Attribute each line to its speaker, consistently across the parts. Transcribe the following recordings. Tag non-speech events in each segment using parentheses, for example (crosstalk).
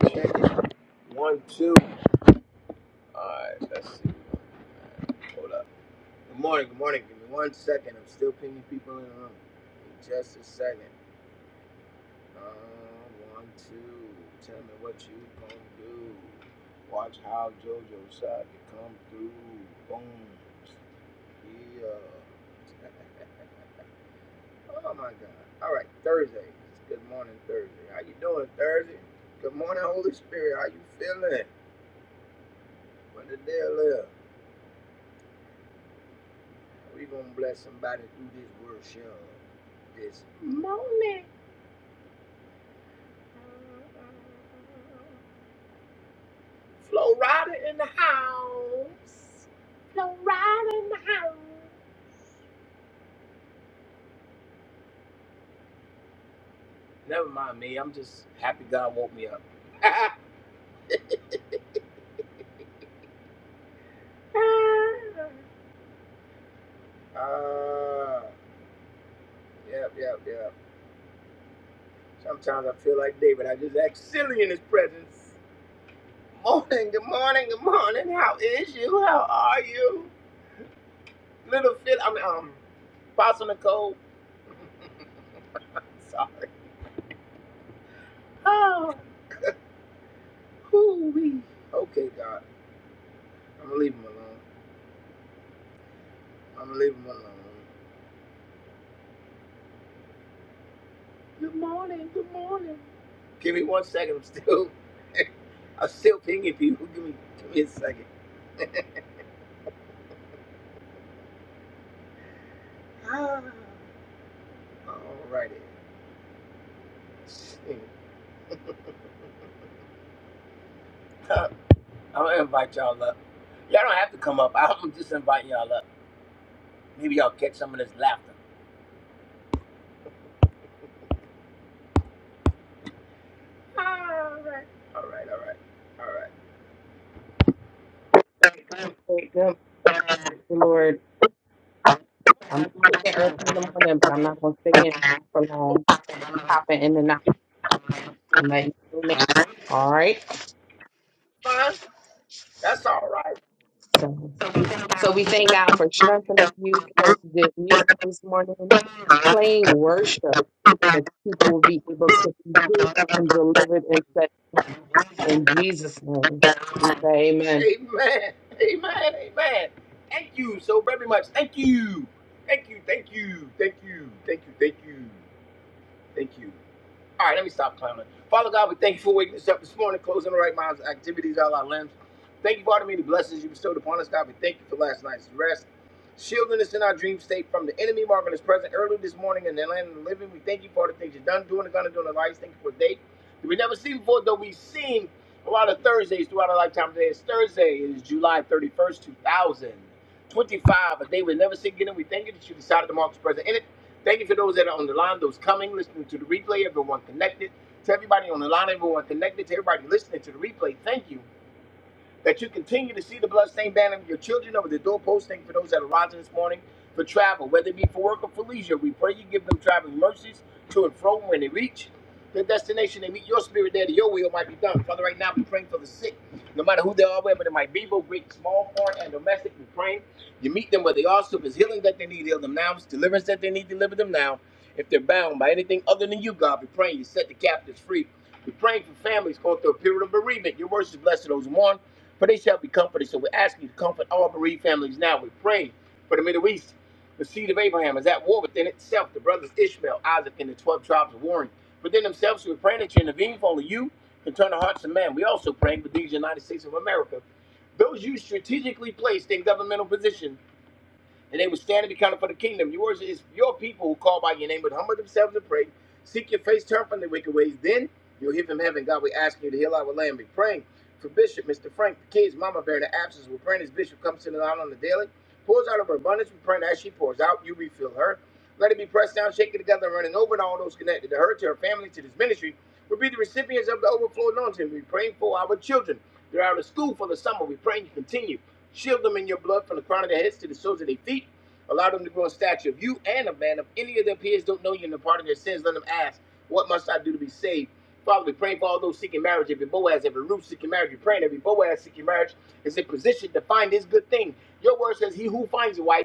Speaker 1: Check it. One, two. Alright, let's see. Hold up. Good morning, good morning. Give me one second. I'm still pinging people in the room. In just a second. Um, one, two. Tell me what you gonna do. Watch how JoJo Side can come through. Boom. Yeah. (laughs) oh my god. Alright, Thursday. It's good morning Thursday. How you doing Thursday? Good morning, Holy Spirit. How you feeling? What the deal is? We're going to bless somebody through this worship this morning. Flo Rida in the house. Flo Rida in the house. Never mind me. I'm just happy God woke me up. (laughs) Ah, yep, yep, yep. Sometimes I feel like David. I just act silly in his presence. Morning, good morning, good morning. How is you? How are you? Little Phil, I mean, um, Apostle Nicole. So, oh, whoo wee. Okay, God, I'm gonna leave him alone. I'm gonna leave him alone. Good morning. Good morning. Give me one second. I'm still, (laughs) I'm still pinging people. Give me, give me a second. Ah. Alrighty. (laughs) I'm gonna invite y'all up. Y'all don't have to come up. (laughs) I'm just inviting y'all up. Maybe y'all catch some of this laughter. Alright. Alright. Alright. Alright.
Speaker 2: Okay, good, with the Lord. I'm sticking early in the morning, but I'm not going to stay in for long. I'm popping in and out. I'm letting you know. all right.
Speaker 1: Fine. That's alright.
Speaker 2: So,
Speaker 1: So
Speaker 2: so we thank God for strengthening you, playing good music this morning, playing worship that people will be able to be healed and delivered and set free. In Jesus' name, we say amen.
Speaker 1: Amen. Amen. Amen. Thank you so very much. Thank you. Thank you. Thank you. Thank you. Thank you. Thank you. Thank you. All right, let me stop clowning. Father God, we thank you for waking us up this morning, closing the right minds, activities, all our limbs. Thank you for all the many blessings you bestowed upon us, God. We thank you for last night's rest, shielding us in our dream state from the enemy, marking us present early this morning in the land of the living. We thank you for all the things you've done, doing, and gonna do in our lives. Thank you for a day that we never seen before, though we've seen a lot of Thursdays throughout our lifetime. Today is Thursday, it is July 31st, 2025, a day we never see again. And we thank you that you decided to mark us present. in it. Thank you for those that are on the line, those coming, listening to the replay, everyone connected. To everybody on the line, everyone connected, to everybody listening to the replay, thank you that you continue to see the bloodstained banner of your children over the doorpost. Thank you for those that are rising this morning for travel, whether it be for work or for leisure. We pray you give them traveling mercies to and fro when they reach their destination. They meet your spirit there, that your will might be done. Father, right now we're praying for the sick, no matter who they are, whether it might be, both great, small, foreign, and domestic. We're praying you meet them where they are. So if it's healing that they need, heal them now. If it's deliverance that they need, deliver them now. If they're bound by anything other than you, God, we are praying you set the captives free. We're praying for families going through a period of bereavement. Your words is blessed to those who mourn for they shall be comforted. So we ask you to comfort all bereaved families now. We pray for the Middle East. The seed of Abraham is at war within itself. The brothers Ishmael, Isaac, and the 12 tribes are warring within themselves. So we pray that you intervene for only you can turn the hearts of man. We also pray for these United States of America. Those you strategically placed in governmental positions and they would stand and be counted for the kingdom. Yours is your people who call by your name would humble themselves and pray, seek your face, turn from their wicked ways. Then you'll hear from heaven. God, we ask you to heal our land. Be praying for Bishop, Mr. Frank, the kids, Mama Bear, in the absence. We're praying as Bishop comes to the line on the daily, pours out of her abundance. We're praying as she pours out, you refill her. Let it be pressed down, shaken together, and running over and all those connected to her, to her family, to this ministry. will be the recipients of the overflow anointing. We're praying for our children. They're out of school for the summer. We're praying you continue. Shield them in your blood from the crown of their heads to the soles of their feet. Allow them to grow in stature of you and of man. If any of their peers don't know you and the pardon of their sins, let them ask, What must I do to be saved? Father, we pray for all those seeking marriage, every Boaz, every Ruth seeking marriage. We pray every Boaz seeking marriage is in position to find this good thing. Your word says, He who finds a wife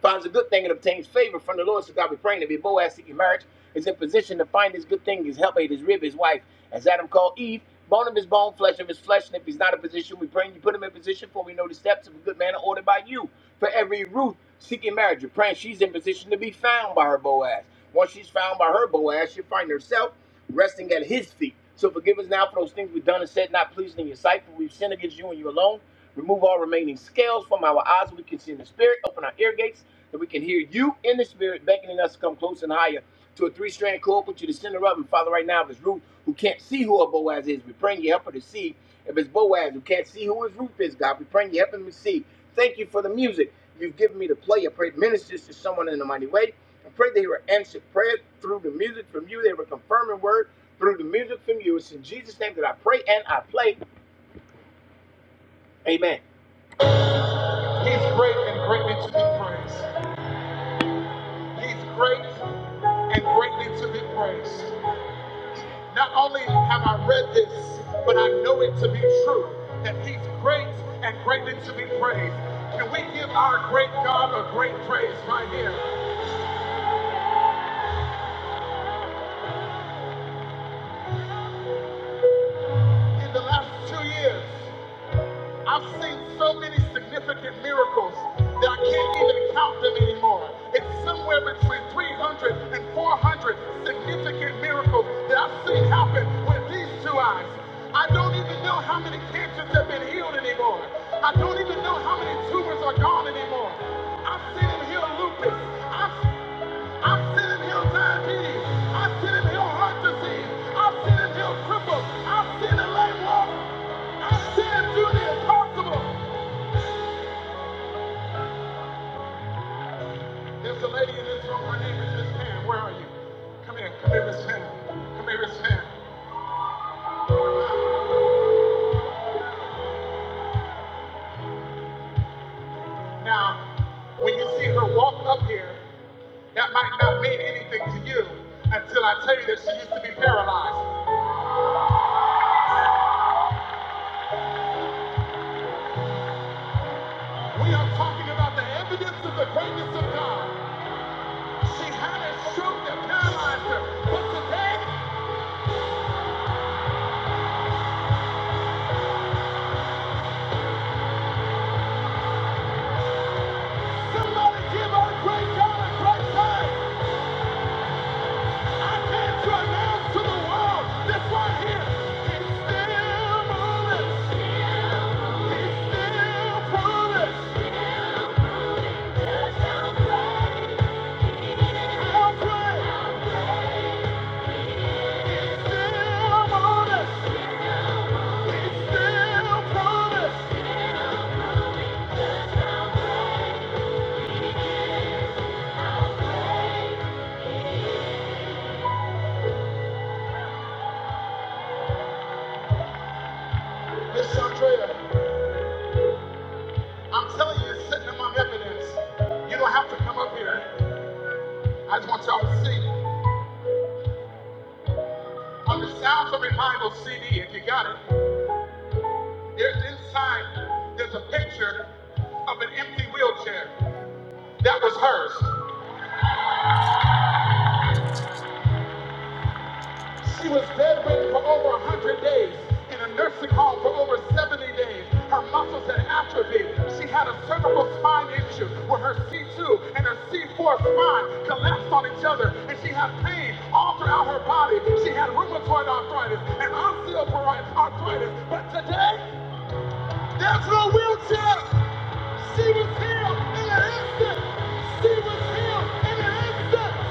Speaker 1: finds a good thing and obtains favor from the Lord. So God be praying to be Boaz seeking marriage, is in position to find his good thing, his helpmate, his rib, his wife, as Adam called Eve, bone of his bone, flesh of his flesh. And if he's not in position, we pray and you put him in position, for we know the steps of a good man are ordered by you. For every Ruth seeking marriage, you're praying she's in position to be found by her Boaz. Once she's found by her Boaz, she'll find herself resting at his feet. So forgive us now for those things we've done and said not pleasing in your sight, for we've sinned against you and you alone. Remove all remaining scales from our eyes, so we can see in the spirit. Open our ear gates that we can hear you in the spirit beckoning us to come close and higher to a three-strand cord, put you to the center of and Father, right now, if it's Ruth who can't see who her Boaz is, we praying you help her to see. If it's Boaz who can't see who his Ruth is, God, we praying you help him to see. Thank you for the music you've given me to play. I pray it ministers to someone in a mighty way. I pray they were answered prayer through the music from you. They were confirming word through the music from you. It's in Jesus' name that I pray and I play. Amen. He's great and greatly to be praised. He's great and greatly to be praised. Not only have I read this, but I know it to be true that He's great and greatly to be praised. Can we give our great God a great praise right here? In the last two years, I've seen so many significant miracles that I can't even count them anymore. It's somewhere between 300 and 400 significant miracles that I've seen happen with these two eyes. I don't even know how many cancers have been healed anymore. I don't even know how many tumors are gone anymore. I've seen him heal lupus. I've, I've seen him heal diabetes. I've seen him heal heart I've seen him do the impossible. There's a lady in this room. Miss Pam. Where are you? Come here. Come here, Miss Pam. Come here, Miss Pam. Now, when you see her walk up here, that might not mean anything to you until I tell you that she used to be paralyzed. We are talking about the evidence of the greatness of God. She had a stroke that paralyzed her, but today right Miss Chandrea, I'm telling you, it's sitting among evidence. You don't have to come up here. I just want y'all to see. On the Sounds of Revival CD, if you got it, there's inside, there's a picture of an empty wheelchair. That was hers. She was bedridden for over 100 days, in a nursing home for over 70 days. Her muscles had atrophied. She had a cervical spine issue where her C2 and her C4 spine collapsed on each other, and she had pain all throughout her body. She had rheumatoid arthritis and osteoarthritis. arthritis. But today, there's no wheelchair. She was healed in an instant. She was healed in an instant.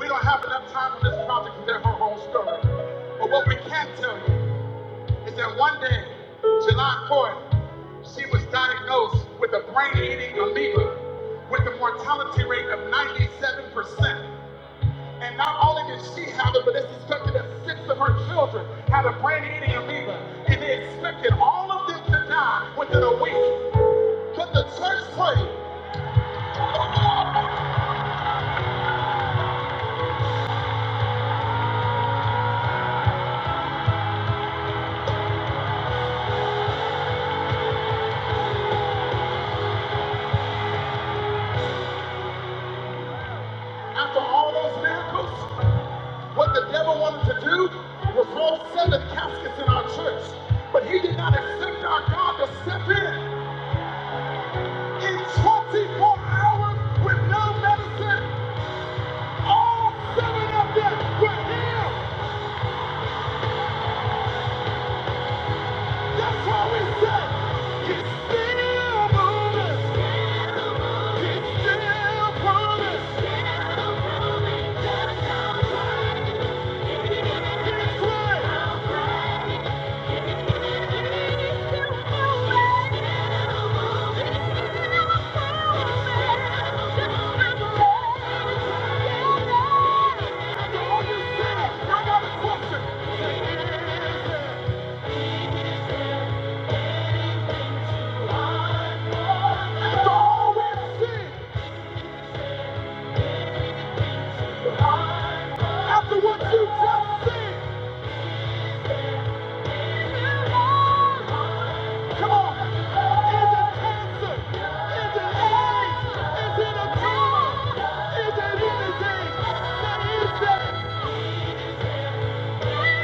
Speaker 1: We don't have enough time on this project to tell her whole story. But what we can tell you is that one day, July 4th, she was diagnosed with a brain-eating amoeba with a mortality rate of 97%. And not only did she have it, but it's expected that six of her children had a brain-eating amoeba. And they expected all of them to die within a week. Could the church pray after all those miracles? What the devil wanted to do was roll seven caskets in our church. But he did not expect our God to step in. In 24 hours with no medicine, all seven of them were healed. That's how we say He's still moving. He's still promised. Just how right He's right. He's still moving. That's all you say. No other question. After what you just said, come on. Is it cancer? Is it AIDS? Is it a tumor? Is it anything? What is that? Come on,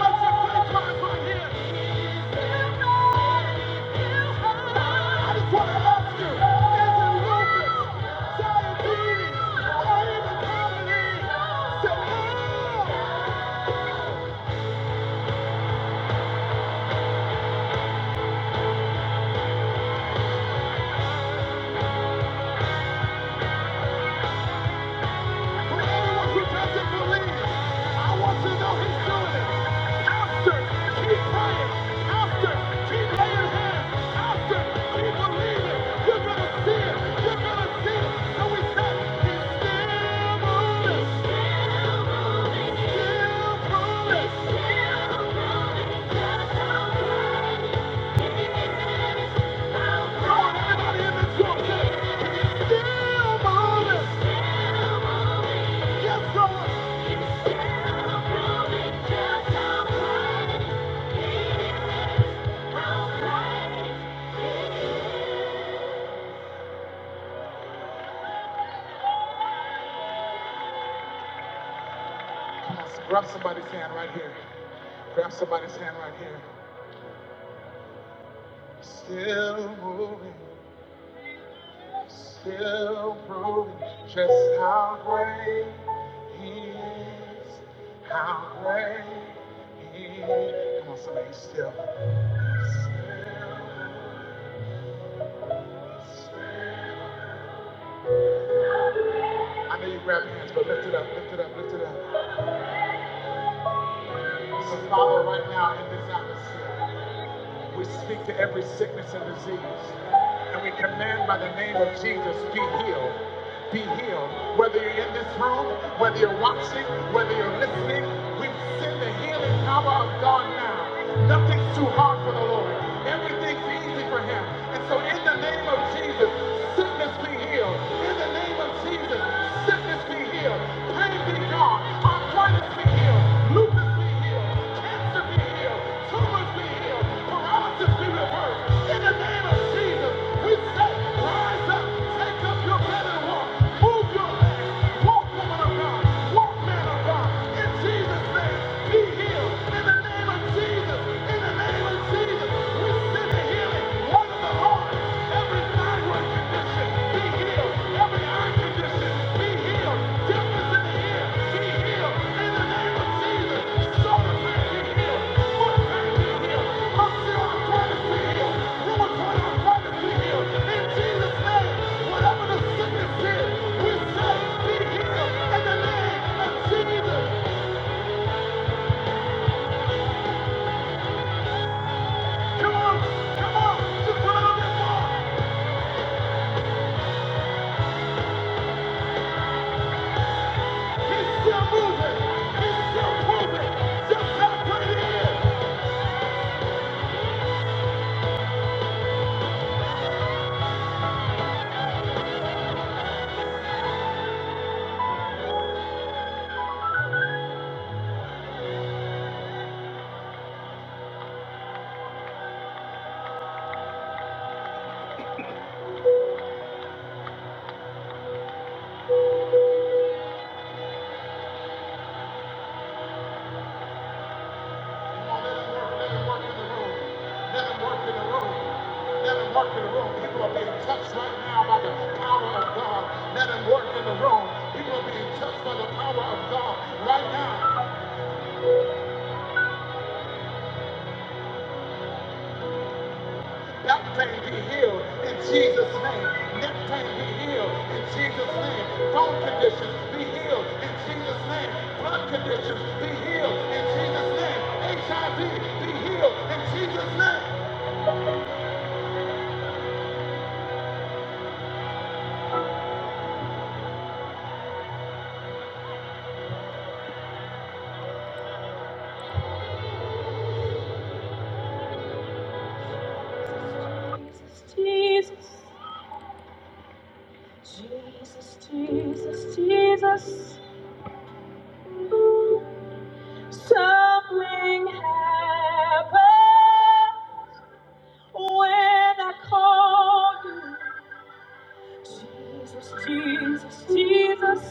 Speaker 1: let's just put it right here. "Oh." For anyone who doesn't believe, I want you to know he's doing it. After, keep praying. After, keep laying hands. After, keep believing. You're going to see it. You're going to see it. So we say, he's still moving. Still moving. Still moving. Still moving. Just don't find it. Grab somebody's hand right here. Grab somebody's hand right here. Still moving. still proving just how great he is. How great he is. Come on, somebody, still. I know you grab your hands, but lift it up, lift it up, lift it up. So, Father, right now in this atmosphere. We speak to every sickness and disease. And we command by the name of Jesus, be healed. Be healed. Whether you're in this room, whether you're watching, whether you're listening, we send the healing power of God now. Nothing's too hard for the Lord. Everything's easy for him. And so in the name of Jesus, sickness be healed. In the name of Jesus, sickness be healed. Pain be gone. Arthritis be healed. Lupus be healed. Cancer be healed. Tumors be healed. Paralysis be reversed. In the name of Jesus, we say, rise up, take up your bed walk. Move your legs. Walk, woman of God. Walk, man of God. In Jesus' name, be healed. In the name of Jesus. In the name of Jesus, we send the healing. Out the heart, every thyroid condition be healed. Every eye condition be healed. Deafness in the ear be healed. In the name of Jesus, shoulder be healed. Foot be healed. Osteoarthritis be healed. Rheumatoid arthritis be healed. In Jesus' name, whatever the sickness is, we say be healed. In the name of Jesus, come on, come on, just put on that wall. It's still moving. It's still moving. Just how good it is. Let it work in the room. Let it work in the room. Let it work in the room. People are being touched right now by the power of God. Let it work in the room. People are being touched by the power of God right now. That pain be healed in Jesus' name. Neck pain be healed in Jesus' name. Bone conditions be healed in Jesus' name. Blood conditions be healed in Jesus' name. HIV be healed in Jesus' name. Jesus, Jesus, Jesus, Jesus. Something happened when I called you. Jesus, Jesus, Jesus.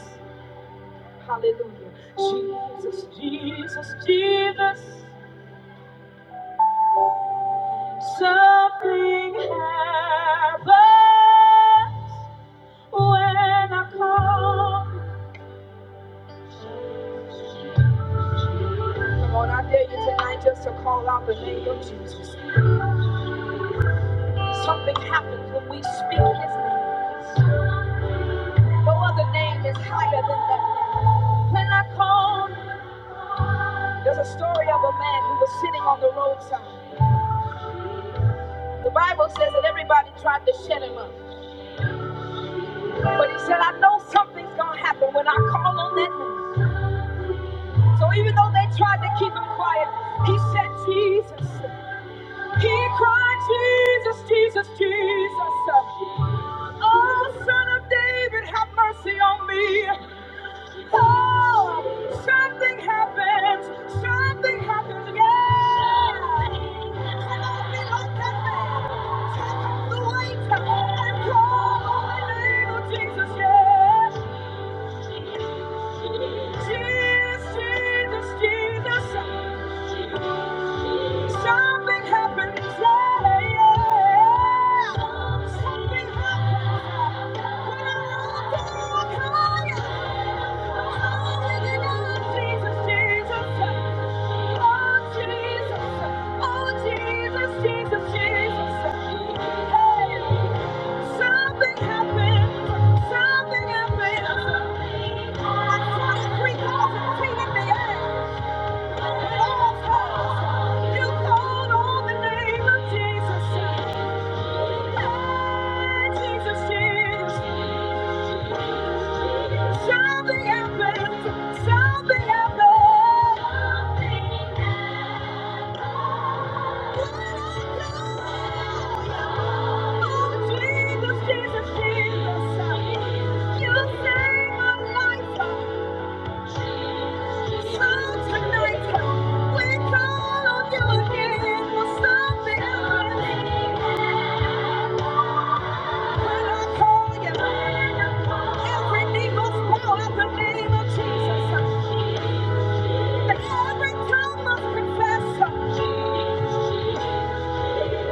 Speaker 1: Hallelujah. Jesus, Jesus, Jesus. Something happens when I call. Come on, I dare you tonight just to call out the name of Jesus. Something happens when we speak his name. No other name is higher than that. When I call, there's a story of a man who was sitting on the roadside. The Bible says that everybody tried to shut him up. But he said, I know something's going to happen when I call on that name. So even though they tried to keep him quiet, he said, Jesus. He cried, Jesus, Jesus, Jesus. Oh, son of David, have mercy on me. Oh, something happens. Something happens. Yeah. Come on, be like that man. Take off the weight and call on the name of Jesus. Yeah. Jesus, Jesus, Jesus. Something happened. Yeah, yeah. Something happened. When I looked up higher, oh, Jesus, Jesus. Oh Jesus, oh Jesus, Jesus, Jesus. Something happened. Something happened. Like 23,000 feet in the air. It all falls. You called on the name of Jesus. Hey, Jesus, Jesus. Something happened. Something happened. Something happened. When I called Everything was born in the name of Jesus. Every tongue must confess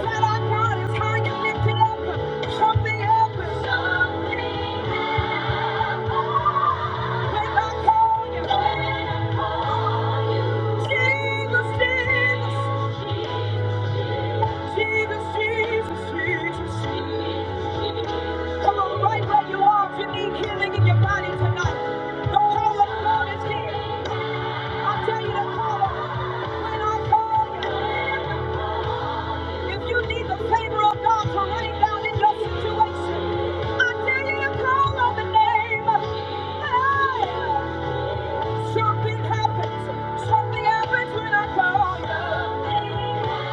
Speaker 1: that our God is high lifted up. Something happens. When I call you, Jesus, Jesus, Jesus, Jesus, Jesus. Come on, right where you are. If you need healing in your body tonight, the power of God is here. I tell you to call him. When I call you, if you need the favor of God to rain down in your situation, I tell you to call on the name. Hey, something happens. Something happens when I call you. When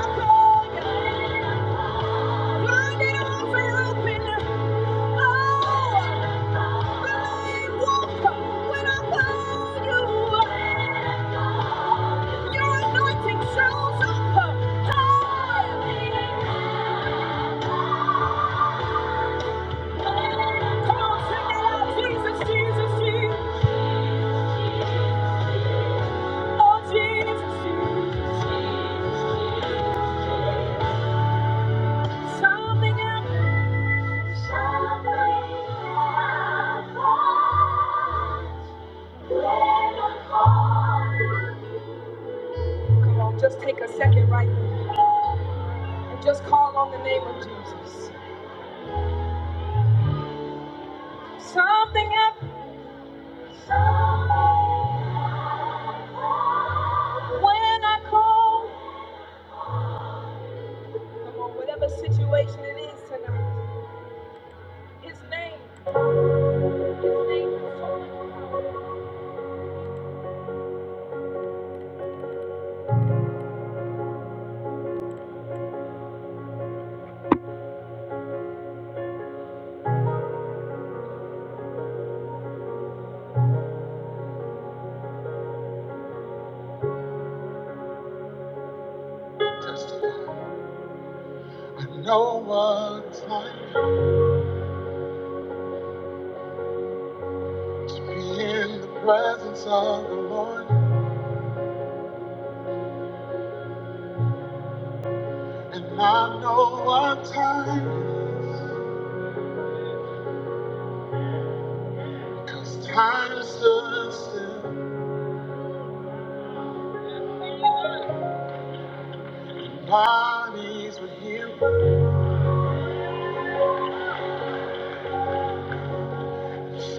Speaker 1: I call you. Blinded eyes are open. Just take a second right now and just call on the name of Jesus. Something happened when I call. Whatever situation it is tonight, His name, His name is so much When no one's like to be in the presence of the Lord, and I know what time it's time to stood still. Bodies were healed,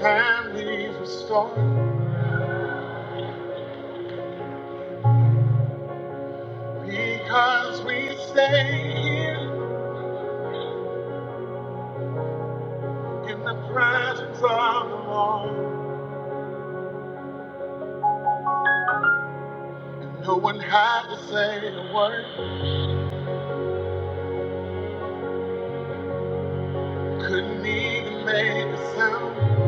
Speaker 1: families restored, because we stay here in the presence of the Lord. And no one had to say a word. Couldn't even make a sound,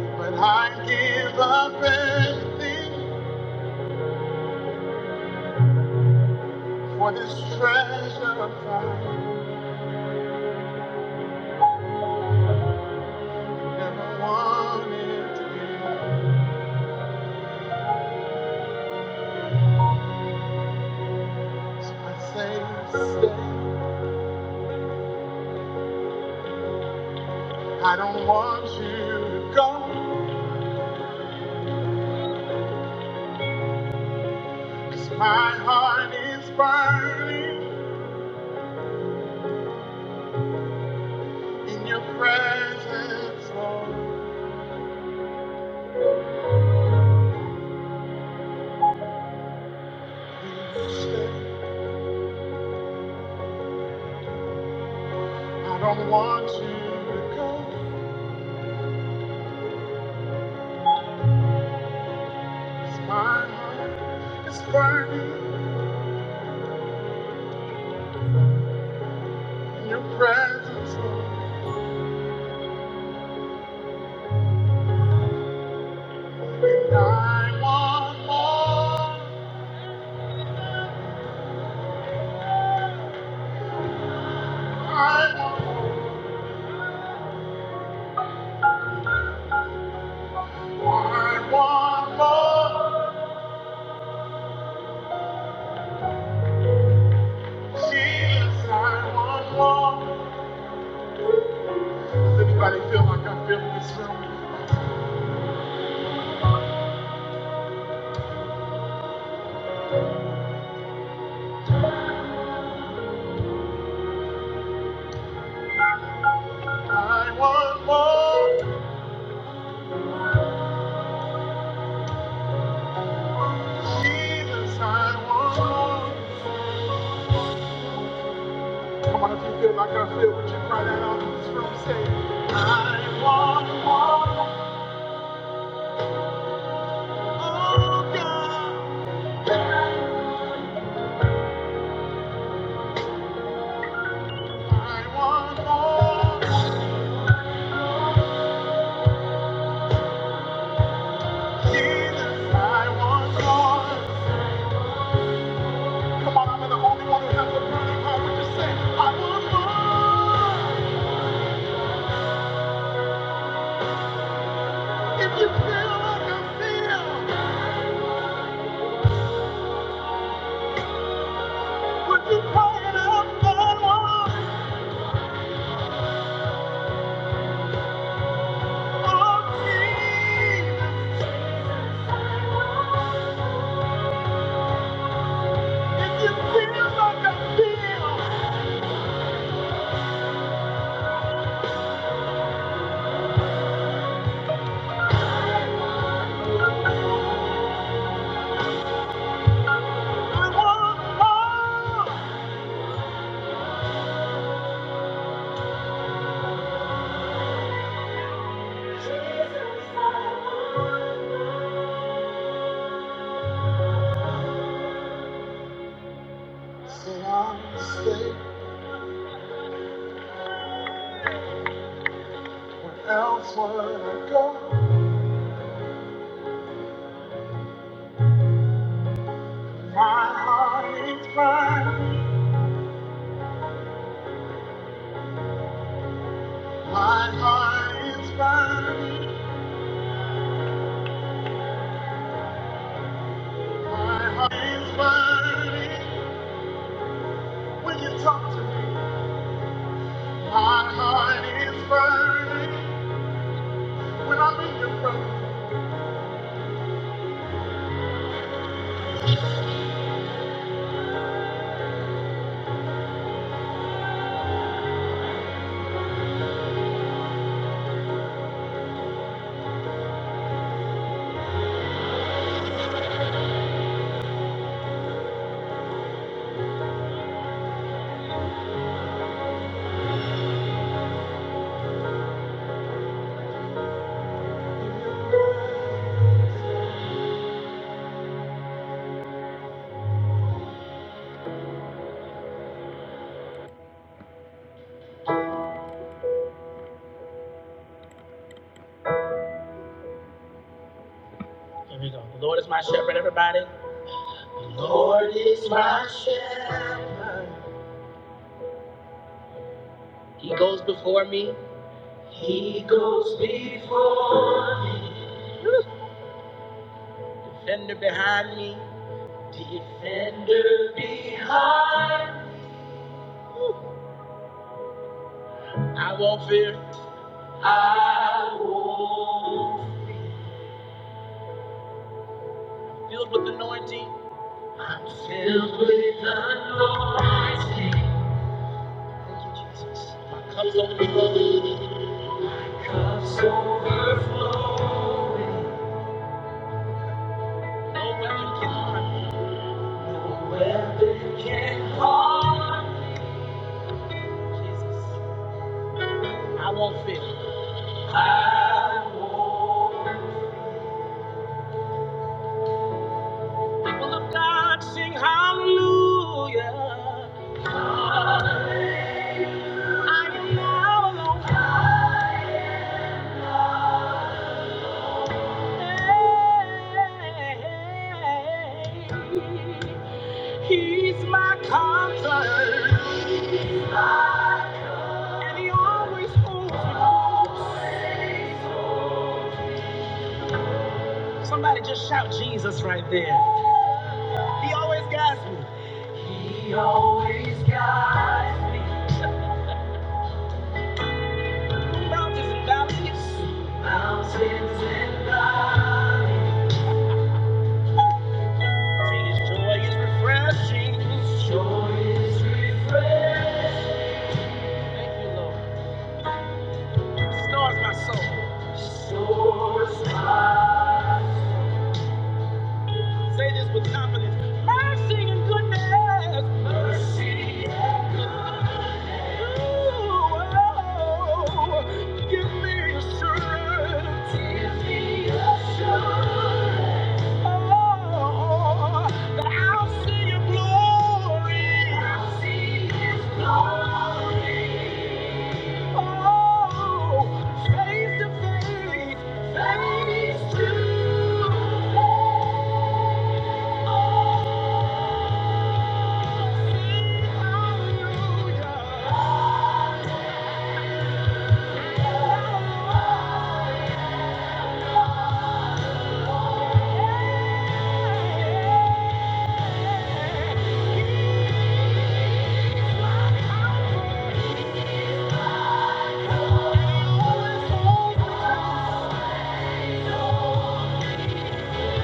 Speaker 1: but I give up everything. What do I say? Stay. Don't want you to go. It's my will in your presence, Lord, please stay. I don't want you to go. It's my heart is burning in your presence, Lord. And I want more. I, I want more. Please, Lord. Come on, if you feel like I feel, would you cry that out in this room? Say, I want more. Oh, God. I want more. Jesus, I want more. Come on, I'm the only one who has a burning heart. Would you say, I want more? If you feel like I feel, would you cry it out? I want more. Jesus. If you feel like I feel, Else would I go? My heart is crying. My heart is burning. My heart is burning. When you talk to me, my heart is burning. When I'm in your presence. Here we go. The Lord is my shepherd, everybody. The Lord is my shepherd. He goes before me. He goes before me. Defender behind me. Defender behind. I won't fear. I won't. Filled with anointing. Filled with anointing. My cups overflowing. Cups overflowing. No weapon can harm. No weapon can harm. I won't fear. People of God sing hallelujah. He's my comfort. And he always holds me. Somebody just shout Jesus right there. He always guides me. He always guides me. Mountains and valleys. Mountains and valleys. His joy is refreshing, It stars my soul. Say this with confidence. Merciless, you give me assurance. Oh, that I'll see your glory. I'll see his glory. Oh, face to face, face to face. Oh. Thank you.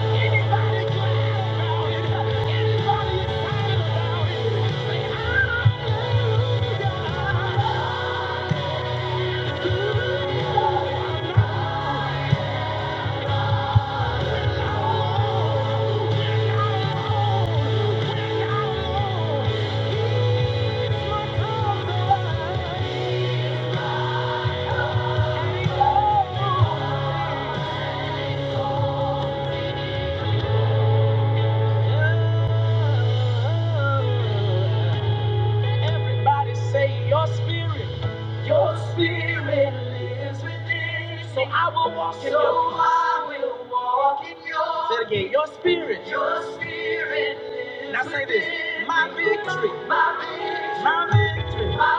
Speaker 1: Oh Everybody say your spirit. Your I will walk in so your So peace. I will walk in your Say it again, your spirit. Your spirit. is Now say this. My victory. My victory. My victory. My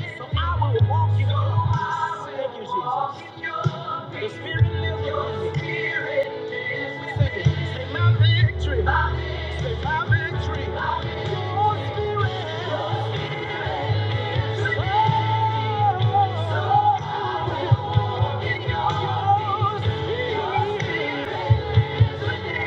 Speaker 1: victory. so I will walk in so your So I will Thank you, Jesus. walk in your The spirit lives within me. Thank you. Thank you.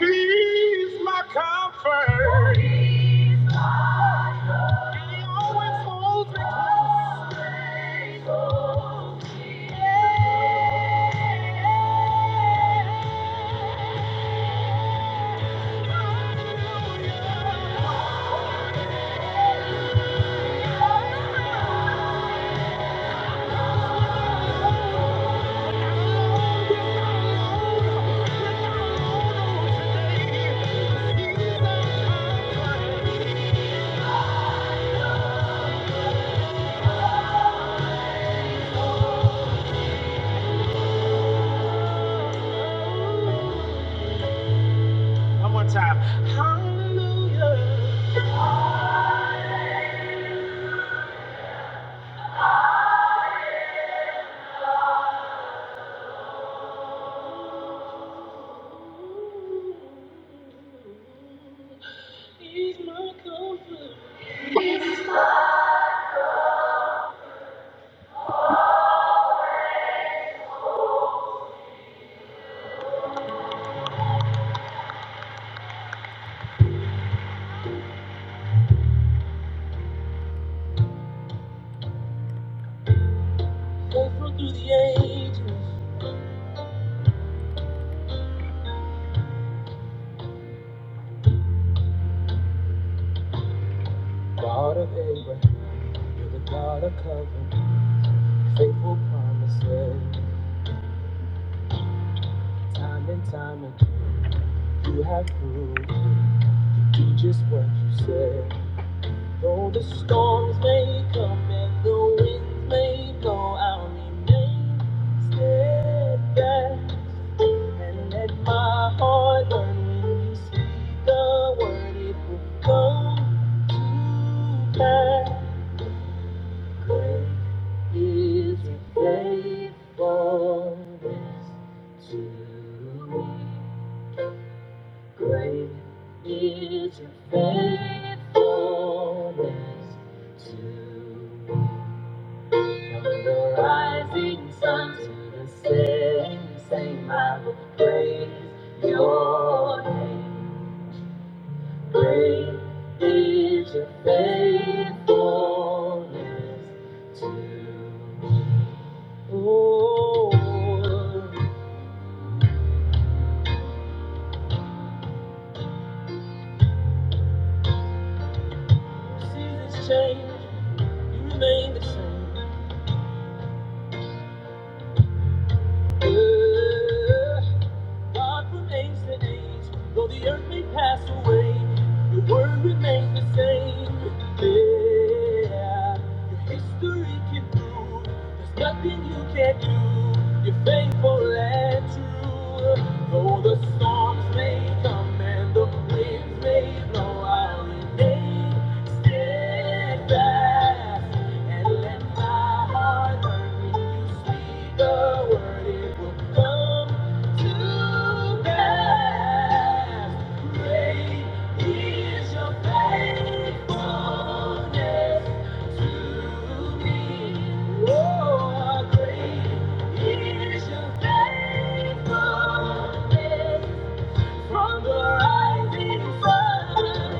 Speaker 1: He's my comfort. He's my comfort. He always holds me close. One more time. How is my comfort? Comfort through the ages. God of Abraham. You're the God of covenant, faithful promises. Time and time again, you have proved it. You do just what you said. Though the storms may come and the winds may blow, I'll remain steadfast. And let my heart learn when you speak the word, it will come to pass. Great Is it faithfulness to me? Great is your faithfulness to me. From the rising sun to the setting, sun, I will praise your name. Great is your faithfulness to me. Oh, seasons change, you remain the same. Yeah. God from age to age, though the earth may pass away, your word remains the same. Yeah, your history can prove there's nothing you can't do. You're faithful and true. Though the storms may come and the winds may blow, I'll remain steadfast and let my heart learn when you speak the word, it will come. From the rising sun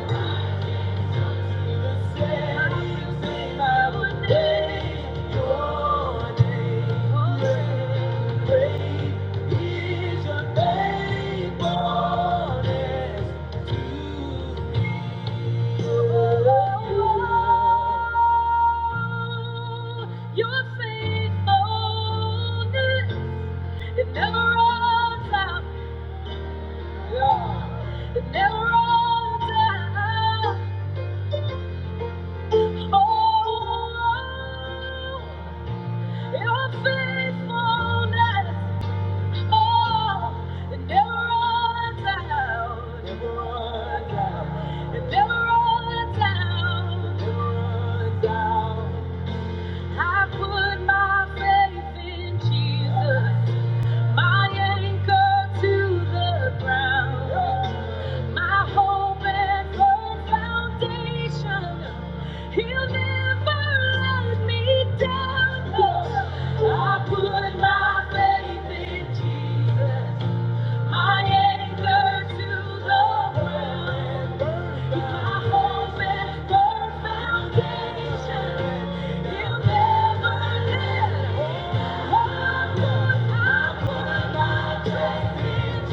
Speaker 1: your faithfulness. It never runs out. Yeah. It never runs out. Oh, Your faithfulness, oh, it never runs out. Never runs out. It never runs out. Never runs out. I put my faith in Jesus. My anchor to the ground. My hope and firm foundation. He'll never let me down. I put my faith in Jesus. My anchor to the ground. My hope and firm foundation. he never let. Why would I put my trust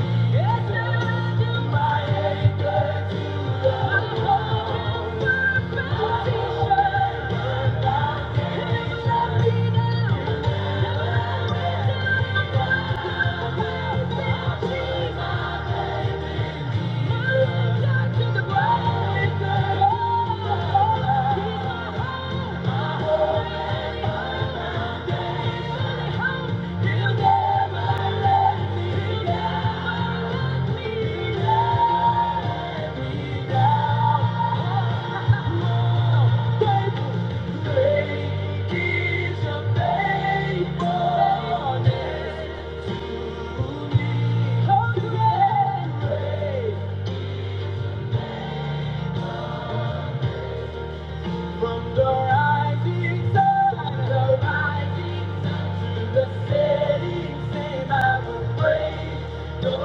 Speaker 1: Thank you.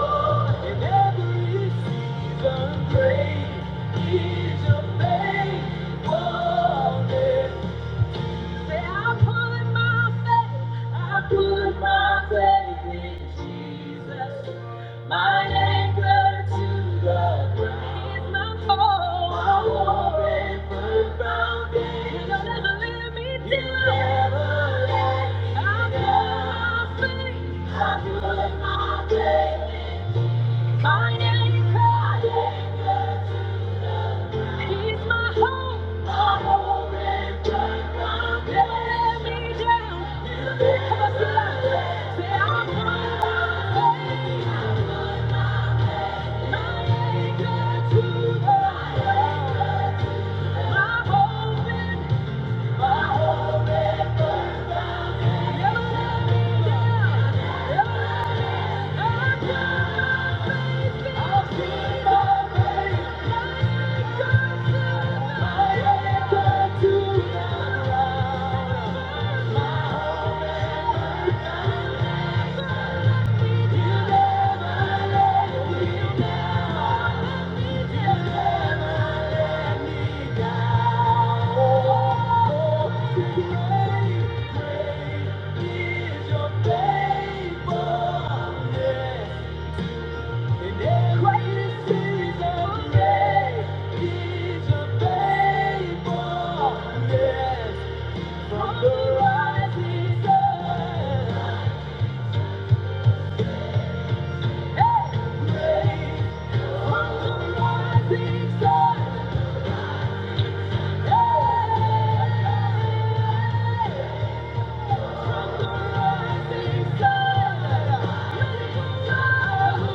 Speaker 1: In every season, great is your faithfulness. Say, I put my faith, I put my faith in Jesus. My anchor to the ground. He's my hope. My hope and firm foundation. He'll never let me down. He'll never let me down. I put my faith, I put my faith. in. My name is Christ. He's my hope. My hope and joy. Won't let me down. Come on, sing it. Say, I'm running away. My anchor to the Lord. My hope and- my hope and joy. Never let down. Never let down. I've seen the way. From the rising sun, hey, great from the rising sun. I I still still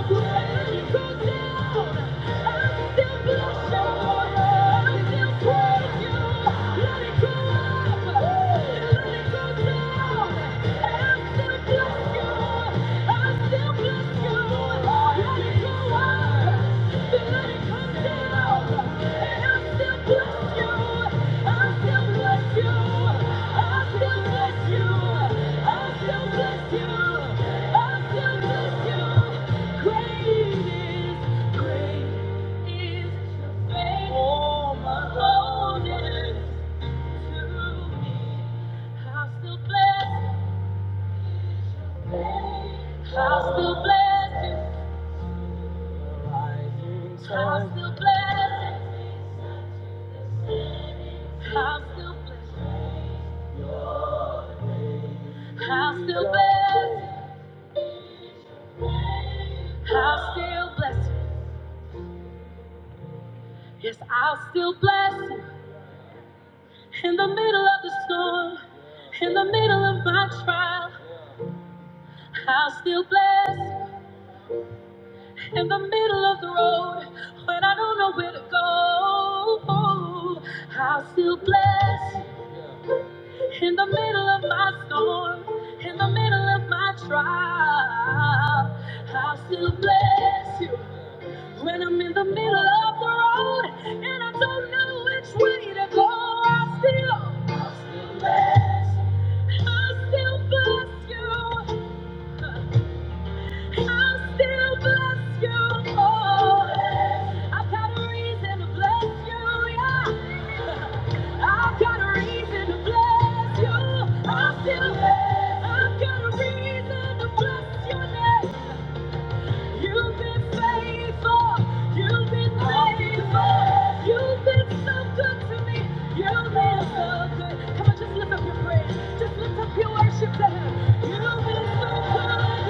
Speaker 1: bless you. I still bless you. I'll still bless you. I'll still bless you. I'll still bless you. I'll still bless you. I'll still bless you. Yes, I'll still bless you. In the middle of the storm, in the middle of my trial, I'll still bless you. In the middle of the road, when I don't know where to go, I'll still bless you. In the middle of my storm, in the middle of my trial, I'll still bless you. When I'm in the middle of the road and I don't know which way to go, I'll still, I'll still bless you. I'll still bless you. I'll still bless you, Lord. I've got a reason to bless you, yeah. I've got a reason to bless you. I'll still I've got a reason to bless your You've been faithful. You've been faithful. You've been so good to me. You've been so good. Come on, just lift up your praise. Just lift up your worship to him. You've been so good.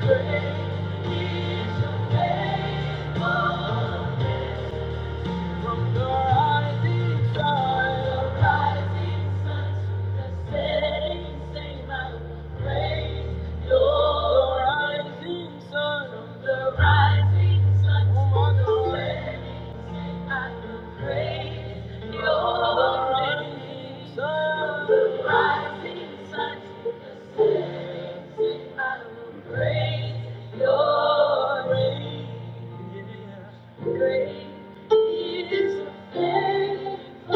Speaker 1: Thank you. Praise your name. Great is your faithfulness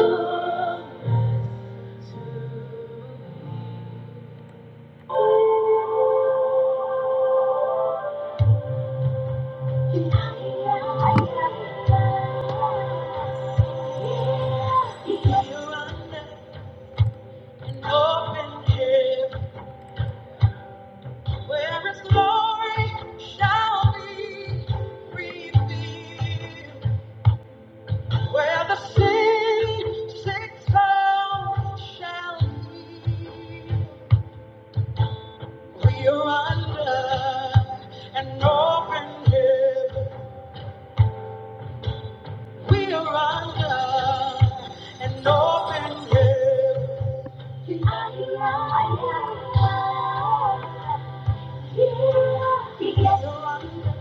Speaker 1: to me. you under an open heaven where His glory shall be revealed, where the saved, sick soul shall be. We are under an open heaven. We are under an open heaven. We are under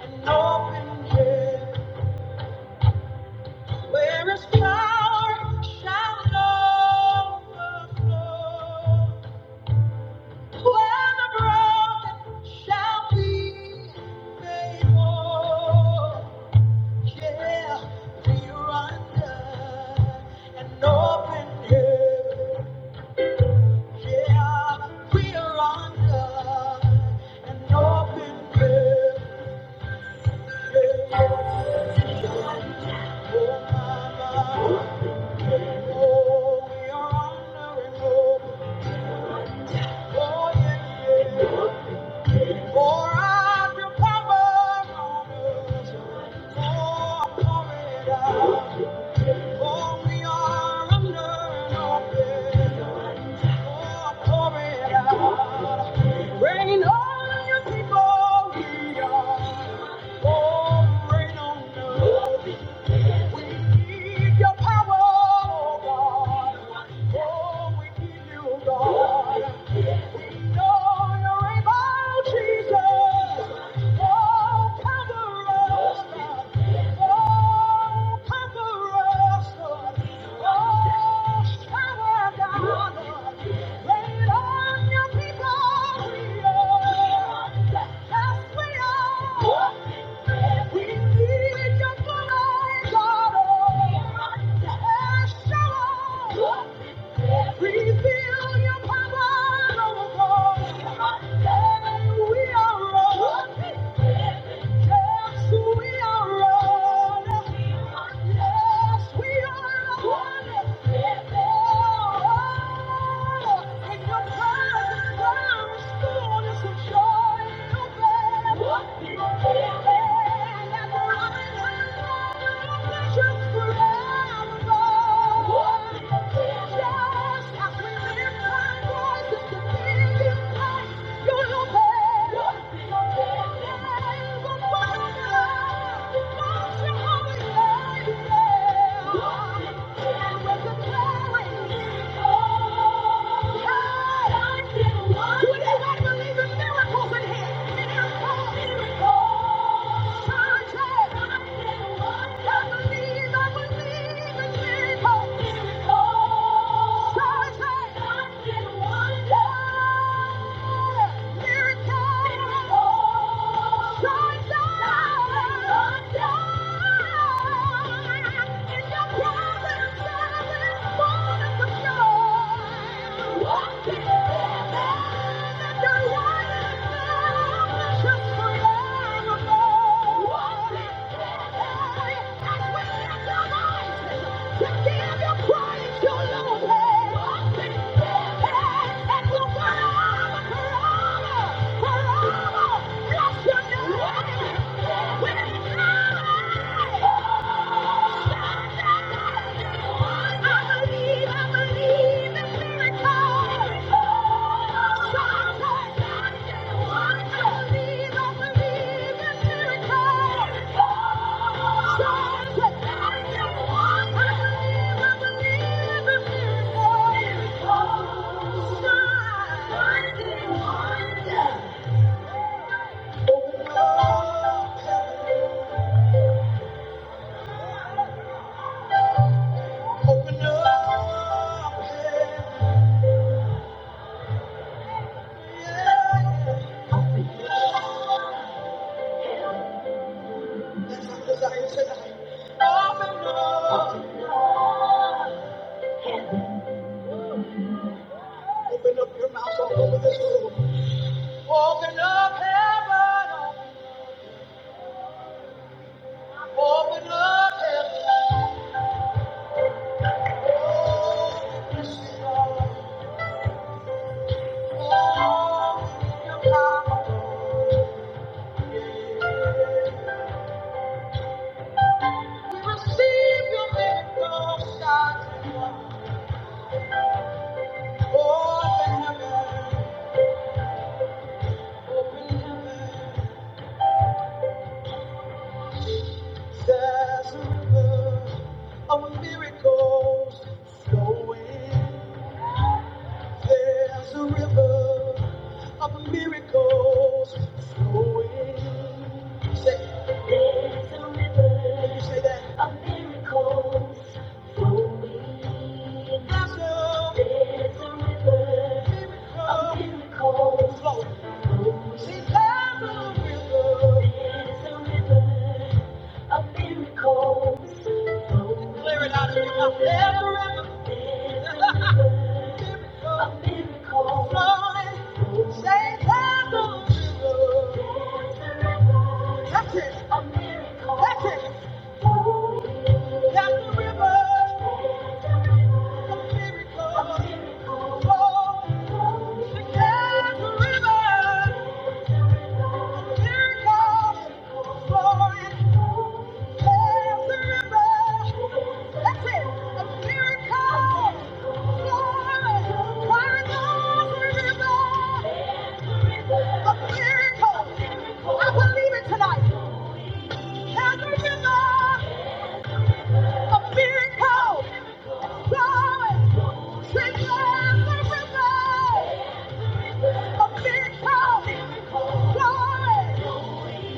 Speaker 1: an open heaven. Where is power shall overflow. Where the broken shall be made whole. Yeah, we are under an open heaven. Yeah, we are under an open heaven. Yeah. Oh, mama. Oh, we are under an open. Oh, yeah, yeah. Pour out your power on us. Oh, pour it out. For we are under no pressure. Oh, pour it out. Rain on your people, we are. Oh, rain on us. We need your power, oh God. Oh, we need you, God. We need your blood, God. Shower. Reveal your power. Thank you. feel, and I'm running are we Yeah. Miracle! Walk it Thank you. Thank you. (laughs) Open up your mouth all this room. Open up heaven. Open up heaven. Oh, yes, you are. Oh, your power. We receive heaven. Open heaven. There's a river of miracles flowing. There's a river of miracles flowing. Say, there's a river. Can you say that? Of miracles flowing. There's a, there's a river. Miracle. Of miracles. She's like a river. It's river of miracles. Clear it out a Miracle. Of miracles. Flowing. She's like river. There's a river. That's it. Of miracles. That's it. That's the river. like river. A miracle, glory.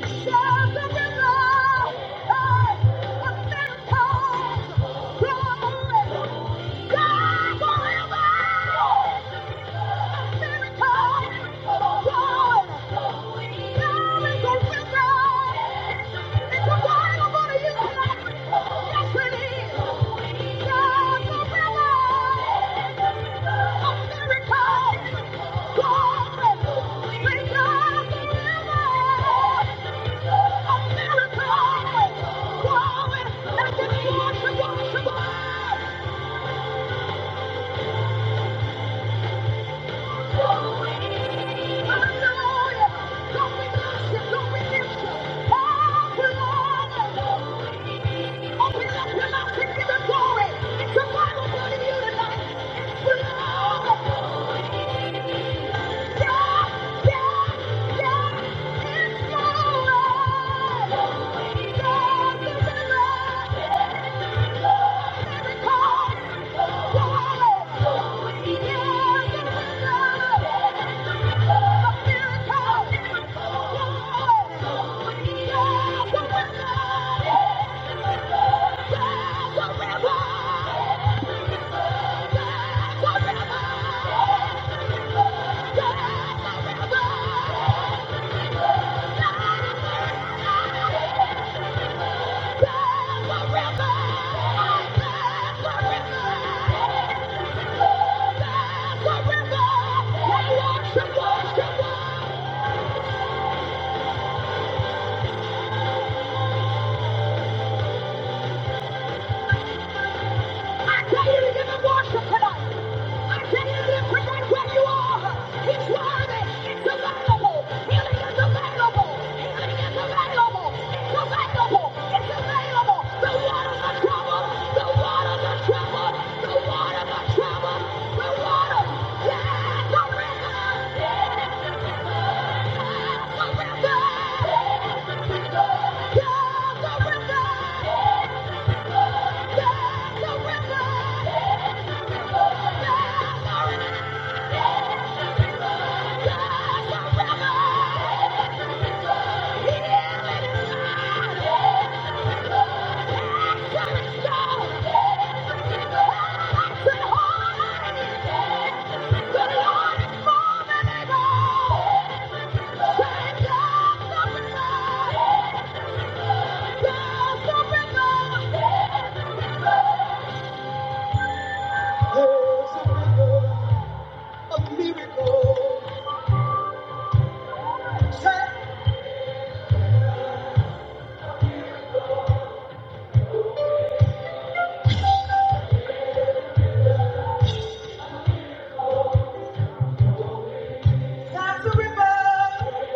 Speaker 1: Thank you. Thank you. Yeah. Yeah. The water, the trouble, the water, the trouble, the water, the trouble. Yeah, the river. Yeah, the river. Yeah, the river. Yeah, the river. Yeah, the river. Yeah, the river. There's a river of miracles. That's a river,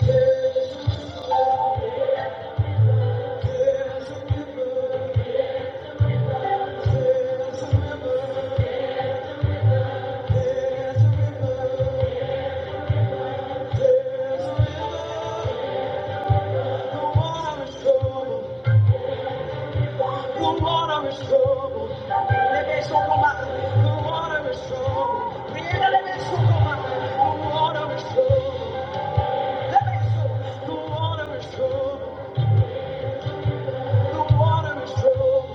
Speaker 1: There's a, river, there's a river, there's a river, there's a river. The water is troubled. the water is trouble. Rebe sokoma, the water is trouble. Rebe rebe sokoma, the water is trouble. Rebe so, the water is trouble, the water is trouble.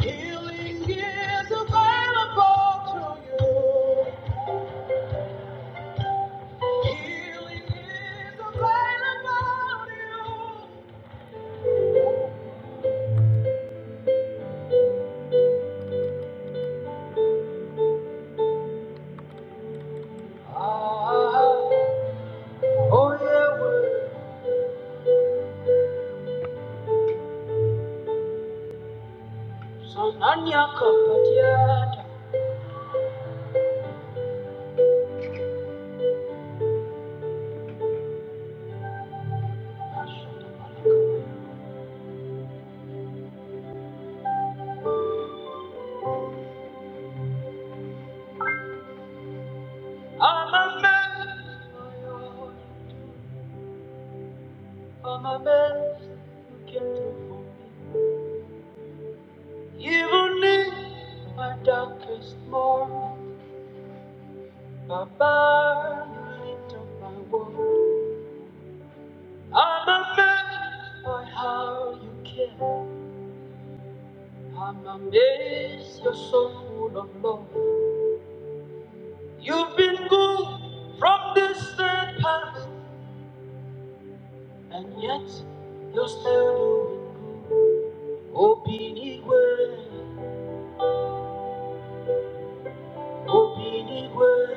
Speaker 1: Healing is available to you. I'm amazed by your word. I'm amazed you came through for me. Even in my darkest moment, Baba, you lit up my world. I'm amazed by how you care. I'm amazed you're so full of love. You've been good from distant past. And yet, you're still doing Obinigwe, Obinigwe.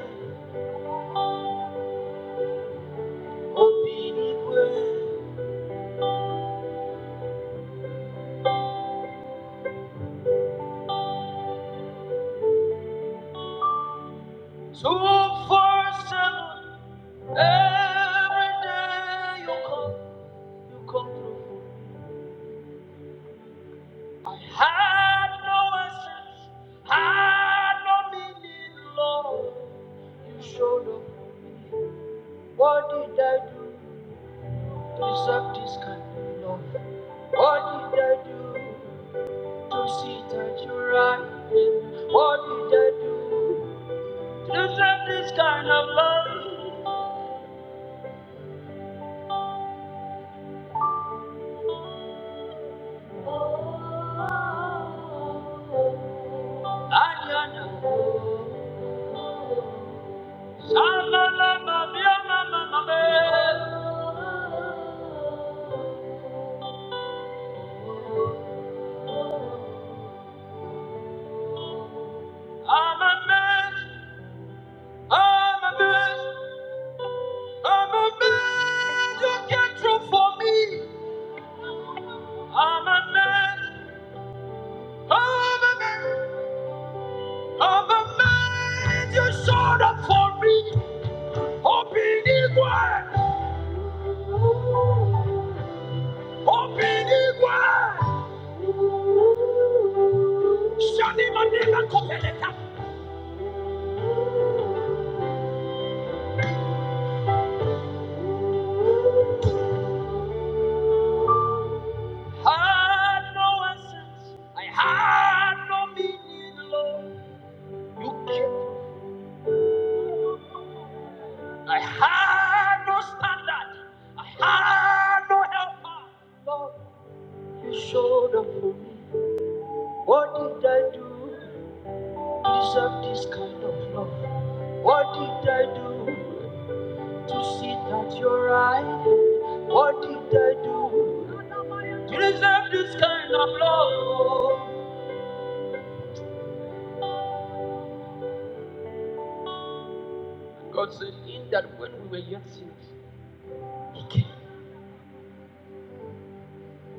Speaker 1: Every day you come, you come through. Had no essence, had no meaning, Lord. You showed up for me. What did I do to deserve this kind of love? What did I do to sit at your right hand? What did I do to deserve this kind of love? I'm a man, I'm a man, I'm a man, I'm a man, I'm a man, you came through for me. I'm a man, I'm a man, I'm a man, you showed up for me. Obinigwe, Obinigwe, Shani Manila I had no meaning, Lord. I had no standard. Ah, no helper. To sit at your right, what did I do to deserve this kind of love? Because when we were yet sinners,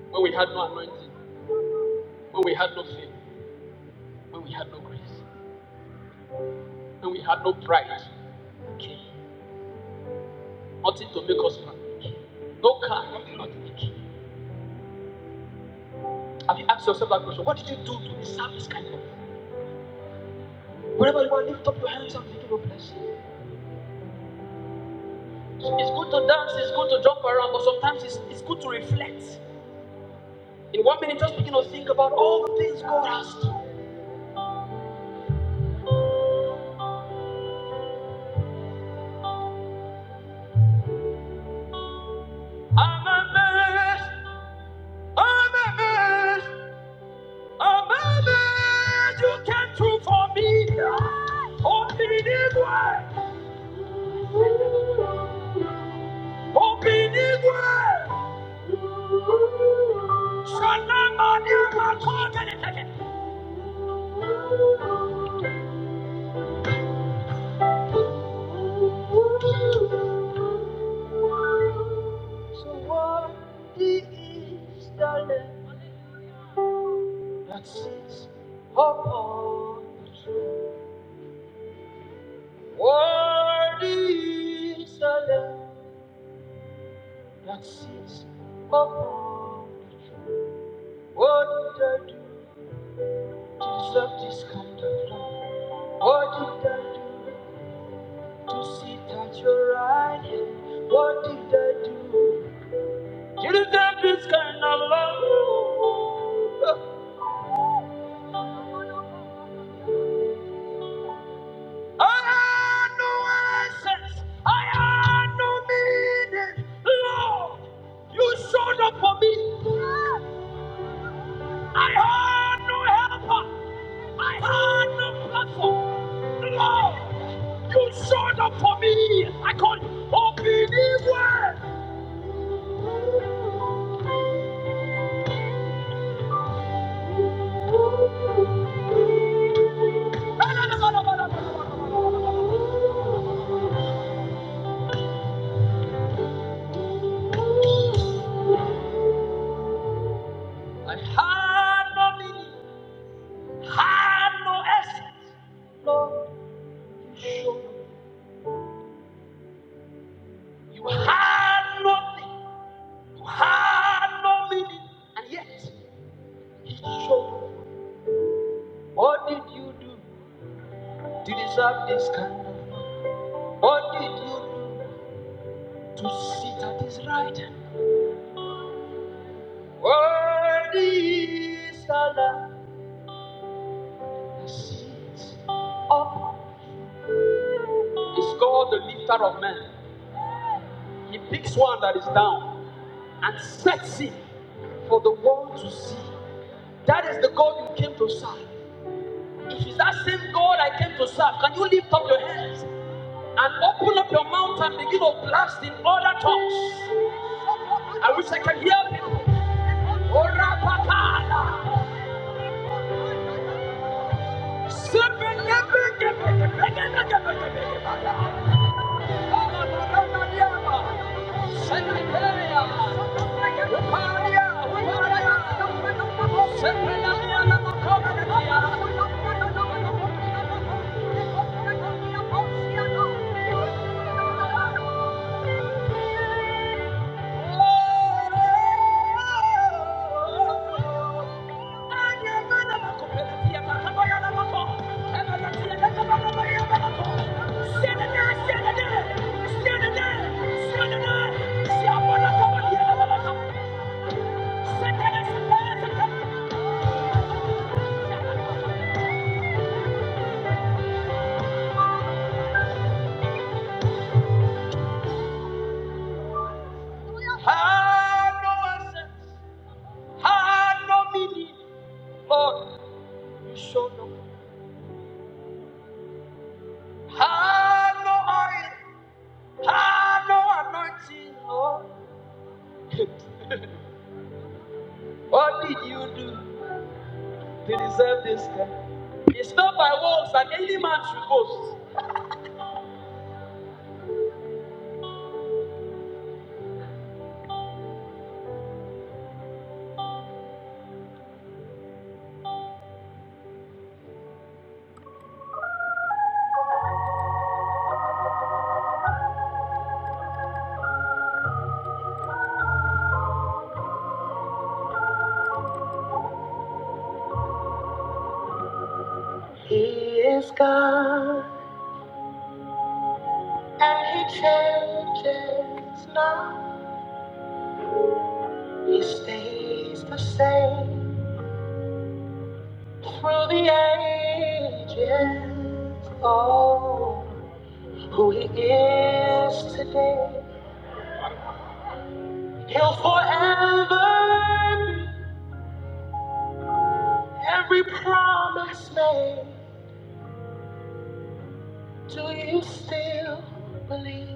Speaker 1: when we, when we had when we had no grace, when we had no pride, nothing to make us proud, no car, nothing, nothing. Have you asked yourself that question? What did you do to deserve this kind of love? Whenever you are, lift up your hands and begin to bless. It's good to dance, it's good to jump around, but sometimes it's, it's good to reflect. In one minute, just begin to think about all the things God has done. I'm amazed, I'm amazed, I'm amazed you came through for me. Open this way, open this way. Somebody. So worthy is the Lamb that sits upon the throne. Worthy is the Lamb. That's Oh, what did I do to deserve this kind of love? What did I do to sit at your right hand? What did I do to deserve this kind of love? I had no essence. I had no meaning. Lord, you showed up for me. I had no helper. I had no platform. Lord, you showed up for me. I call you Obiniwe. I had no meaning, had no essence. Lord, you showed up. You had nothing. You had no meaning. And yet, you showed up. What did you do to deserve this kind? What did you do to sit at his right hand? Worthy is the Lamb who sits. He's called the lifter of men. He picks one that is down and sets it for the world to see. That is the God you came to serve. If it's that same God I came to serve, can you lift up your hands and open up your mouth and begin to blast in other tongues? I wish I could hear people. Ora pakala. Sepe- Thank you. Ah, no anointing, Lord. What did you do to deserve this? God? It's not by works that any man should boast. He is God, and He changes not. He stays the same through the ages. Oh, who he is today, he'll forever be. Every promise made, do you still believe?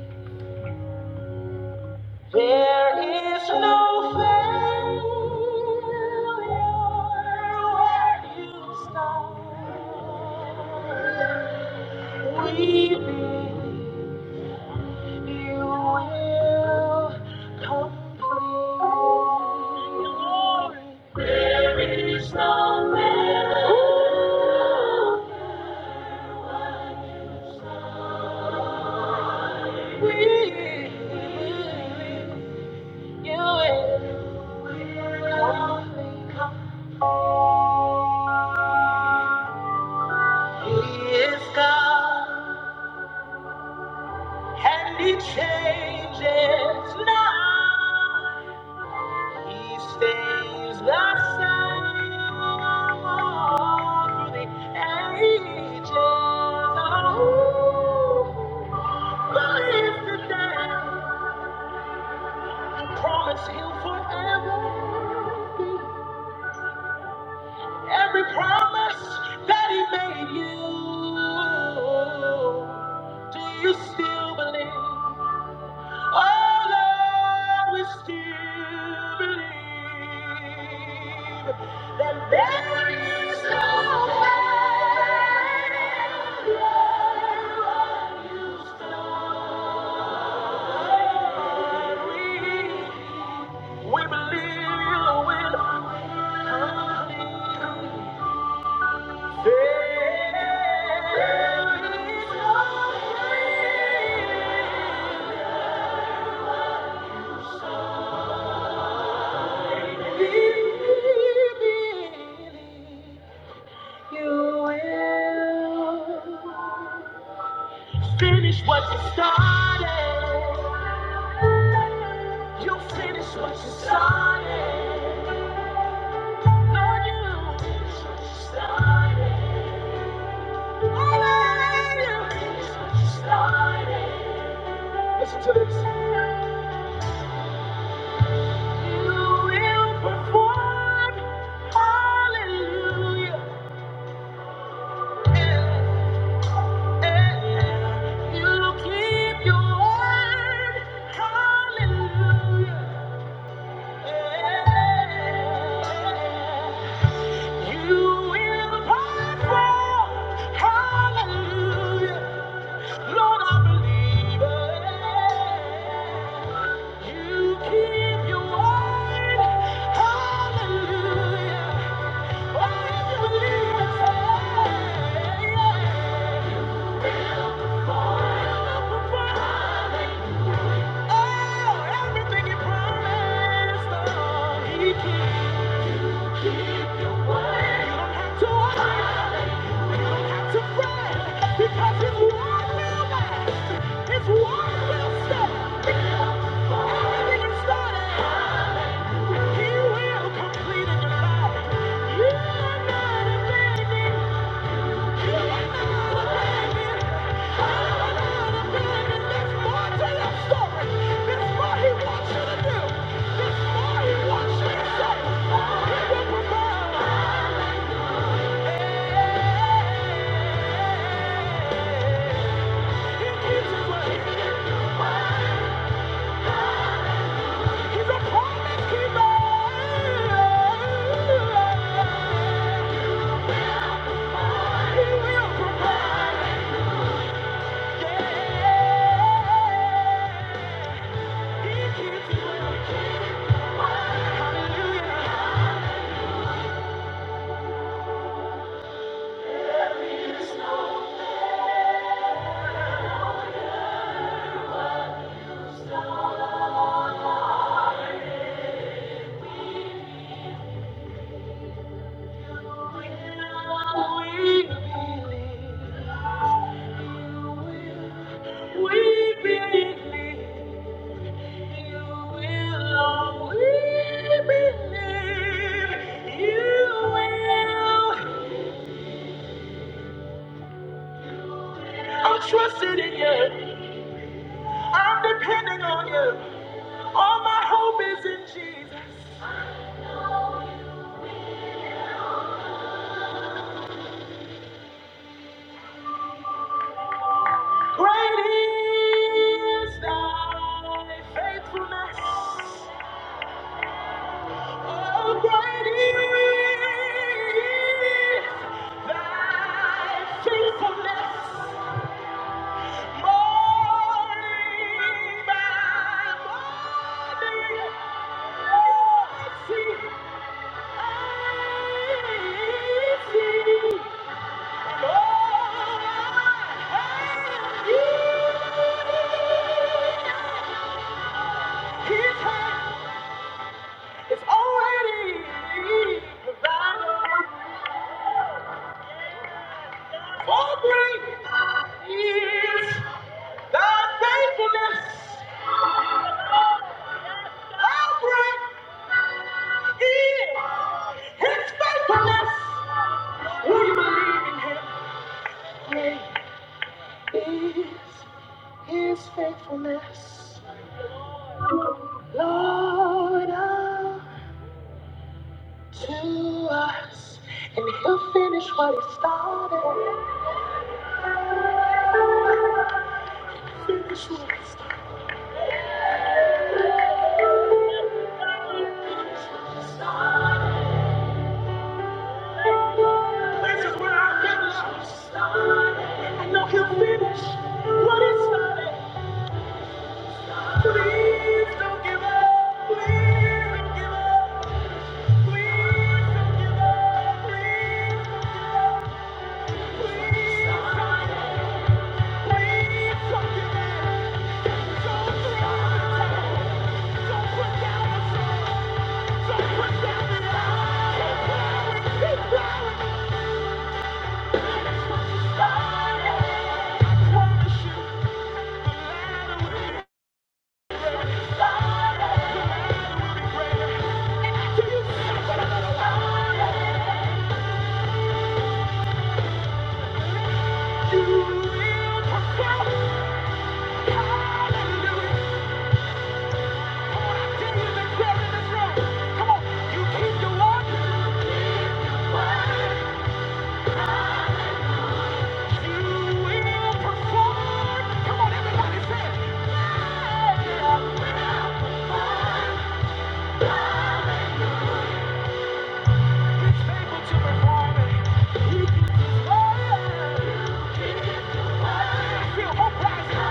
Speaker 1: There is no failure where you start. We believe. You will complete. There is no man who will. You He is God, and He changes not. He stays the same through the ages. Oh, lives today. Promise He'll forever be every promise that He made you. Do you still believe? Oh Lord, we still believe that there is no failure when you start. We, we believe you will complete. There is no failure. So Finish what you started. You finish what you started. Lord, you finish what you started. Oh, Lord, you finish what you started. You will perform. Hallelujah. You keep your word. Hallelujah. You will prosper. Hallelujah. Lord, I believe it. You keep your word. Hallelujah. I believe it. Will perform. Will perform. Oh, everything He promised, oh, He keeps. You don't have to worry. You don't have to fret, because His word will last. His word will stand. Everything He started, He will complete in your life. You are not abandoned. Thank you. He's a promise keeper. He will provide. Yeah. He keeps me. Hallelujah. We believe. I'm trusting in you. I'm depending on you. All my hope is in Jesus. Great is thy faithfulness. Oh, great morning by morning, I see I, Lord, I, yeah, His hand. It's already provided for great is thy faithfulness. How great is his faithfulness? Will you believe in him? Great is his faithfulness, Lord, unto us. And he'll finish what he started. Finish what he started. This is where I finish. I know he'll finish what he started. Please don't give up. Please don't give up. Please don't give up. Please don't give up. Please don't give up. Please don't give up. Don't throw in the towel. Don't put down the sword. Don't put down the lie. Keep plowing. Keep plowing. Finish what you started. I promise you. Feel hope rising.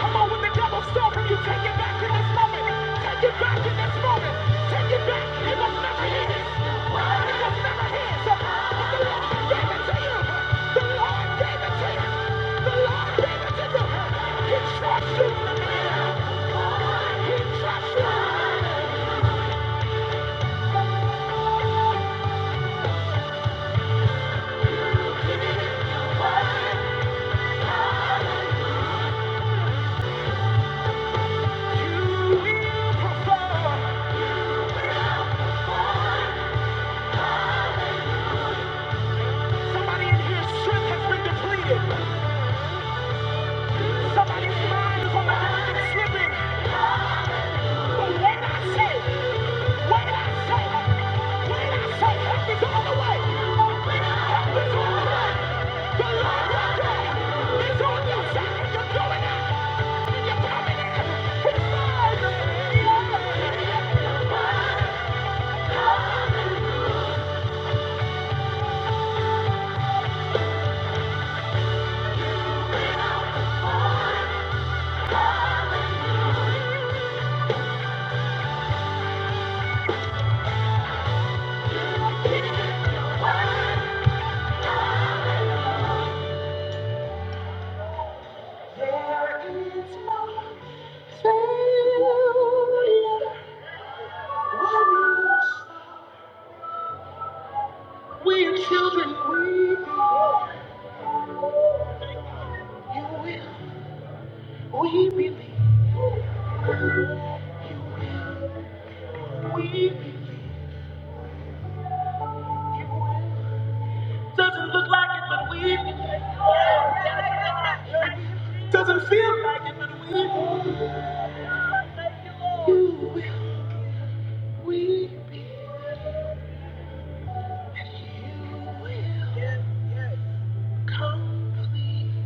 Speaker 1: Come on, when the devil's stalking you, take it back in this moment. Take it back in this moment. Take it back. It was never his. It was never his. the Lord gave it to you. The Lord gave it to you. The Lord gave it to you. He trusts you. He trusts you. Somebody in here, strength has been depleted. Somebody's mind is on the verge slipping. But I say, wait, I say, wait, I say, help is on the Lord is on your you're going out, you're coming in. We believe. We believe. Doesn't look like it, but we believe. Doesn't feel like it, but we will. Complete.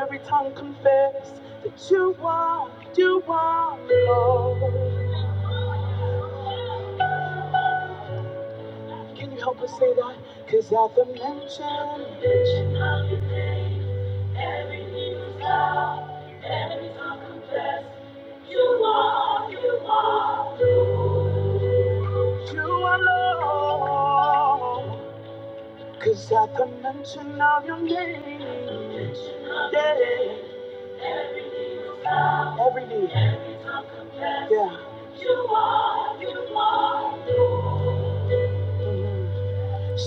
Speaker 1: Every tongue confess that you are, you are Lord. Can you help us say that? Cause at the mention of you, cause at the mention of your name, yeah, every knee, yeah. mhm.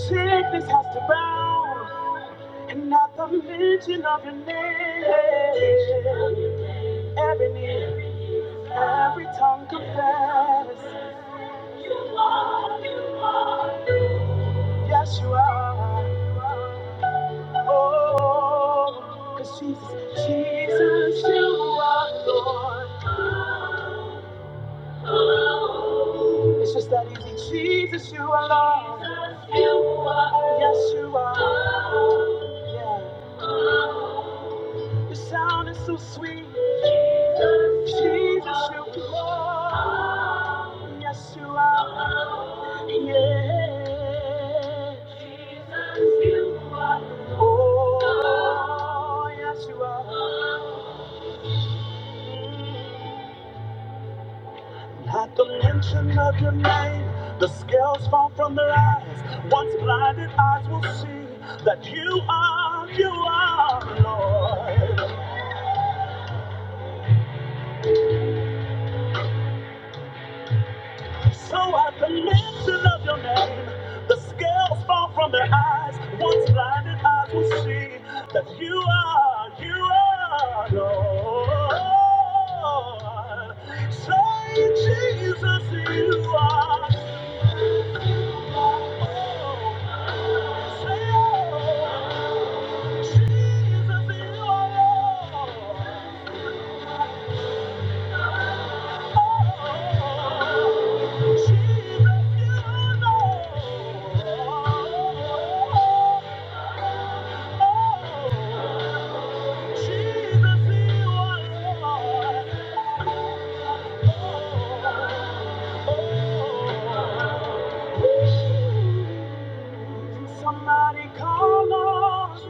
Speaker 1: Sickness has to bow, and at the mention of your name, every knee. Every tongue confess, yes, you are. Oh, cause Jesus, Jesus, you are Lord. It's just that easy. Jesus, you are Lord. Yes, you are. Yeah. Your sound is so sweet. Jesus, you are. Yes, you are. Oh, yes, you are. Mm. At the mention of your name, the scales fall from their eyes. Once blinded eyes will see that you are, you are Lord. So at the mention of your name, the scales fall from their eyes. Once blinded eyes will see that you are, you are Lord. Say, Jesus, you are. Thank you. Somebody call us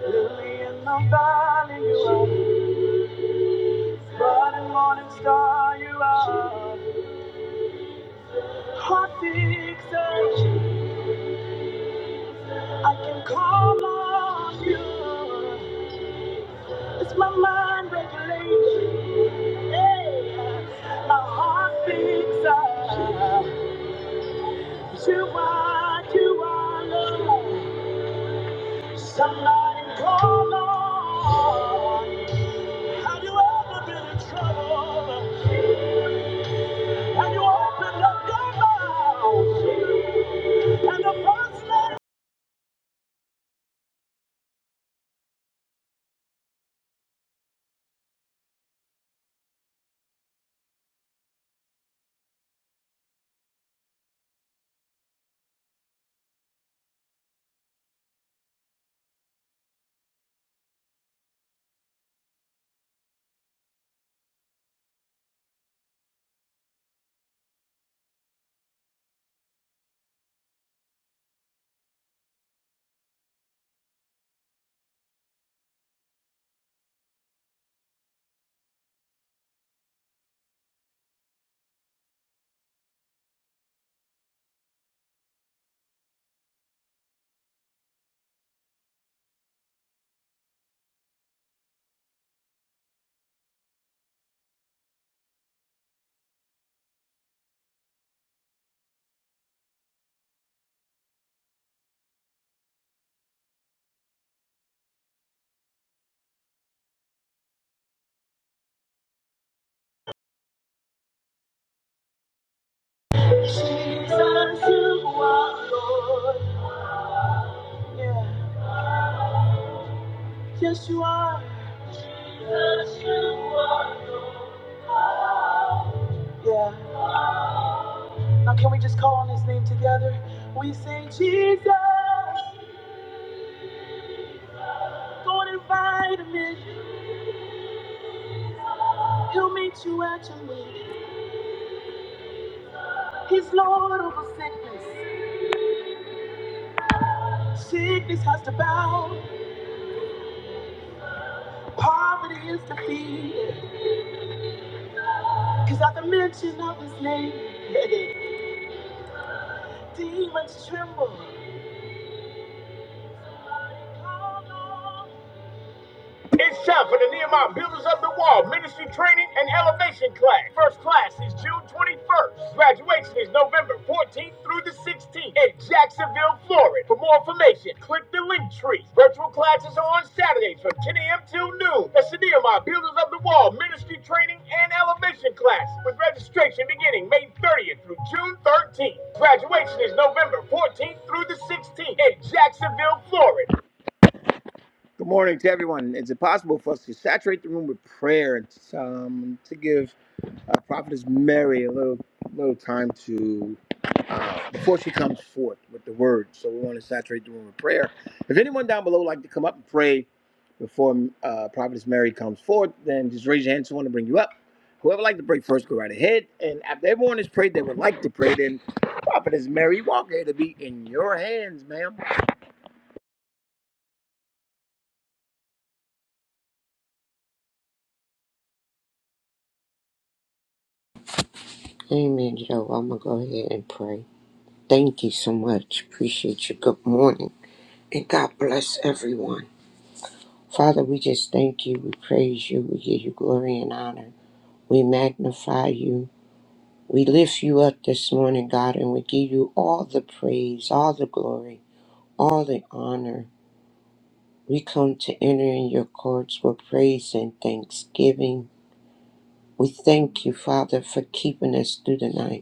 Speaker 1: Lily in the valley. Running morning star, you are hot fixer. I can call on you. It's my mind regulation. Yeah. My heart fixer. You are, you are love. Somebody call on. Have you ever been in trouble? Have you opened up your mouth? And the first name Jesus, you are Lord. Yeah. Yes, you are. Jesus, you are. Yeah. Now, can we just call on his name together? We say, Jesus, go and invite him in. He'll meet you at your need. He's Lord over sickness. Sickness has to bow. Poverty is defeated. Because at the mention of his name, (laughs) demons tremble. It's time for the Nehemiah Builders of the Wall Ministry Training and Elevation Class. First class is June 21st. Graduation is November 14th through the 16th in Jacksonville, Florida. For more information, click the link tree. Virtual classes are on Saturdays from 10 a.m. till noon. That's the Nehemiah Builders of the Wall Ministry Training and Elevation Class with registration beginning May 30th through June 13th. Graduation is November 14th through the 16th in Jacksonville, Florida. Good morning to everyone. Is it possible for us to saturate the room with prayer and um, to give uh, Prophetess Mary a little little time to uh, before she comes forth with the word? So we want to saturate the room with prayer. If anyone down below would like to come up and pray before uh, Prophetess Mary comes forth, then just raise your hand. Someone to bring you up. Whoever would like to pray first, go right ahead. And after everyone has prayed, they would like to pray. Then Prophetess Mary Walker, it'll be in your hands, ma'am.
Speaker 3: Amen, yo. I'm going to go ahead and pray. Thank you so much. Appreciate you. Good morning. And God bless everyone. Father, we just thank you. We praise you. We give you glory and honor. We magnify you. We lift you up this morning, God, and we give you all the praise, all the glory, all the honor. We come to enter in your courts with praise and thanksgiving. We thank you, Father, for keeping us through the night.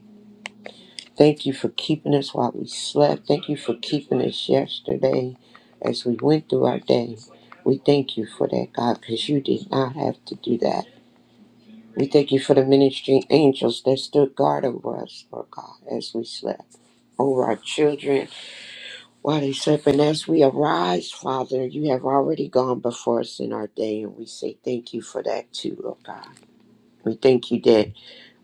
Speaker 3: Thank you for keeping us while we slept. Thank you for keeping us yesterday as we went through our day. We thank you for that, God, because you did not have to do that. We thank you for the ministry angels that stood guard over us, Lord God, as we slept, over our children while they slept. And as we arise, Father, you have already gone before us in our day, and we say thank you for that too, Lord God. We thank you that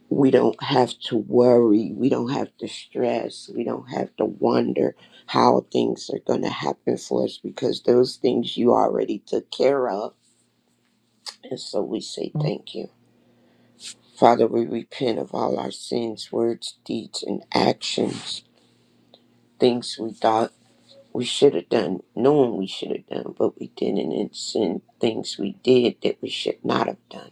Speaker 3: we don't have to worry. We don't have to stress. We don't have to wonder how things are going to happen for us because those things you already took care of. And so we say thank you. Father, we repent of all our sins, words, deeds, and actions, things we thought we should have done, knowing we should have done, but we didn't, and sin, things we did that we should not have done.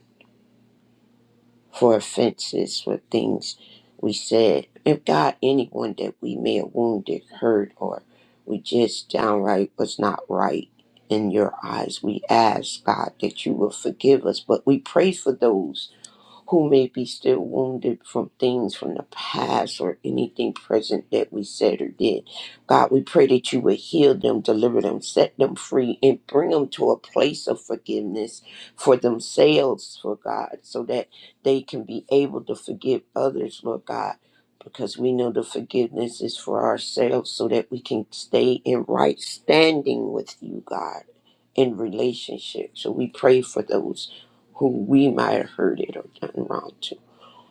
Speaker 3: for offenses, for things we said. If God, anyone that we may have wounded, hurt, or we just downright was not right in your eyes, we ask, God, that you will forgive us. But we pray for those who may be still wounded from things from the past or anything present that we said or did. God, we pray that you would heal them, deliver them, set them free, and bring them to a place of forgiveness for themselves, for God, so that they can be able to forgive others, Lord God. Because we know the forgiveness is for ourselves so that we can stay in right standing with you, God, in relationship. So we pray for those who we might have heard it or done wrong to.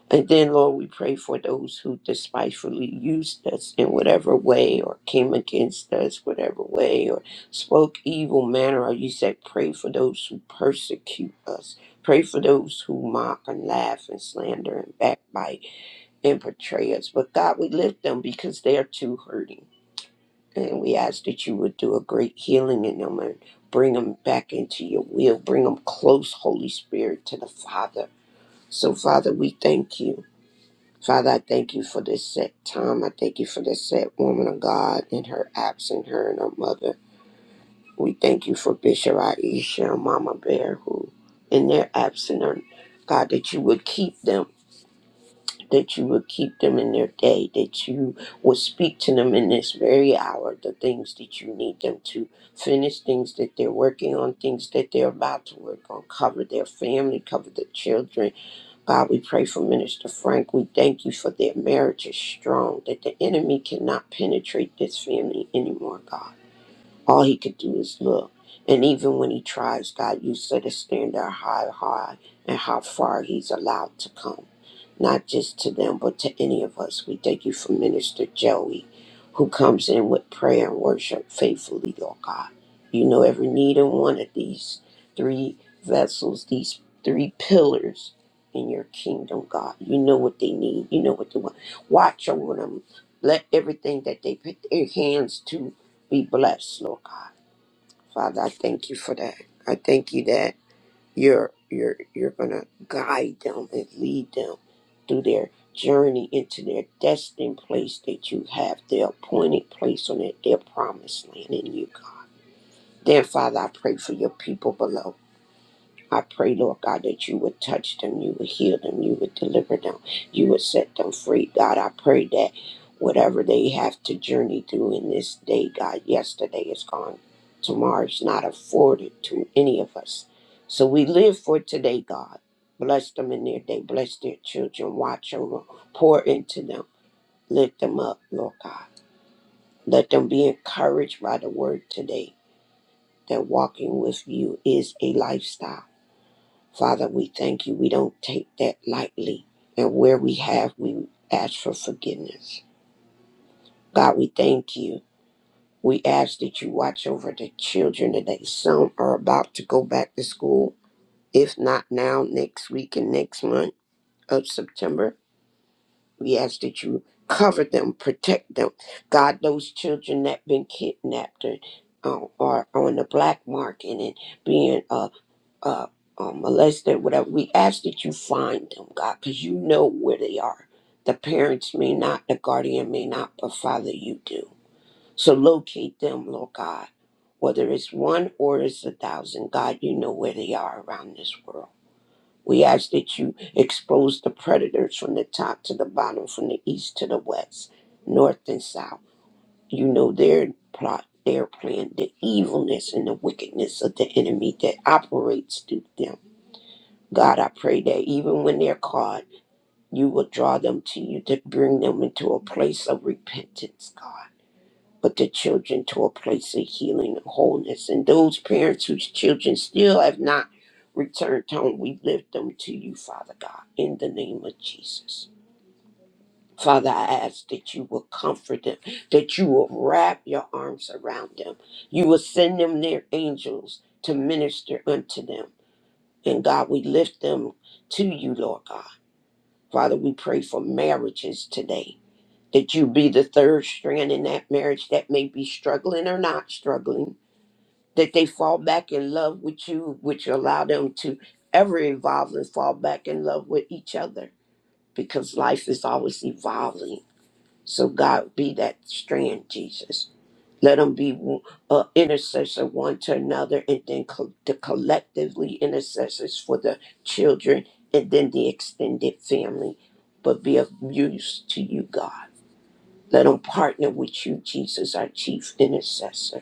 Speaker 3: And then, Lord, we pray for those who despitefully used us in whatever way or came against us, whatever way, or spoke evil manner. Or you said, pray for those who persecute us. Pray for those who mock and laugh and slander and backbite and betray us. But God, we lift them because they are too hurting. And we ask that you would do a great healing in them and bring them back into your will. Bring them close, Holy Spirit, to the Father so, Father, we thank you. Father, I thank you for this set time. I thank you for this set woman of God and her absent, her and her mother. We thank you for Bishop Aisha and Mama Bear, who in their absent, or God, that you would keep them, that you would keep them in their day, that you would speak to them in this very hour, the things that you need them to finish, things that they're working on, things that they're about to work on. Cover their family, cover the children, God, we pray for Minister Frank. We thank you for their marriage is strong, that the enemy cannot penetrate this family anymore, God. All he could do is look. And even when he tries, God, you set a standard high, high, and how far he's allowed to come. Not just to them, but to any of us. We thank you for Minister Joey, who comes in with prayer and worship faithfully, Lord God. You know every need in one of these three vessels, these three pillars in your kingdom, God. You know what they need. You know what they want. Watch over them. Let everything that they put their hands to be blessed, Lord God. Father, I thank you for that. I thank you that you're you're you're gonna guide them and lead them through their journey into their destined place that you have, their appointed place on it, their promised land in you, God. Then Father, I pray for your people below. I pray, Lord God, that you would touch them, you would heal them, you would deliver them, you would set them free. God, I pray that whatever they have to journey through in this day, God, yesterday is gone. Tomorrow is not afforded to any of us. So we live for today, God. Bless them in their day. Bless their children. Watch over them. Pour into them. Lift them up, Lord God. Let them be encouraged by the word today that walking with you is a lifestyle Father, we thank you. We don't take that lightly. And where we have, we ask for forgiveness. God, we thank you. We ask that you watch over the children today. Some are about to go back to school. If not now, next week and next month of September, we ask that you cover them, protect them. God, those children that been kidnapped and, uh, are on the black market and being uh, uh, um, molested, whatever. We ask that you find them, God, because you know where they are. The parents may not, the guardian may not, but Father, you do. So locate them, Lord God. Whether it's one or it's a thousand, God, you know where they are around this world. We ask that you expose the predators from the top to the bottom, from the east to the west, north and south. You know their plot, their plan, the evilness and the wickedness of the enemy that operates through them. God, I pray that even when they're caught, you will draw them to you to bring them into a place of repentance, God. But the children to a place of healing and wholeness. And those parents whose children still have not returned home, we lift them to you, Father God, in the name of Jesus. Father, I ask that you will comfort them, that you will wrap your arms around them. You will send them their angels to minister unto them. And God, we lift them to you, Lord God. Father, we pray for marriages today. That you be the third strand in that marriage that may be struggling or not struggling. That they fall back in love with you, which will allow them to ever evolve and fall back in love with each other because life is always evolving. So, God, be that strand, Jesus. Let them be one- uh, intercessor one to another, and then co- the collectively intercessors for the children, and then the extended family. But be of use to you, God. Let them partner with you, Jesus, our chief intercessor.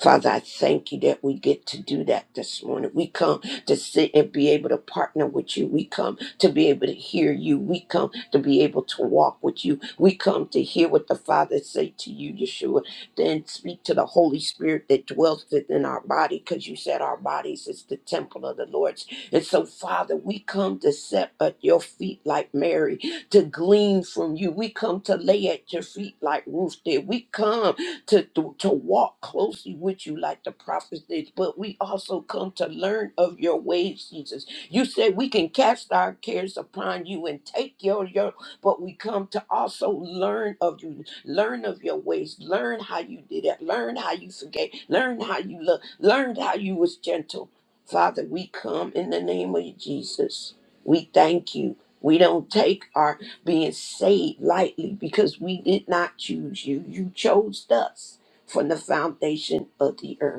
Speaker 3: Father, I thank you that we get to do that this morning. We come to sit and be able to partner with you. We come to be able to hear you. We come to be able to walk with you. We come to hear what the Father say to you, Yeshua, then speak to the Holy Spirit that dwells within our body because you said our bodies is the temple of the Lord's. And so, Father, we come to sit at your feet like Mary, to glean from you. We come to lay at your feet like Ruth did. We come to, to, to walk closely with you like the prophets did, but we also come to learn of your ways, Jesus. You said we can cast our cares upon you and take your yoke, but we come to also learn of you, learn of your ways, learn how you did it, learn how you forgave, learn how you loved, learn how you was gentle. Father, we come in the name of Jesus. We thank you. We don't take our being saved lightly because we did not choose you. You chose us from the foundation of the earth.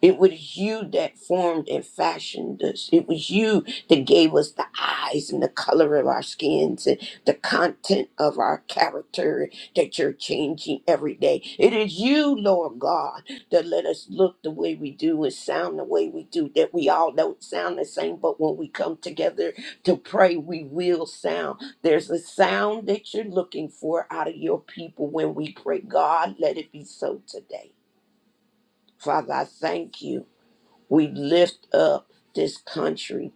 Speaker 3: It was you that formed and fashioned us. It was you that gave us the eyes and the color of our skins and the content of our character that you're changing every day. It is you, Lord God, that let us look the way we do and sound the way we do, that we all don't sound the same, but when we come together to pray, we will sound. There's a sound that you're looking for out of your people when we pray. God, let it be so today. Father, I thank you. We lift up this country.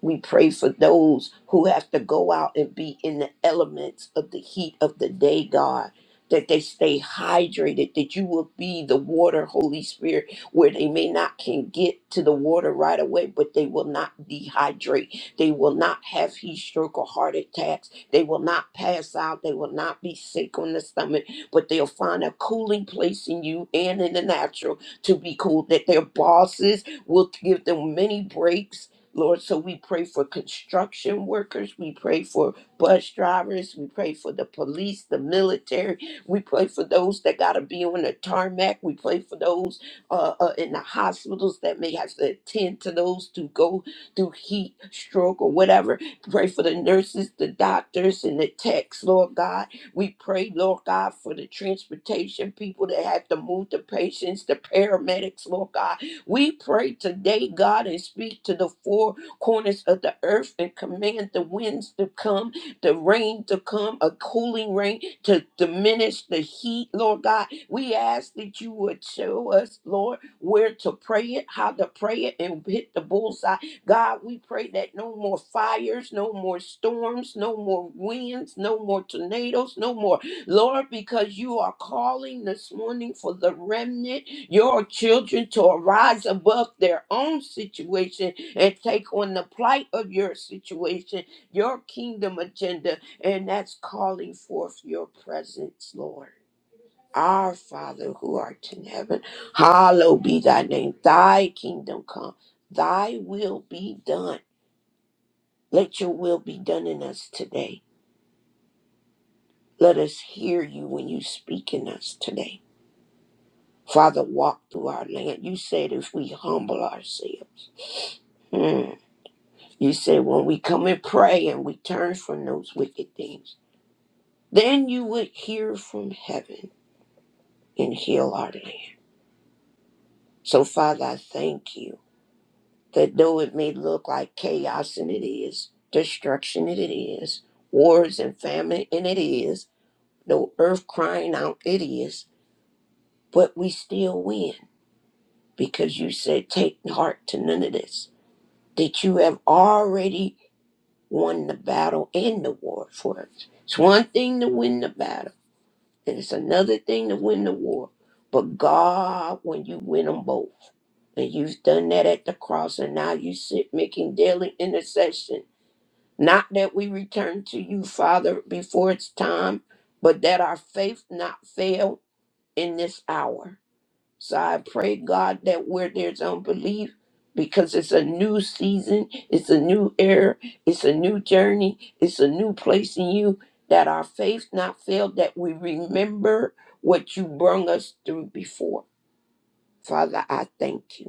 Speaker 3: We pray for those who have to go out and be in the elements of the heat of the day, God, that they stay hydrated, that you will be the water, Holy Spirit, where they may not can get to the water right away, but they will not dehydrate. They will not have heat stroke or heart attacks. They will not pass out. They will not be sick on the stomach, but they'll find a cooling place in you and in the natural to be cool, that their bosses We'll give them many breaks, Lord. So we pray for construction workers. We pray for bus drivers. We pray for the police, the military. We pray for those that got to be on the tarmac. We pray for those uh, uh, in the hospitals that may have to attend to those to go through heat, stroke, or whatever. Pray for the nurses, the doctors, and the techs, Lord God. We pray, Lord God, for the transportation people that have to move the patients, the paramedics, Lord God. We pray today, God, and speak to the four corners of the earth and command the winds to come, the rain to come, a cooling rain to diminish the heat, Lord God. We ask that you would show us, Lord, where to pray it, how to pray it, and hit the bullseye. God, we pray that no more fires, no more storms, no more winds, no more tornadoes, no more Lord, because you are calling this morning for the remnant, your children to arise above their own situation and take on the plight of your situation, your kingdom agenda, and that's calling forth your presence, Lord. Our Father who art in heaven, hallowed be thy name. Thy kingdom come, thy will be done. Let your will be done in us today. Let us hear you when you speak in us today. Father, walk through our land. You said if we humble ourselves. Mm. You said when we come and pray and we turn from those wicked things, then you would hear from heaven and heal our land. So, Father, I thank you that though it may look like chaos, and it is, destruction, and it is, wars and famine, and it is, no earth crying out, it is, but we still win because you said, take heart to none of this. that you have already won the battle and the war for us. It's one thing to win the battle, and it's another thing to win the war. But God, when you win them both, and you've done that at the cross, and now you sit making daily intercession. Not that we return to you, Father, before it's time, but that our faith not fail in this hour so I pray, God, that where there's unbelief, because it's a new season, it's a new era, it's a new journey, it's a new place in you, that our faith not fail, that we remember what you brung us through before. Father, I thank you.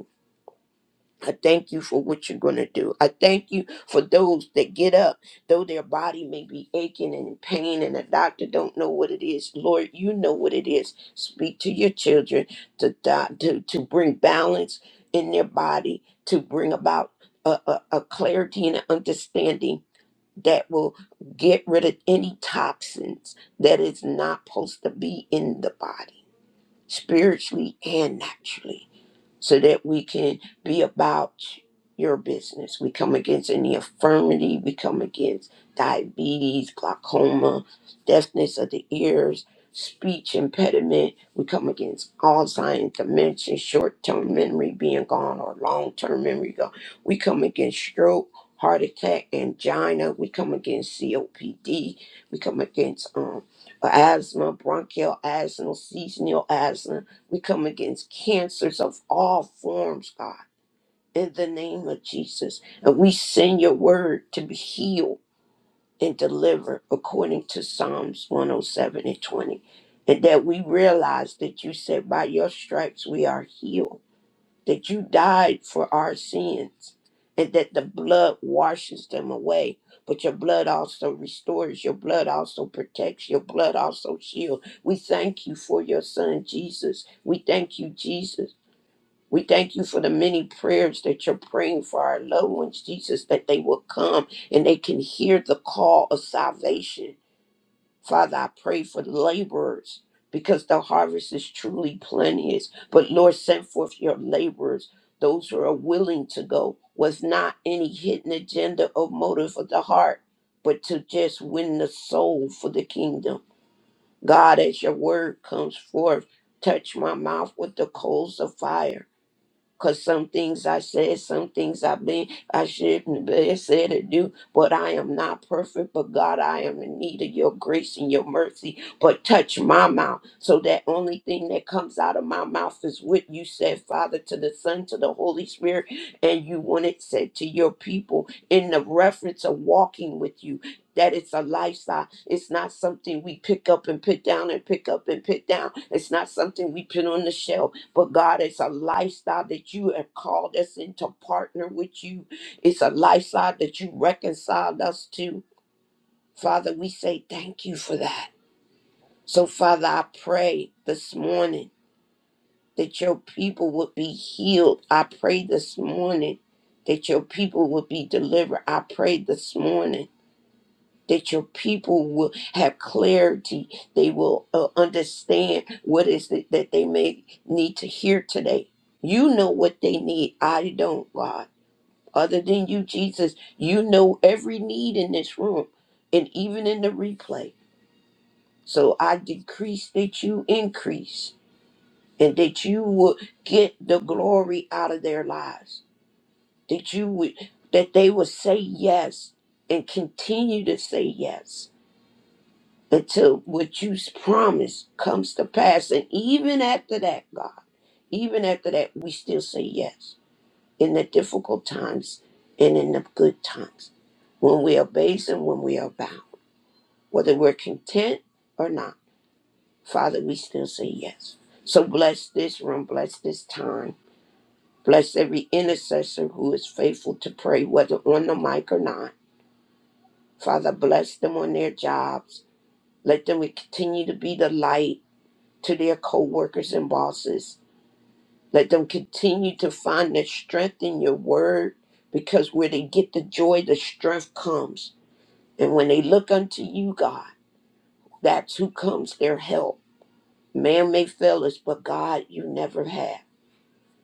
Speaker 3: I thank you for what you're going to do. I thank you for those that get up, though their body may be aching and in pain and the doctor don't know what it is. Lord, you know what it is. Speak to your children to di- to, to bring balance in their body, to bring about a, a, a clarity and an understanding that will get rid of any toxins that is not supposed to be in the body, spiritually and naturally so that we can be about your business. We come against any infirmity, we come against diabetes, glaucoma, deafness of the ears, speech impediment, we come against Alzheimer's, dementia, short term memory being gone or long term memory gone. We come against stroke. Heart attack, angina. We come against COPD. We come against um, asthma, bronchial asthma, seasonal asthma we come against cancers of all forms, God, in the name of Jesus. And we send your word to be healed and delivered according to Psalms 107 and 20. And that we realize that you said, by your stripes we are healed, that you died for our sins, and that the blood washes them away. But your blood also restores, your blood also protects, your blood also shields. We thank you for your son, Jesus. We thank you, Jesus we thank you for the many prayers that you're praying for our loved ones, Jesus, that they will come and they can hear the call of salvation. Father, I pray for the laborers because the harvest is truly plenteous. But Lord, send forth your laborers, those who are willing to go, was not any hidden agenda or motive of the heart, but to just win the soul for the kingdom. God, as your word comes forth, touch my mouth with the coals of fire. Cause some things I said, some things I've been, I shouldn't have said or do, but I am not perfect. But God, I am in need of your grace and your mercy. But touch my mouth so that only thing that comes out of my mouth is what you said, Father, to the Son, to the Holy Spirit, and you want it said to your people in the reference of walking with you. That it's a lifestyle. It's not something we pick up and put down and pick up and put down. It's not something we put on the shelf. But God, it's a lifestyle that you have called us in to partner with you. It's a lifestyle that you reconciled us to. Father, we say thank you for that. So, Father, I pray this morning that your people would be healed. I pray this morning that your people would be delivered. I pray this morning that your people will have clarity. They will uh, understand what is it that they may need to hear today. You know what they need. I don't, God. Other than you, Jesus, you know every need in this room and even in the replay. So I decrease that you increase and that you will get the glory out of their lives. That you would that they will say yes and continue to say yes until what you promise comes to pass. And even after that, God, even after that, we still say yes in the difficult times and in the good times when we are based and when we are bound, whether we're content or not. Father, we still say yes. So bless this room, bless this time, bless every intercessor who is faithful to pray, whether on the mic or not. Father, bless them on their jobs. Let them continue to be the light to their co workers and bosses. Let them continue to find their strength in your word because where they get the joy, the strength comes. And when they look unto you, God, that's who comes their help. Man may fail us, but God, you never have.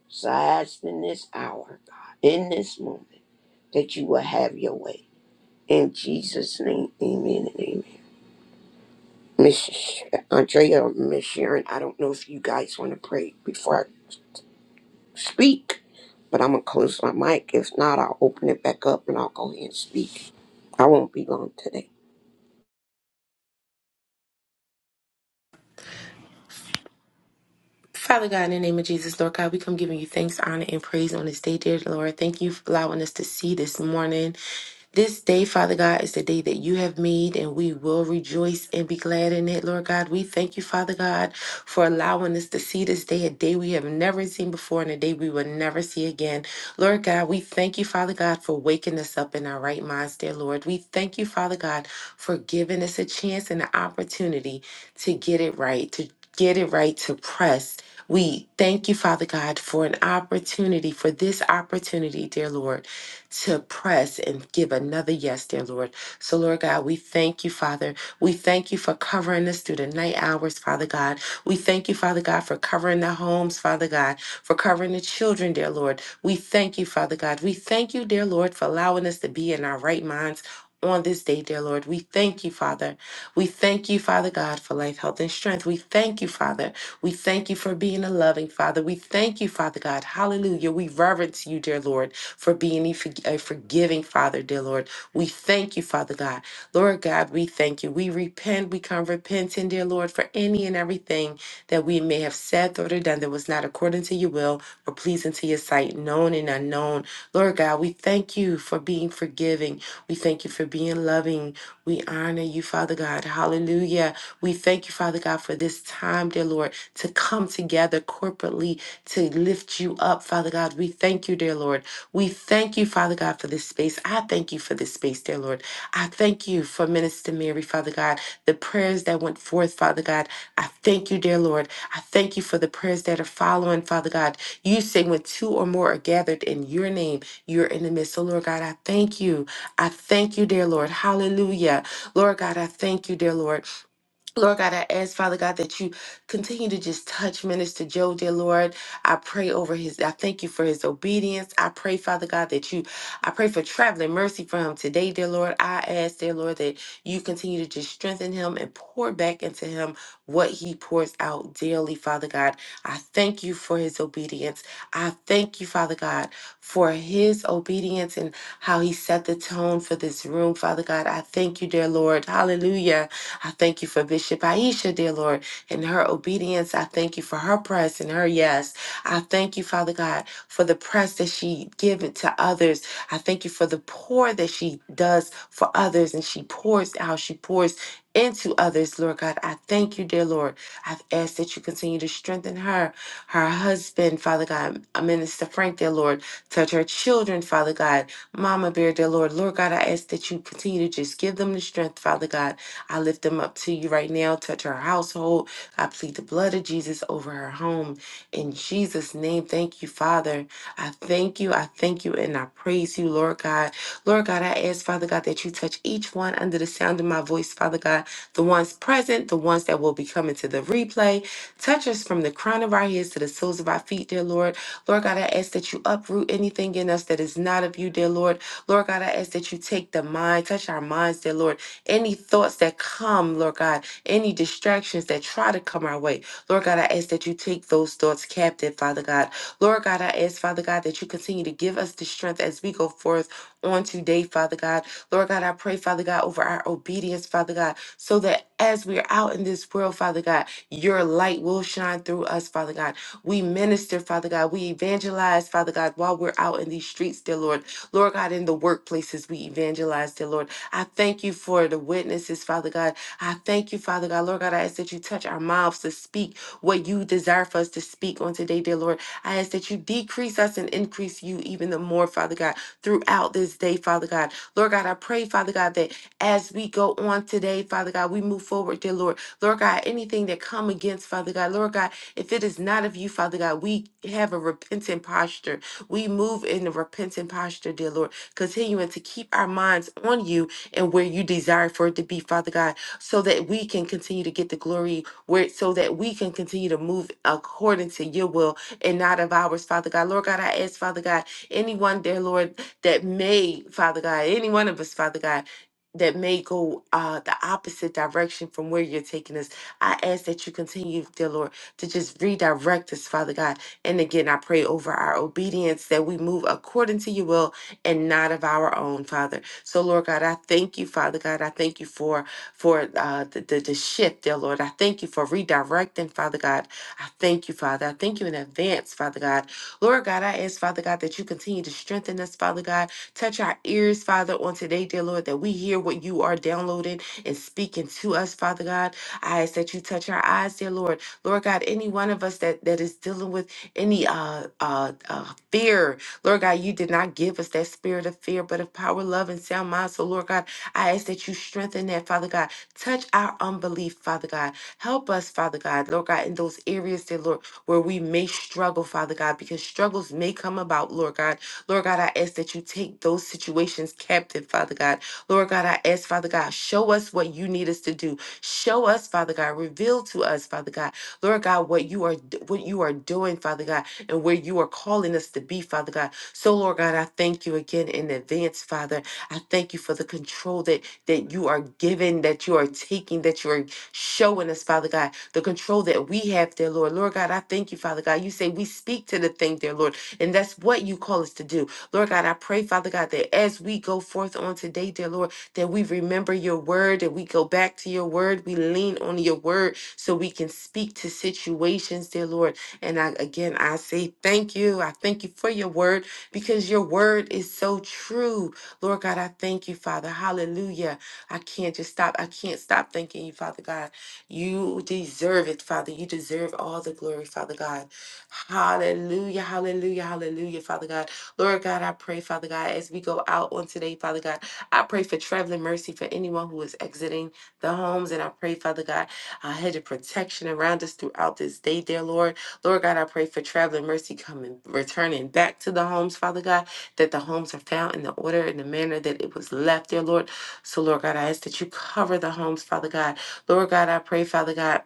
Speaker 3: So I ask in this hour, God, in this moment, that you will have your way. In Jesus' name, amen and amen. Miss Sh- Andrea, Miss Sharon, I don't know if you guys want to pray before I. speak, but I'm gonna close my mic. If not, I'll open it back up and I'll go ahead and speak. I won't be long today.
Speaker 4: Father God, in the name of Jesus, Lord God, we come giving you thanks, honor, and praise on this day, dear Lord. Thank you for allowing us to see this morning. This day, Father God, is the day that you have made, and we will rejoice and be glad in it, Lord God. We thank you, Father God, for allowing us to see this day, a day we have never seen before, and a day we will never see again. Lord God, we thank you, Father God, for waking us up in our right minds, dear Lord. We thank you, Father God, for giving us a chance and an opportunity to get it right, to get it right, to press we thank you, Father God, for an opportunity, for this opportunity, dear Lord, to press and give another yes, dear Lord. So, Lord God, we thank you, Father. We thank you for covering us through the night hours, Father God. We thank you, Father God, for covering the homes, Father God, for covering the children, dear Lord. We thank you, Father God. We thank you, dear Lord, for allowing us to be in our right minds. On this day, dear Lord, we thank you, Father. We thank you, Father God, for life, health, and strength. We thank you, Father we thank you for being a loving Father. We thank you, Father God. Hallelujah. We reverence you, dear Lord, for being a forg- a forgiving Father, dear Lord. We thank you, Father God. Lord God, we thank you. We repent. We come repenting, dear Lord, for any and everything that we may have said, thought, or done that was not according to your will or pleasing to your sight, known and unknown. Lord God, we thank you for being forgiving. We thank you for being loving. We honor you, Father God. Hallelujah. We thank you, Father God, for this time, dear Lord to come together corporately to lift you up, Father God. We thank you, dear Lord. We thank you, Father God, for this space. I thank you for this space, dear Lord. I thank you for Minister Mary, Father God, the prayers that went forth, Father God. I thank you, dear Lord. I thank you for the prayers that are following, Father God. You say when two or more are gathered in your name, you're in the midst. So, Lord God, I thank you. I thank you, dear Lord. Hallelujah. Lord God, I thank you, dear Lord. Lord God, I ask, Father God, that you continue to just touch Minister Joe, dear Lord. I pray over his, I thank you for his obedience. I pray, Father God, that you, I pray for traveling mercy for him today, dear Lord. I ask, dear Lord, that you continue to just strengthen him and pour back into him what he pours out daily, Father God. I thank you for his obedience. I thank you, Father God, for his obedience and how he set the tone for this room, Father God. I thank you, dear Lord. Hallelujah. I thank you for Bishop Aisha, dear Lord, and her obedience. I thank you for her press and her yes. I thank you, Father God, for the press that she given to others. I thank you for the pour that she does for others and she pours out, she pours into others, Lord God. I thank you, dear Lord. I've asked that you continue to strengthen her, her husband, Father God, Minister Frank, dear Lord. Touch her children, Father God. Mama Bear, dear Lord. Lord God, I ask that you continue to just give them the strength, Father God I lift them up to you right now. Touch her household. I plead the blood of Jesus over her home. In Jesus' name, thank you, Father. I thank you. I thank you and I praise you, Lord God. Lord God, I ask, Father God, that you touch each one under the sound of my voice, Father God, the ones present, the ones that will be coming to the replay. Touch us from the crown of our heads to the soles of our feet, dear Lord. Lord God, I ask that you uproot anything in us that is not of you, dear Lord. Lord God, I ask that you take the mind, touch our minds, dear Lord. Any thoughts that come, Lord God, any distractions that try to come our way, Lord God, I ask that you take those thoughts captive, Father God. Lord God, I ask, Father God, that you continue to give us the strength as we go forth on today, Father God. Lord God, I pray, Father God, over our obedience, Father God, so that as we are out in this world, Father God, your light will shine through us, Father God. We minister, Father God. We evangelize, Father God, while we're out in these streets, dear Lord. Lord God, in the workplaces, we evangelize, dear Lord. I thank you for the witnesses, Father God. I thank you, Father God. Lord God, I ask that you touch our mouths to speak what you desire for us to speak on today, dear Lord. I ask that you decrease us and increase you even the more, Father God, throughout this day, Father God. Lord God, I pray, Father God, that as we go on today, Father God, we move forward, dear Lord. Lord God, anything that come against, Father God, Lord God, if it is not of you, Father God, we have a repentant posture. We move in a repentant posture, dear Lord, continuing to keep our minds on you and where you desire for it to be, Father God, so that we can continue to get the glory, where so that we can continue to move according to your will and not of ours, Father God. Lord God, I ask, Father God, anyone there, Lord, that may, Father God, any one of us, Father God, that may go uh, the opposite direction from where you're taking us. I ask that you continue, dear Lord, to just redirect us, Father God. And again, I pray over our obedience that we move according to your will and not of our own, Father. So, Lord God, I thank you, Father God. I thank you for for uh, the, the the shift, dear Lord. I thank you for redirecting, Father God. I thank you, Father. I thank you in advance, Father God. Lord God, I ask, Father God, that you continue to strengthen us, Father God. Touch our ears, Father, on today, dear Lord, that we hear what you are downloading and speaking to us, Father God. I ask that you touch our eyes, dear Lord. Lord God, any one of us that that is dealing with any uh uh, uh fear Lord God, you did not give us that spirit of fear, but of power, love, and sound mind. So, Lord God, I ask that you strengthen that, Father God. Touch our unbelief, Father God. Help us, Father God, Lord God, in those areas that, Lord, where we may struggle, Father God, because struggles may come about, Lord God. Lord God, I ask that you take those situations captive, Father God. Lord God, I ask, Father God, show us what you need us to do. Show us, Father God, reveal to us, Father God, Lord God, what you are what you are doing, Father God, and where you are calling us to be, Father God. So, Lord God, I thank you again in advance, Father. I thank you for the control that that you are giving, that you are taking, that you are showing us, Father God, the control that we have, dear Lord. Lord God, I thank you, Father God. You say we speak to the thing, dear Lord, and that's what you call us to do. Lord God, I pray, Father God, that as we go forth on today, dear Lord, that we remember your word, that we go back to your word, we lean on your word so we can speak to situations, dear Lord. And I, again, I say thank you. I thank you for your word because your word is so true. Lord God, I thank you, Father. Hallelujah. I can't just stop. I can't stop thanking you, Father God. You deserve it, Father. You deserve all the glory, Father God. Hallelujah. Hallelujah. Hallelujah, Father God. Lord God, I pray, Father God, as we go out on today, Father God, I pray for traveling mercy for anyone who is exiting the homes. And I pray, Father God, a hedge of protection around us throughout this day, dear Lord. Lord God, I pray for traveling mercy coming, returning back to the homes, Father God, that the homes are found in the order and the manner that it was left there, Lord. So, Lord God, I ask that you cover the homes, Father God. Lord God, I pray, Father God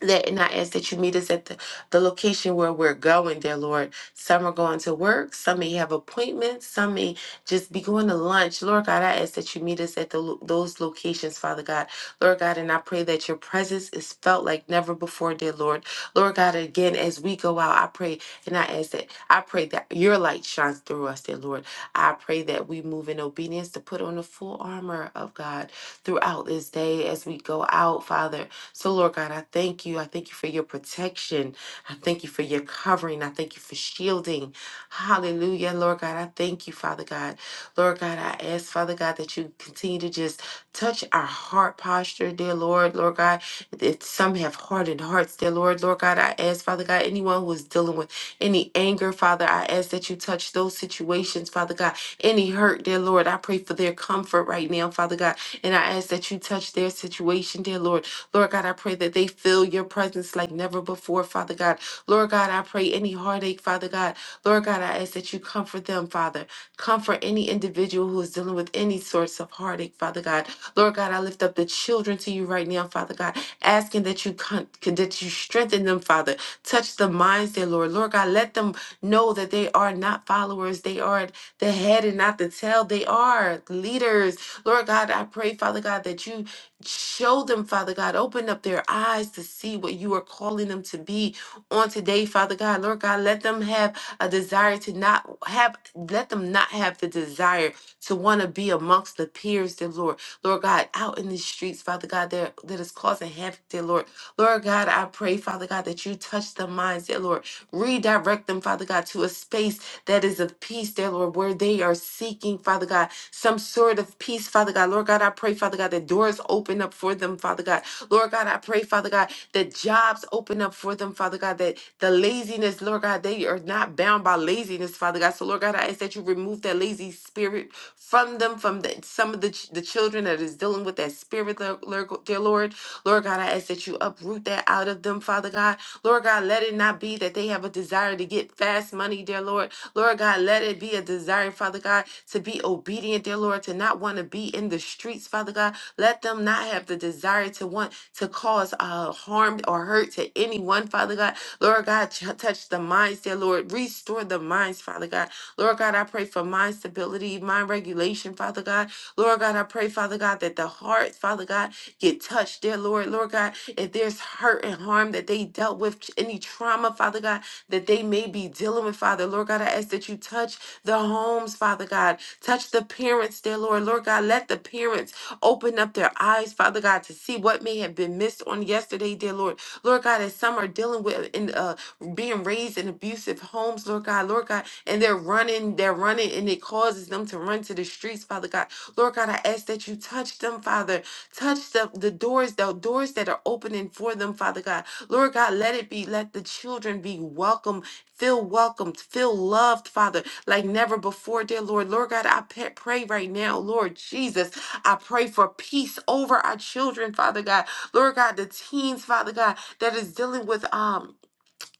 Speaker 4: that and I ask that you meet us at the, the location where we're going, dear Lord. Some are going to work, some may have appointments, some may just be going to lunch. Lord God, I ask that you meet us at the, lo- those locations, Father God. Lord God, and I pray that your presence is felt like never before, dear Lord. Lord God, again, as we go out, I pray and I ask that I pray that your light shines through us, dear Lord. I pray that we move in obedience to put on the full armor of God throughout this day as we go out, Father. So, Lord God, I thank you. I thank you for your protection. I thank you for your covering. I thank you for shielding. Hallelujah. Lord God, I thank you, Father God. Lord God, I ask, Father God, that you continue to just touch our heart posture, dear Lord. Lord God, that some have hardened hearts, dear Lord. Lord God, I ask, Father God, anyone who is dealing with any anger, Father, I ask that you touch those situations, Father God. Any hurt, dear Lord, I pray for their comfort right now, Father God. And I ask that you touch their situation, dear Lord. Lord God, I pray that they feel your presence like never before, Father God. Lord God, I pray any heartache, Father God. Lord God, I ask that you comfort them, Father. Comfort any individual who is dealing with any sorts of heartache, Father God. Lord God, I lift up the children to you right now, Father God, asking that you con- that you strengthen them, Father. Touch the minds, dear Lord. Lord God, let them know that they are not followers. They are the head and not the tail. They are leaders. Lord God, I pray, Father God, that you Show them, Father God. Open up their eyes to see what you are calling them to be on today, Father God. Lord God, let them have a desire to not have, let them not have the desire to want to be amongst the peers, dear Lord. Lord God, out in the streets, Father God, that, that is causing havoc, dear Lord. Lord God, I pray, Father God, that you touch the minds, dear Lord. Redirect them, Father God, to a space that is of peace, dear Lord, where they are seeking, Father God, some sort of peace, Father God. Lord God, I pray, Father God, that doors open up for them, Father God. Lord God, I pray, Father God, that jobs open up for them, Father God, that the laziness, Lord God, they are not bound by laziness, Father God. So, Lord God, I ask that you remove that lazy spirit from them, from the, some of the, ch- the children that is dealing with that spirit, Lord, Lord- dear Lord. Lord God, I ask that you uproot that out of them, Father God. Lord God, let it not be that they have a desire to get fast money, dear Lord. Lord God, let it be a desire, Father God, to be obedient, dear Lord, to not want to be in the streets, Father God. Let them not have the desire to want to cause uh, harm or hurt to anyone, Father God. Lord God, t- touch the minds, dear Lord. Restore the minds, Father God. Lord God, I pray for mind stability, mind regulation, Father God. Lord God, I pray, Father God, that the heart, Father God, get touched, dear Lord, Lord God. If there's hurt and harm that they dealt with, any trauma, Father God, that they may be dealing with, Father, Lord God, I ask that you touch the homes, Father God. Touch the parents, dear Lord, Lord God. Let the parents open up their eyes, Father God, to see what may have been missed on yesterday, dear Lord. Lord God, as some are dealing with in uh, being raised in abusive homes, Lord God, Lord God, and they're running, they're running, and it causes them to run to the streets, Father God. Lord God, I ask that you touch them, Father. Touch the, the doors, the doors that are opening for them, Father God. Lord God, let it be, let the children be welcome, feel welcomed, feel loved, Father, like never before, dear Lord. Lord God, I pa- pray right now, Lord Jesus, I pray for peace over our children, Father God. Lord God, the teens, Father God, that is dealing with um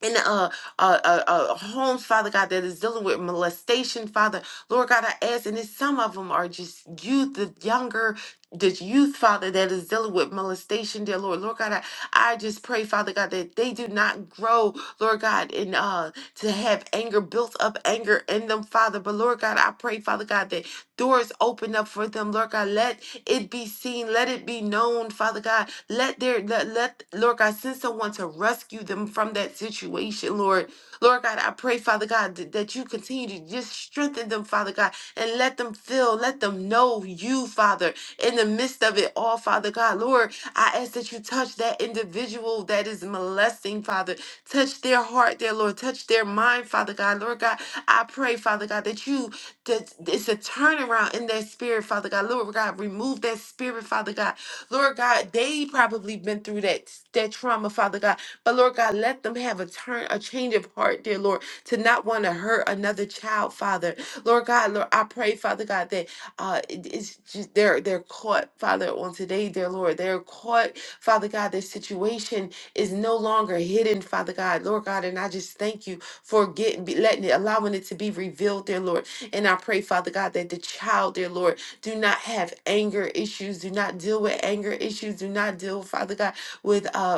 Speaker 4: in a, a, a, a homes, Father God, that is dealing with molestation, Father. Lord God, I ask, and it's, some of them are just youth, the younger, the youth, Father, that is dealing with molestation, dear Lord. Lord God, I, I just pray, Father God, that they do not grow, Lord God, and uh, to have anger, built up anger in them, Father. But Lord God, I pray, Father God, that Doors open up for them, Lord God. Let it be seen. Let it be known, Father God. Let their let, let Lord God send someone to rescue them from that situation, Lord. Lord God, I pray, Father God, th- that you continue to just strengthen them, Father God, and let them feel, let them know you, Father, in the midst of it all, Father God. Lord, I ask that you touch that individual that is molesting, Father. Touch their heart, dear Lord. Touch their mind, Father God. Lord God, I pray, Father God, that you that it's a turnaround in their spirit, Father God. Lord God, remove that spirit, Father God. Lord God, they probably been through that that trauma, Father God. But Lord God, let them have a turn, a change of heart, dear Lord, to not want to hurt another child, Father. Lord God, Lord, I pray, Father God, that uh, it- it's just they're they're caught, Father, on today, dear Lord, they're caught, Father God. Their situation is no longer hidden, Father God, Lord God, and I just thank you for getting be- letting it, allowing it to be revealed, dear Lord. And I pray, Father God, that the child, dear Lord, do not have anger issues, do not deal with anger issues, do not deal, Father God, with uh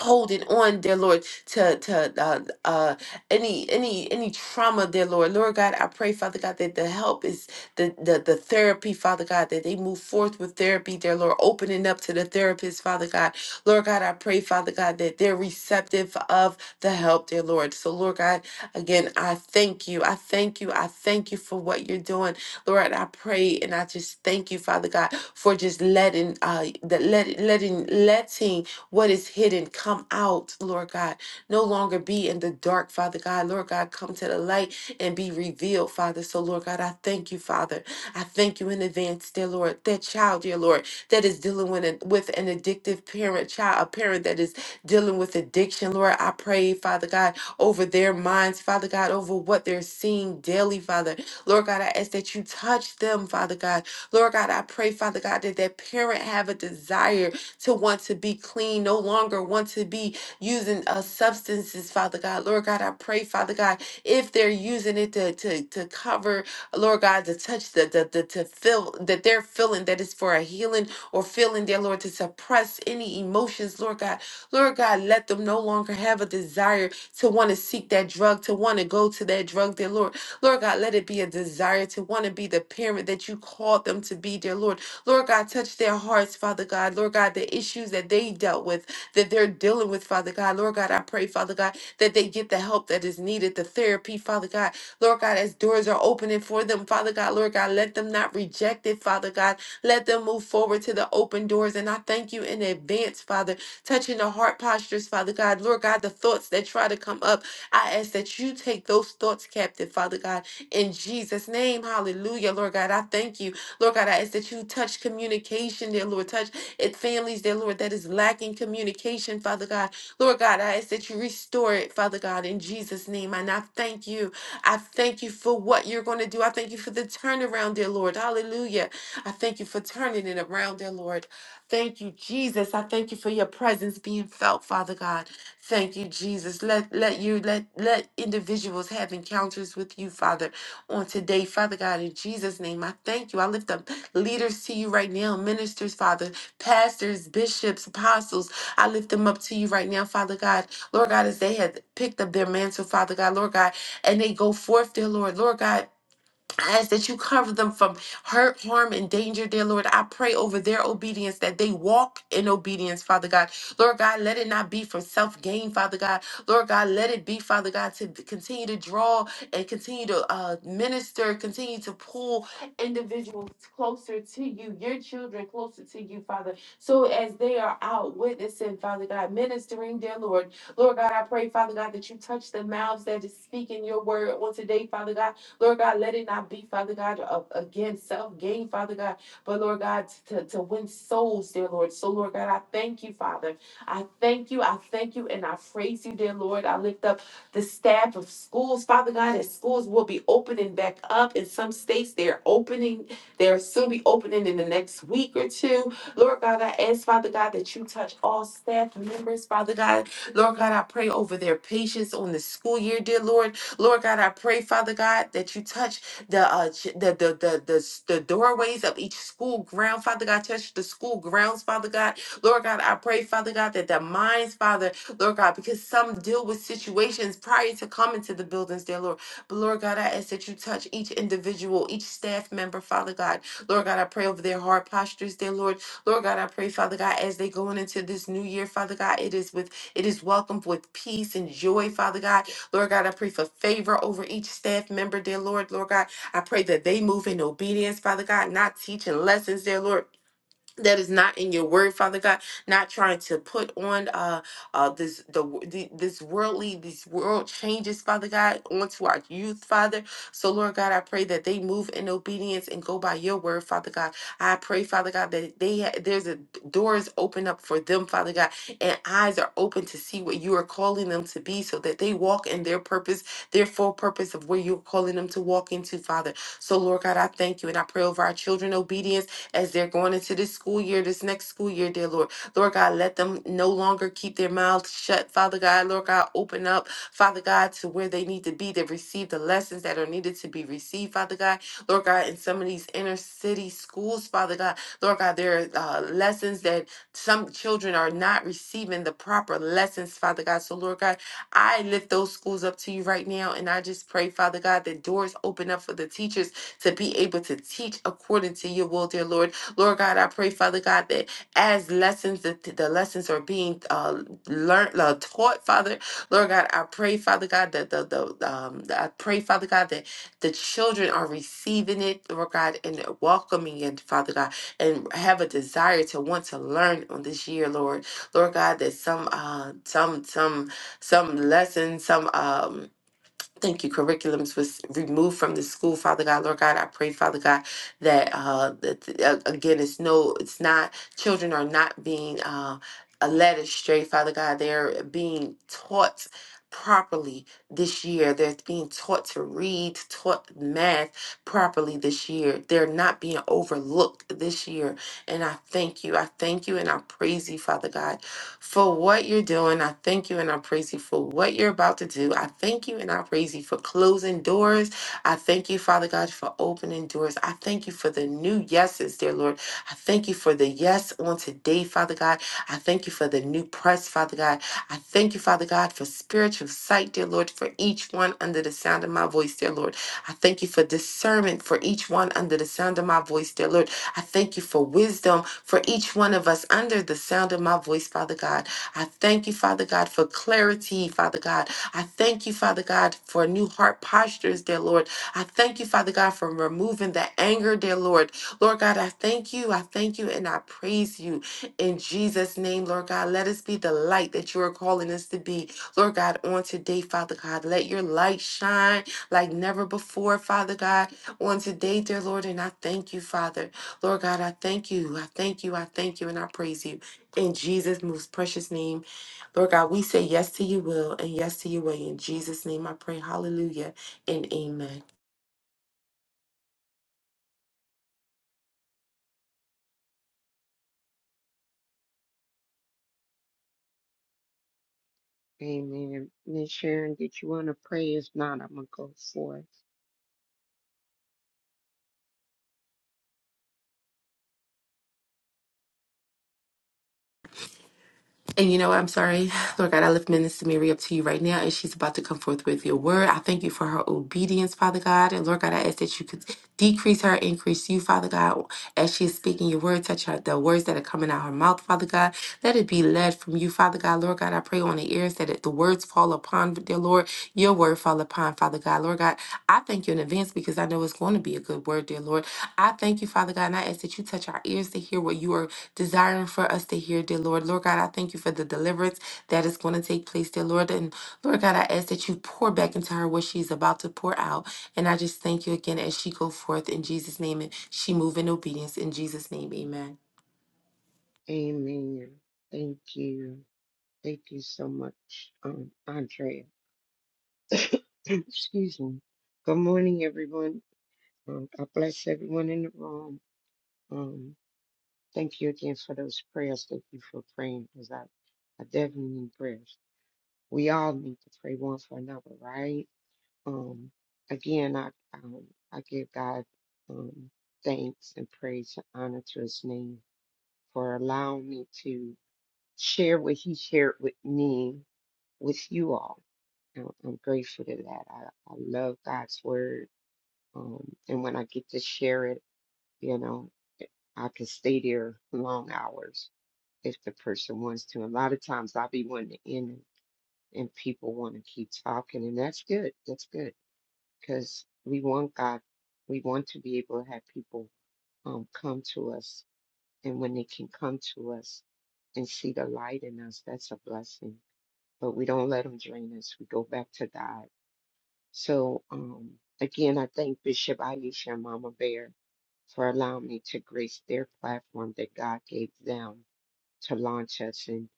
Speaker 4: holding on dear lord to to uh, uh any any any trauma dear lord lord god i pray father god that the help is the, the the therapy father god that they move forth with therapy dear lord opening up to the therapist father god lord god i pray father god that they're receptive of the help dear lord so lord god again i thank you i thank you i thank you for what you're doing Lord, I pray and I just thank you, Father God, for just letting uh that let letting letting what is hidden come out, Lord God no longer be in the dark, Father God. Lord God, come to the light and be revealed, Father. So, Lord God, I thank you, Father. I thank you in advance, dear Lord. That child, dear Lord, that is dealing with an, with an addictive parent, child, a parent that is dealing with addiction, Lord, I pray, Father God, over their minds, Father God, over what they're seeing daily, Father. Lord God, I ask that you touch them, Father God. Lord God, I pray, Father God, that that parent have a desire to want to to be clean, no longer want to be using uh, substances, Father God. Lord God, I pray, Father God, if they're using it to, to, to cover, Lord God, to touch, the, the, the, to feel that they're feeling that it's for a healing or feeling, dear Lord, to suppress any emotions, Lord God. Lord God, let them no longer have a desire to want to seek that drug, to want to go to that drug, dear Lord. Lord God, let it be a desire to want to be the parent that you called them to be, dear Lord. Lord God, touch their hearts, Father God. Lord God, the issues that they dealt with, that they're dealing with, Father God. Lord God, I pray, Father God, that they get the help that is needed, the therapy, Father God. Lord God, as doors are opening for them, Father God, Lord God, let them not reject it, Father God. Let them move forward to the open doors. And I thank you in advance, Father, touching the heart postures, Father God. Lord God, the thoughts that try to come up, I ask that you take those thoughts captive, Father God, in Jesus' name. Hallelujah, Lord God. I thank you. Lord God, I ask that you touch communication, dear Lord. Touch it, families, dear Lord, that is lacking communication, Father God. Lord God, I ask that you restore it, Father God, in Jesus' name. And I thank you. I thank you for what you're going to do. I thank you for the turnaround, dear Lord. Hallelujah. I thank you for turning it around, dear Lord. Thank you, Jesus. I thank you for your presence being felt, Father God. Thank you, Jesus. Let let you let let individuals have encounters with you, Father on today, Father God, in Jesus' name. I thank you. I lift up leaders to you right now, ministers, Father, pastors, bishops, apostles. I lift them up to you right now, Father God. Lord God, as they have picked up their mantle, Father God, Lord God, and they go forth, dear Lord. Lord God, ask that you cover them from hurt, harm, and danger, dear Lord. I pray over their obedience that they walk in obedience, Father God. Lord God, let it not be from self gain, Father God. Lord God, let it be, Father God, to continue to draw and continue to uh, minister, continue to pull individuals closer to you, your children closer to you, Father. So as they are out witnessing, Father God, ministering, dear Lord. Lord God, I pray, Father God, that you touch the mouths that is speaking your word on today, Father God. Lord God, let it not be, Father God, of, again, self gain, Father God, but Lord God, to, to win souls, dear Lord. So, Lord God, I thank you, Father. I thank you. I thank you and I praise you, dear Lord. I lift up the staff of schools, Father God, as schools will be opening back up. In some states, they're opening, they'll soon be opening in the next week or two. Lord God, I ask, Father God, that you touch all staff members, Father God. Lord God, I pray over their patience on the school year, dear Lord. Lord God, I pray, Father God, that you touch the uh, ch- the, the the the s- the doorways of each school ground, Father God. Touch the school grounds, Father God. Lord God, I pray, Father God, that the minds, Father, Lord God, because some deal with situations prior to coming to the buildings, dear Lord. But Lord God, I ask that you touch each individual, each staff member, Father God. Lord God, I pray over their heart postures, dear Lord. Lord God, I pray, Father God, as they going into this new year, Father God, it is with it is welcomed with peace and joy, Father God. Lord God, I pray for favor over each staff member, dear Lord. Lord God, I pray that they move in obedience, Father God, not teaching lessons, dear Lord, that is not in your word father god not trying to put on uh uh this the, w- the this worldly these world changes father god onto our youth father so lord god i pray that they move in obedience and go by your word father god i pray father god that they ha- there's a doors open up for them father god and eyes are open to see what you are calling them to be so that they walk in their purpose their full purpose of where you're calling them to walk into father so lord god i thank you and i pray over our children obedience as they're going into this school year, this next school year, dear Lord. Lord God, let them no longer keep their mouths shut. Father God, Lord God, open up, Father God, to where they need to be to receive the lessons that are needed to be received, Father God. Lord God, in some of these inner city schools, Father God, Lord God, there are uh, lessons that some children are not receiving the proper lessons, Father God. So, Lord God, I lift those schools up to you right now, and I just pray, Father God, that doors open up for the teachers to be able to teach according to your will, dear Lord. Lord God, I pray, Father God, that as lessons, that th- the lessons are being uh, learned, uh, taught, Father. Lord God, I pray, Father God, that the, the um, that I pray, Father God, that the children are receiving it, Lord God, and welcoming it, Father God, and have a desire to want to learn on this year, Lord. Lord God, that some, uh, some, some, some lessons, some, um, Thank you. Curriculums was removed from the school, Father God, Lord God. I pray, Father God, that, uh, that uh, again, it's no, it's not, children are not being uh, uh, led astray, Father God. They're being taught properly this year. They're being taught to read, taught math properly this year. They're not being overlooked this year. And I thank you. I thank you and I praise you, Father God for what you're doing. I thank you and I praise you for what you're about to do. I thank you and I praise you for closing doors. I thank you, Father God, for opening doors. I thank you for the new yeses, dear Lord. I thank you for the yes on today, Father God. I thank you for the new press, Father God. I thank you, Father God, for spiritual sight, dear Lord, for each one under the sound of my voice, dear Lord. I thank you for discernment for each one under the sound of my voice, dear Lord. I thank you for wisdom for each one of us under the sound of my voice, Father God. I thank you, Father God, for clarity, Father God. I thank you, Father God, for new heart postures, dear Lord. I thank you, Father God, for removing the anger, dear Lord. Lord God, I thank you. I thank you and I praise you in Jesus' name, Lord God. Let us be the light that you are calling us to be, Lord God, on today, Father God. Let your light shine like never before, Father God, on today, dear Lord. And I thank you, Father. Lord God, I thank you. I thank you. I thank you and I praise you. In Jesus' most precious name. Lord God, we say yes to your will and yes to your way. In Jesus' name I pray. Hallelujah and amen. And you know what? I'm sorry. (sighs) Lord God, I lift Minister Mary up to you right now, and she's about to come forth with your word. I thank you for her obedience, Father God. And Lord God, I ask that you could decrease her, increase you, Father God, as she is speaking your word. Touch her, the words that are coming out her mouth, Father God. Let it be led from you, Father God. Lord God, I pray on the ears that it, the words fall upon, dear Lord, your word fall upon, Father God. Lord God, I thank you in advance because I know it's going to be a good word, dear Lord. I thank you, Father God, and I ask that you touch our ears to hear what you are desiring for us to hear, dear Lord. Lord God, I thank you for the deliverance that is going to take place, dear Lord. And Lord God, I ask that you pour back into her what she's about to pour out. And I just thank you again as she go forth in Jesus' name and she move in obedience in Jesus' name. Amen.
Speaker 3: Amen. Thank you. Thank you so much, um, Andrea. (clears throat) Excuse me. Come on. Um, in the room. Um, thank you again for those prayers. Thank you for praying because I, I definitely need prayers. We all need to pray one for another, right? Um, again, I um, I give God um, thanks and praise and honor to His name for allowing me to share what he shared with me with you all. I'm, I'm grateful to that. I, I love God's word. Um, and when I get to share it, you know, I can stay there long hours if the person wants to. A lot of times I'll be wanting to end it and people want to keep talking, and that's good. That's good because we want God, we want to be able to have people um, come to us And when they can come to us and see the light in us, that's a blessing. But we don't let them drain us. We go back to God. So um, again, I thank Bishop Aisha and Mama Bear for allowing me to grace their platform that God gave them to launch us and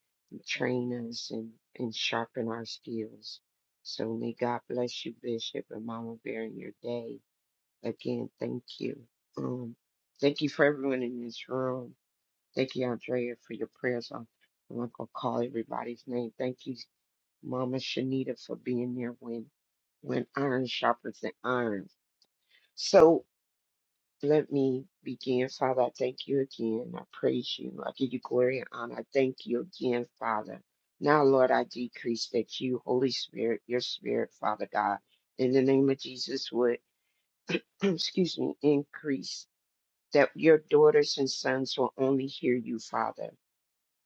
Speaker 3: train us and, and sharpen our skills. So may God bless you, Bishop and Mama Bear, in your day. Again, thank you. Um, thank you for everyone in this room. Thank you, Andrea, for your prayers. I'm, I'm not gonna call everybody's name. Thank you, Mama Shanita, for being there when when iron sharpens the iron. So let me begin, Father. I thank you again. I praise you. I give you glory and honor. I thank you again, Father. Now, Lord, I decrease that you, Holy Spirit, your Spirit, Father God, in the name of Jesus, would (clears throat) excuse me, increase that your daughters and sons will only hear you, Father.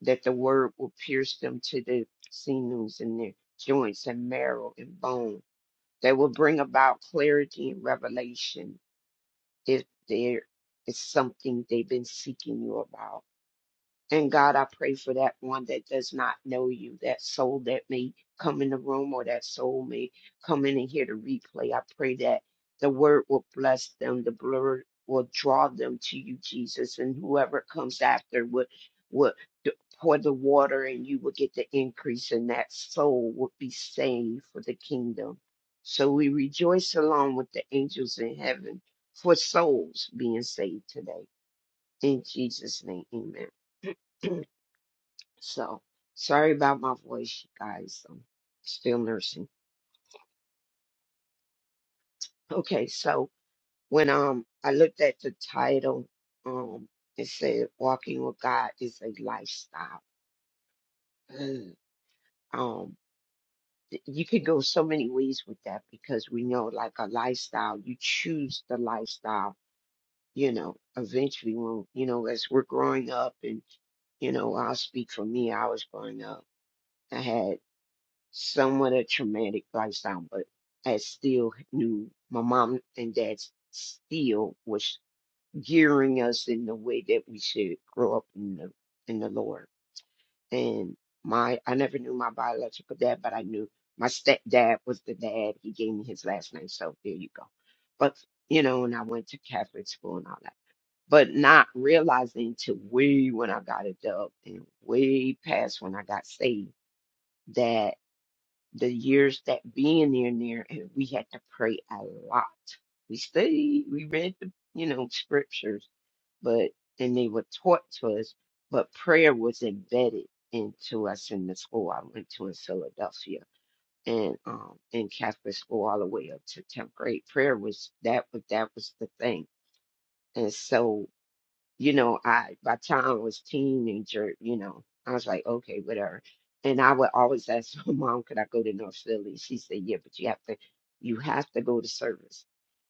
Speaker 3: that the word will pierce them to the sinews and their joints and marrow and bone. That will bring about clarity and revelation. If there is something they've been seeking you about and God, I pray for that one that does not know you, that soul that may come in the room or that soul may come in and hear the replay. I pray that the word will bless them, the word will draw them to you, Jesus, and whoever comes after would would d- pour the water and you will get the increase and that soul will be saved for the kingdom. So we rejoice along with the angels in heaven for souls being saved today. In Jesus' name, amen. So sorry about my voice, you guys. I'm still nursing. Okay, so when um I looked at the title, um it said walking with God is a lifestyle. Ugh. Um th- you could go so many ways with that because we know like a lifestyle, you choose the lifestyle, you know, eventually when you know, as we're growing up and you know, I'll speak for me, I was growing up. I had. somewhat a traumatic lifestyle, but I still knew my mom and dad still was gearing us in the way that we should grow up in the in the Lord. And my I never knew my biological dad, but I knew my stepdad was the dad. He gave me his last name, so there you go. But you know, and I went to Catholic school and all that. But not realizing till way when I got a adult and way past when I got saved the years that being there and there, and we had to pray a lot. We studied, we read the, you know, scriptures, but then they were taught to us, but prayer was embedded into us in the school I went to in Philadelphia and um in Catholic school all the way up to tenth grade. Prayer was that was that was the thing. And so you know, I by the time I was teenager, you know, I was like, okay, whatever. And I would always (laughs) ask my mom, could I go to North Philly? She said, yeah, but you have to, you have to go to service.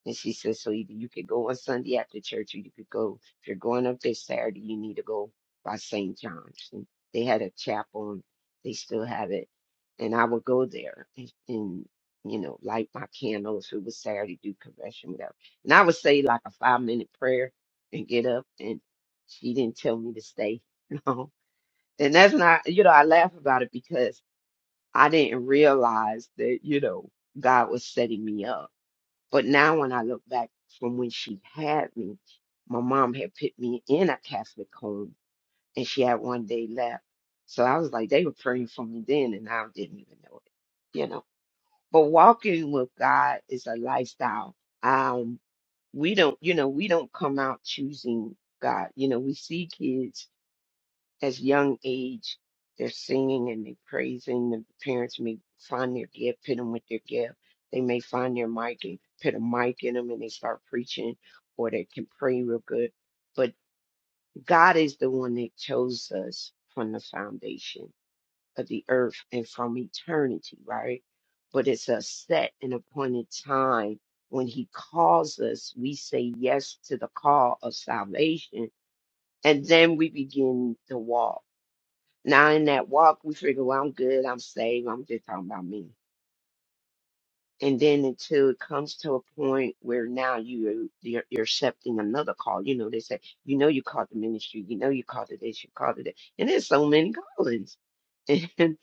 Speaker 3: And she said, so either you could go on Sunday after church, or you could go if you're going up there Saturday, you need to go by St. John's. And they had a chapel, and they still have it. And I would go there and, and you know, light my candles. It was Saturday, do confession, whatever. And I would say like a five minute prayer and get up she didn't tell me to stay. (laughs) No. And that's not, you know, I laugh about it because I didn't realize that, you know, God was setting me up. But now when I look back from when she had me, my mom had put me in a Catholic home and she had one day left. So I was like, they were praying for me then and I didn't even know it, you know. But walking with God is a lifestyle. Um, we don't, you know, we don't come out choosing God. You know, we see kids as young age they're singing and they praising the parents may find their gift put them with their gift they may find their mic and put a mic in them and they start preaching or they can pray real good but god is the one that chose us from the foundation of the earth and from eternity right but it's a set and appointed time when he calls us we say yes to the call of salvation and then we begin the walk now in that walk, we figure, well, I'm good, I'm saved, I'm just talking about me. And then until it comes to a point where now you you're, you're accepting another call. You know, they say, you know, you called the ministry, you know, you called it this, you called it that, and there's so many callings. (laughs) And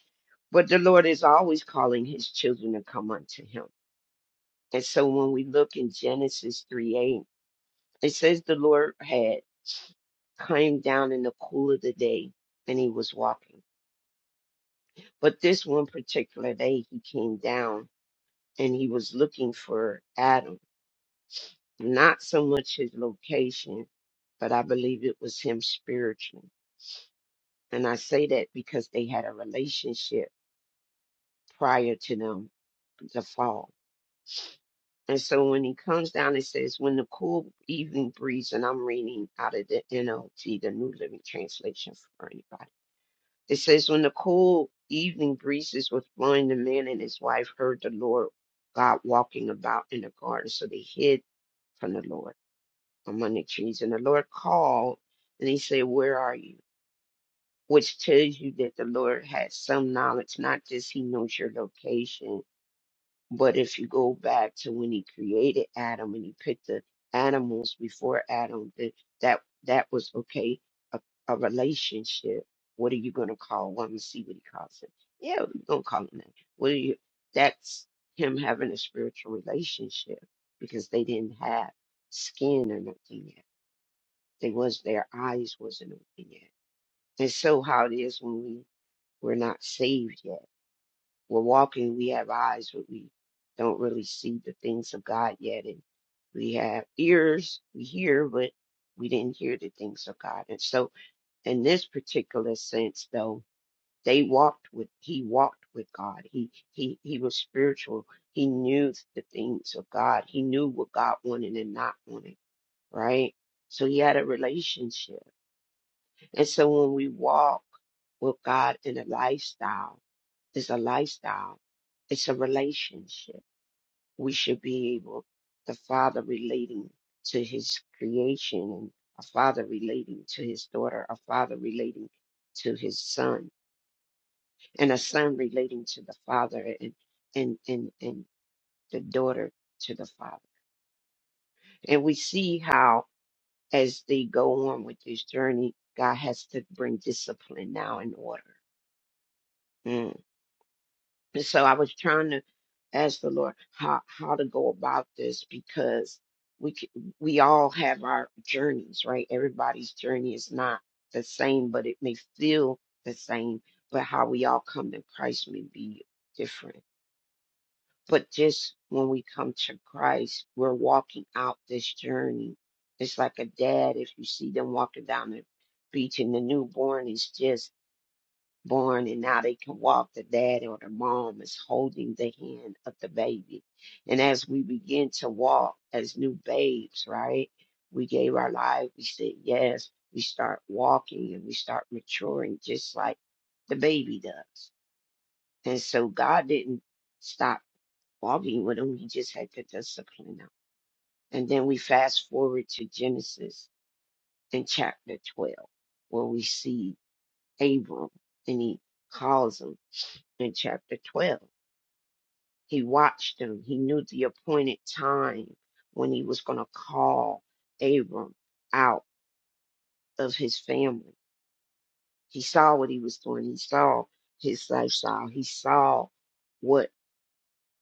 Speaker 3: but the Lord is always calling His children to come unto Him. And so when we look in Genesis three eight, it says the Lord had came down in the cool of the day, and He was walking. But this one particular day, he came down and he was looking for Adam, not so much his location, but I believe it was him spiritually. And I say that because they had a relationship prior to them, the fall. And so when he comes down, it says, when the cool evening breeze, and I'm reading out of the NLT, the New Living Translation for anybody It says, When the cool evening breezes were blowing, the man and his wife heard the Lord God walking about in the garden. So they hid from the Lord among the trees. And the Lord called and he said, Where are you? Which tells you that the Lord had some knowledge, not just he knows your location but if you go back to when he created Adam and he picked the animals before Adam, that that, that was okay, a, a relationship. What are you gonna call? Well, I'm see what he calls it. Yeah, we gonna call it that. What are you that's him having a virtual relationship because they didn't have skin or nothing yet. They was their eyes wasn't open yet. And so how it is when we we're not saved yet we're walking, we have eyes, but we don't really see the things of God yet. And we have ears, we hear, but we didn't hear the things of God. And so, in this particular sense, though, they walked with, he walked with God. He, he, he was spiritual. He knew the things of God. He knew what God wanted and not wanted, right? So he had a relationship. And so when we walk with God in a lifestyle, it's a lifestyle. It's a relationship we should be able, the father relating to his creation, and a father relating to his daughter, a father relating to his son, and a son relating to the father, and and and and the daughter to the father. And we see how as they go on with this journey, God has to bring discipline now in order. Mm. And So I was trying to ask the Lord how how to go about this because we c- we all have our journeys, right? Everybody's journey is not the same, but it may feel the same. But how we all come to Christ may be different. But just when we come to Christ, we're walking out this journey. It's like a dad if you see them walking down the beach and the newborn is just born and now they can walk the dad or the mom is holding the hand of the baby and as we begin to walk as new babes right we gave our life we said yes we start walking and we start maturing just like the baby does and so god didn't stop walking with him he just had to discipline him and then we fast forward to genesis in chapter 12 where we see abram and he calls him in chapter 12 He watched him. He knew the appointed time when he was going to call Abram out of his family. He saw what he was doing. He saw his lifestyle. He saw what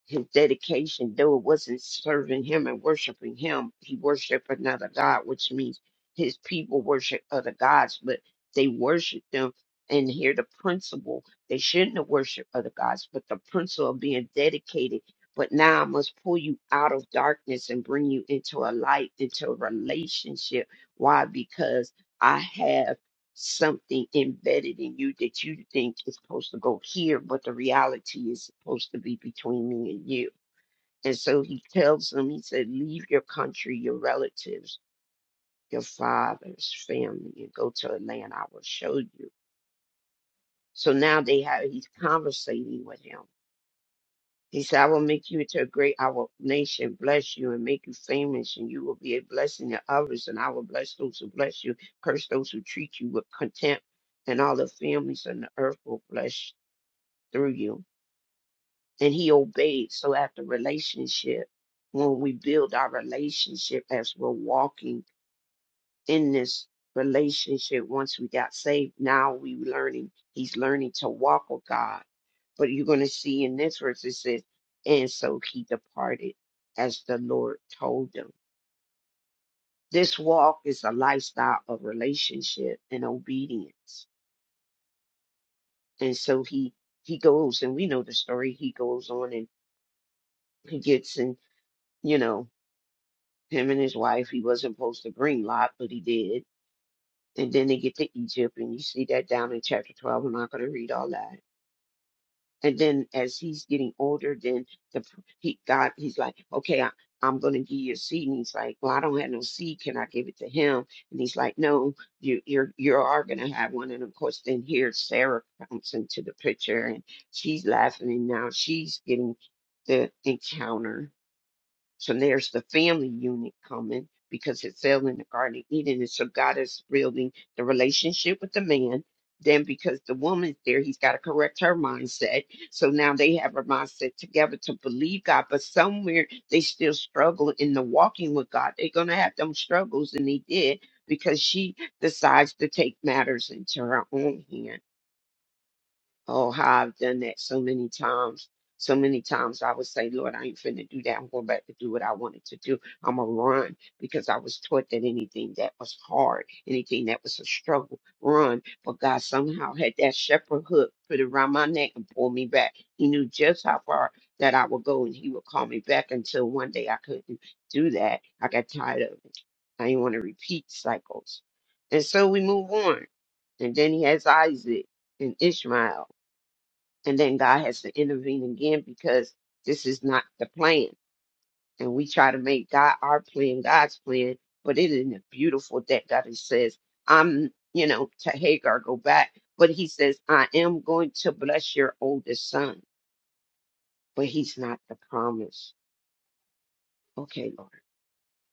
Speaker 3: his dedication, though it wasn't serving him and worshiping him, he worshiped another God, which means his people worship other gods, but they worship them. And here the principle, they shouldn't have worshiped other gods, but the principle of being dedicated. But now I must pull you out of darkness and bring you into a light, into a relationship. Why? Because I have something embedded in you that you think is supposed to go here, but the reality is supposed to be between me and you. And so he tells them, he said, Leave your country, your relatives, your father's family, and go to a land I will show you. So now they have he's conversating with him. He said, I will make you into a great I will nation, bless you, and make you famous, and you will be a blessing to others, and I will bless those who bless you, curse those who treat you with contempt, and all the families on the earth will bless through you. And he obeyed. So after relationship, when we build our relationship as we're walking in this relationship, once we got saved, now we learning, he's learning to walk with God. But you're going to see in this verse, it says, and so he departed as the Lord told him. This walk is a lifestyle of relationship and obedience. And so he, he goes, and we know the story. He goes on and he gets in, you know, Him and his wife, he wasn't supposed to bring Lot, but he did. And then they get to Egypt, and you see that down in chapter 12. I'm not going to read all that. And then as he's getting older, then the he God he's like, okay, I, I'm going to give you a seed. And he's like, well, I don't have no seed. Can I give it to him? And he's like, no, you you're you are going to have one. And of course, then here Sarah comes into the picture, and she's laughing, and now she's getting the encounter so there's the family unit coming because it's fell in the Garden of Eden. And so God is building the relationship with the man. Then because the woman's there, he's got to correct her mindset. So now they have a mindset together to believe God, but somewhere they still struggle in the walking with God. They're gonna have them struggles, and they did because she decides to take matters into her own hands Oh, how I've done that so many times. So many times I would say, Lord, I ain't finna do that. I'm going back to do what I wanted to do. I'm going to run because I was taught that anything that was hard, anything that was a struggle, run. But God somehow had that shepherd hook put around my neck and pulled me back. He knew just how far that I would go and he would call me back until one day I couldn't do that. I got tired of it. I didn't want to repeat cycles. And so we move on. And then he has it in Ishmael and then God has to intervene again because this is not the plan. And we try to make God our plan, God's plan, but it isn't beautiful that God he says, I'm, you know, to Hagar, go back. But he says, I am going to bless your oldest son, but he's not the promise. Okay, Lord.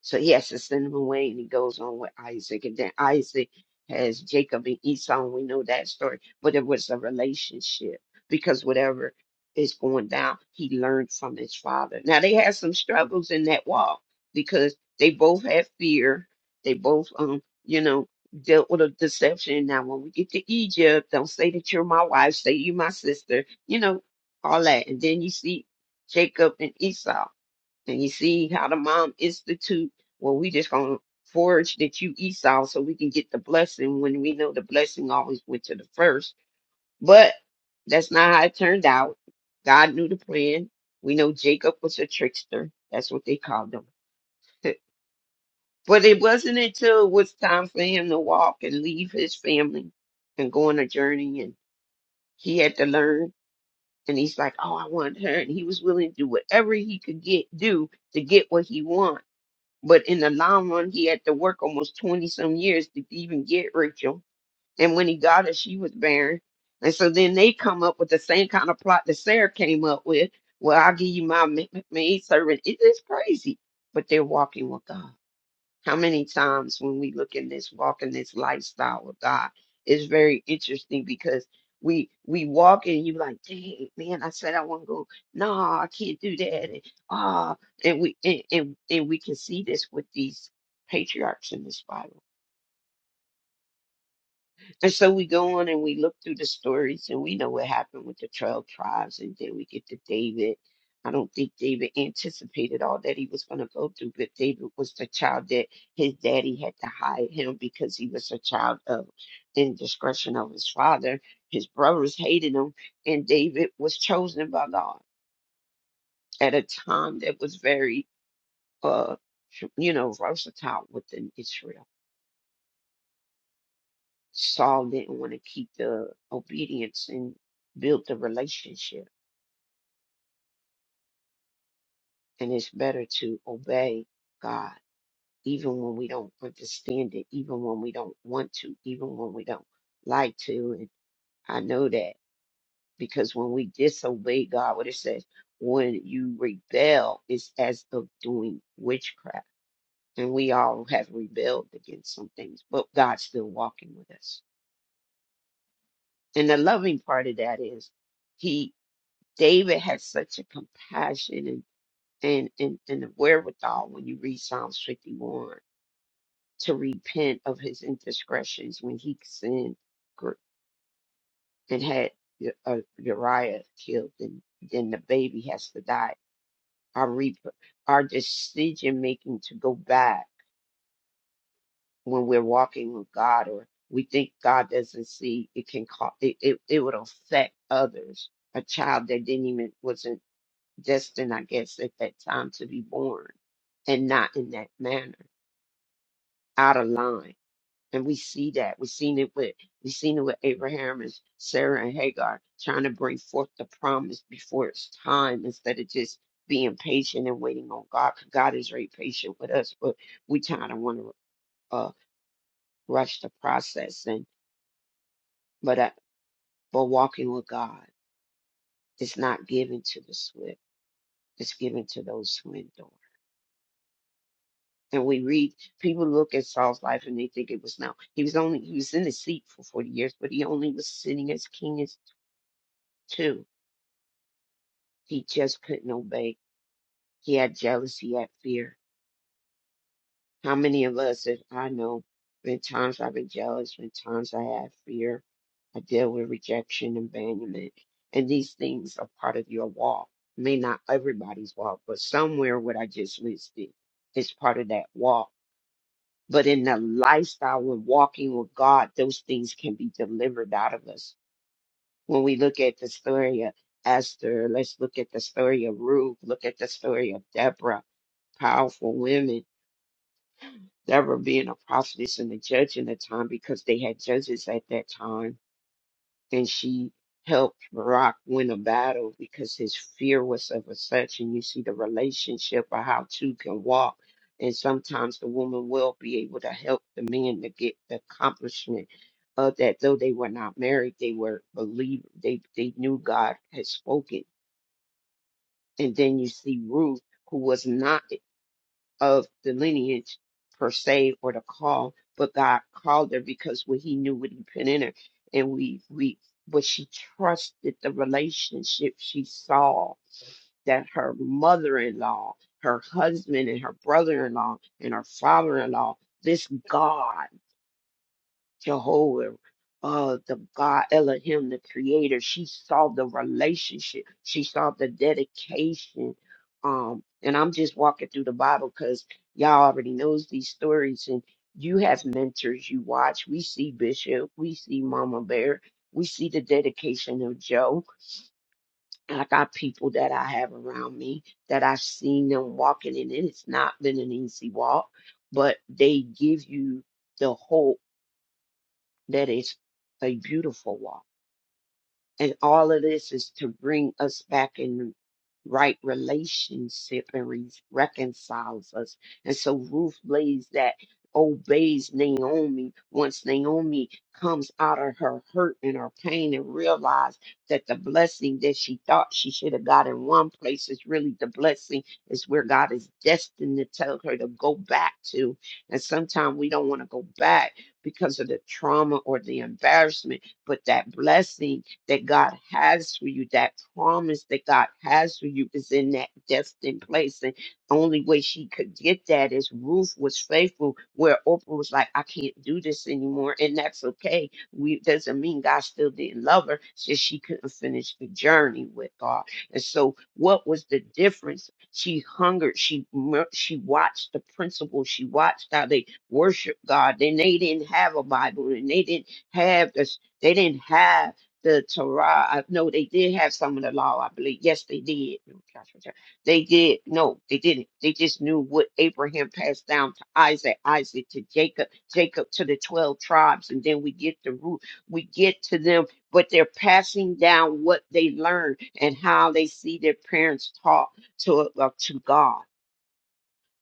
Speaker 3: So he has to send him away, and he goes on with Isaac. And then Isaac has Jacob and Esau, and we know that story. But it was a relationship because whatever is going down, he learned from his father. Now, they had some struggles in that walk because they both had fear. They both, um, you know, dealt with a deception. Now, when we get to Egypt, don't say that you're my wife, say you're my sister, you know, all that. And then you see Jacob and Esau. And you see how the mom institute, well, we just gonna forge that you Esau so we can get the blessing when we know the blessing always went to the first. But that's not how it turned out. God knew the plan. We know Jacob was a trickster. That's what they called him. (laughs) But it wasn't until it was time for him to walk and leave his family and go on a journey and he had to learn. And he's like, Oh, I want her. And he was willing to do whatever he could get do to get what he wanted But in the long run, he had to work almost 20 some years to even get Rachel. And when he got her, she was barren. And so then they come up with the same kind of plot that Sarah came up with. Well, I'll give you my ma- ma- maid servant. It is crazy, but they're walking with God how many times when we look in this walk in this lifestyle of God, it's very interesting because we we walk and you like, dang man, I said I want to go. No, I can't do that. And ah, and we and, and and we can see this with these patriarchs in this Bible and so we go on and we look through the stories and we know what happened with the 12 tribes. And then we get to David. I don't think David anticipated all that he was going to go through, but David was the child that his daddy had to hide him because he was a child of indiscretion of his father. His brothers hated him, and David was chosen by God at a time that was very, uh, you know, versatile within Israel. Saul didn't want to keep the obedience and build the relationship. And it's better to obey God, even when we don't understand it, even when we don't want to, even when we don't like to. And I know that because when we disobey God, what it says, when you rebel, it's as of doing witchcraft. And we all have rebelled against some things, but God's still walking with us. And the loving part of that is, He. David had such a compassion and and, and, and a wherewithal when you read Psalms 51 to repent of his indiscretions when he sinned gr- and had U- uh, Uriah killed and then the baby has to die. Our, rep- our decision making to go back when we're walking with God or we think God doesn't see it can cause it, it, it would affect others. A child that didn't even wasn't destined, I guess, at that time to be born and not in that manner, out of line. And we see that. We've seen it with we seen it with Abraham and Sarah and Hagar trying to bring forth the promise before it's time instead of just being patient and waiting on God. 'Cause God is very patient with us, but we kind of want to uh, rush processing. But uh, but walking with God is not given to the swift; it's given to those who endure. And we read, people look at Saul's life and they think it was now. He was only, he was in the seat for 40 years, but he only was sitting as king as two. He just couldn't obey. He had jealousy, he had fear. How many of us, if I know, been times I've been jealous, been times I had fear. I deal with rejection, abandonment. And these things are part of your walk. May not everybody's walk, but somewhere what I just listed is part of that walk But in the lifestyle of walking with God, those things can be delivered out of us. When we look at the story of Esther, let's look at the story of Ruth, look at the story of Deborah, powerful women. Deborah being a prophetess and a judge in the time because they had judges at that time. And she helped Barak win a battle because his fear was of a such. And you see the relationship of how two can walk. And sometimes the woman will be able to help the man to get the accomplishment uh, that though they were not married, they were believers. They they knew God had spoken. And then you see Ruth, who was not of the lineage per se or the call, but God called her because what He knew what He put in her, and we we but she trusted the relationship she saw that her mother-in-law, her husband, and her brother-in-law and her father-in-law, this God. Jehovah, uh, the God Elohim, the creator. She saw the relationship. She saw the dedication. Um, and I'm just walking through the Bible because y'all already knows these stories and you have mentors you watch. We see Bishop, we see Mama Bear, we see the dedication of Joe. I got people that I have around me that I've seen them walking in, and it's not been an easy walk, but they give you the hope that is a beautiful walk. And all of this is to bring us back in right relationship and re- reconciles us. And so Ruth lays that obeys Naomi once Naomi comes out of her hurt and her pain and realize that the blessing that she thought she should have got in one place is really the blessing is where God is destined to tell her to go back to. And sometimes we don't want to go back because of the trauma or the embarrassment, but that blessing that God has for you, that promise that God has for you is in that destined place. And the only way she could get that is Ruth was faithful, where Oprah was like, I can't do this anymore. And that's okay. We doesn't mean God still didn't love her, it's just she couldn't finish the journey with God. And so, what was the difference? She hungered. She mer- she watched the principle. She watched how they worship God. Then they didn't have a Bible, and they didn't have this. They didn't have the Torah. I, no, they did have some of the law, I believe. Yes, they did. No, Joshua, Joshua. They did. No, they didn't. They just knew what Abraham passed down to Isaac, Isaac to Jacob, Jacob to the 12 tribes. And then we get the root, we get to them, but they're passing down what they learned and how they see their parents taught to, uh, to God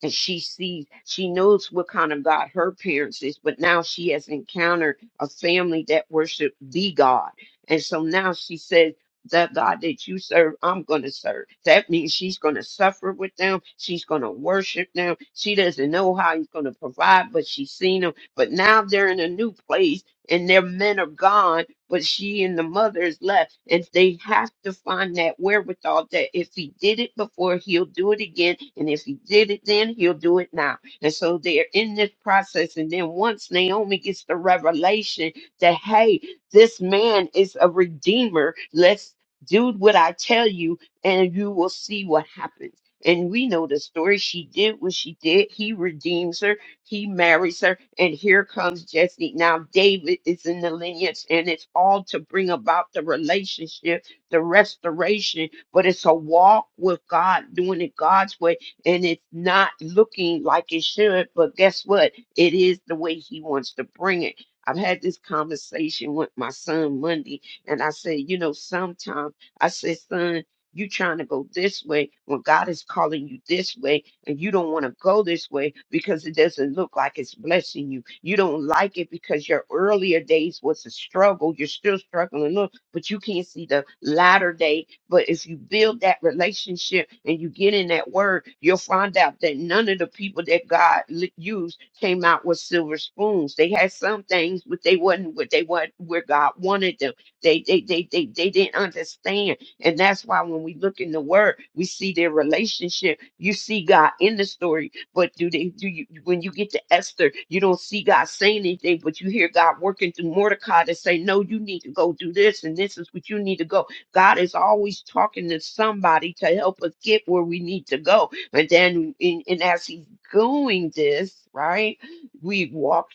Speaker 3: and she sees she knows what kind of god her parents is but now she has encountered a family that worship the god and so now she says that god that you serve i'm going to serve that means she's going to suffer with them she's going to worship them she doesn't know how he's going to provide but she's seen them but now they're in a new place and their men are gone but she and the mother is left, and they have to find that wherewithal that if he did it before, he'll do it again, and if he did it then, he'll do it now. And so they're in this process, and then once Naomi gets the revelation that hey, this man is a redeemer, let's do what I tell you, and you will see what happens. And we know the story. She did what she did. He redeems her he marries her, and here comes Jesse. Now, David is in the lineage, and it's all to bring about the relationship, the restoration, but it's a walk with God, doing it God's way, and it's not looking like it should. But guess what? It is the way He wants to bring it. I've had this conversation with my son Monday, and I said, You know, sometimes I said, Son, you trying to go this way when God is calling you this way and you don't want to go this way because it doesn't look like it's blessing you. You don't like it because your earlier days was a struggle. You're still struggling, look, but you can't see the latter day. But if you build that relationship and you get in that word, you'll find out that none of the people that God li- used came out with silver spoons. They had some things, but they wasn't what they what where God wanted them. They they they they, they didn't understand. And that's why when we look in the word, we see their relationship you see God in the story, but do they do you when you get to Esther, you don't see God saying anything, but you hear God working through Mordecai to say, No, you need to go do this, and this is what you need to go. God is always talking to somebody to help us get where we need to go. And then in, and as he's doing this, right? We walk.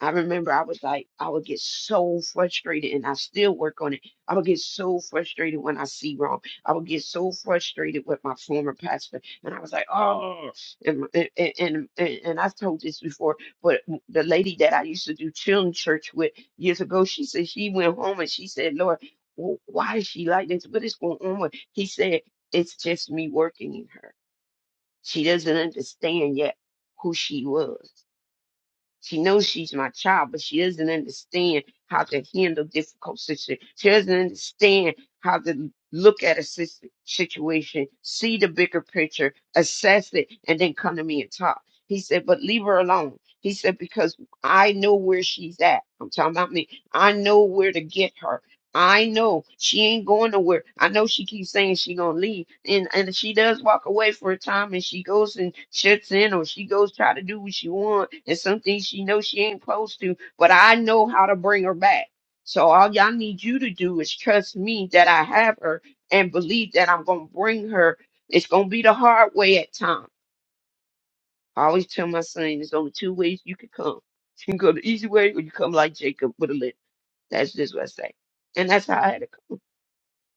Speaker 3: I remember I was like, I would get so frustrated, and I still work on it. I would get so frustrated when I see wrong. I would get so frustrated with my former pastor, and I was like, oh, and and and, and, and I've told this before, but the lady that I used to do children's church with years ago, she said she went home and she said, Lord, wh- why is she like this? What is going on? with-" He said, it's just me working in her. She doesn't understand yet who she was she knows she's my child, but she doesn't understand how to handle difficult situations. She doesn't understand how to look at a sis- situation, see the bigger picture, assess it, and then come to me and talk. He said, but leave her alone. He said, because I know where she's at. I'm talking about me. I know where to get her. I know she ain't going nowhere. I know she keeps saying she gonna leave, and and she does walk away for a time, and she goes and shuts in, or she goes try to do what she want, and some things she knows she ain't supposed to. But I know how to bring her back. So all y'all need you to do is trust me that I have her, and believe that I'm gonna bring her. It's gonna be the hard way at times. I always tell my son, there's only two ways you can come. (laughs) You can go the easy way, or you come like Jacob with a lid. That's just what I say, and that's how I had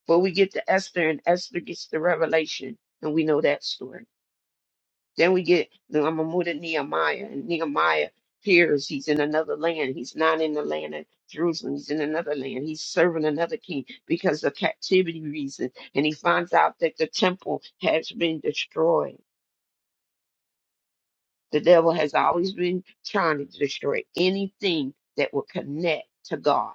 Speaker 3: but we get to Esther, and Esther gets the revelation, and we know that story. Then we get, then I'm going to move to Nehemiah, and Nehemiah hears he's in another land. He's not in the land of Jerusalem. He's in another land. He's serving another king because of captivity reason. And he finds out that the temple has been destroyed. The devil has always been trying to destroy anything that will connect to God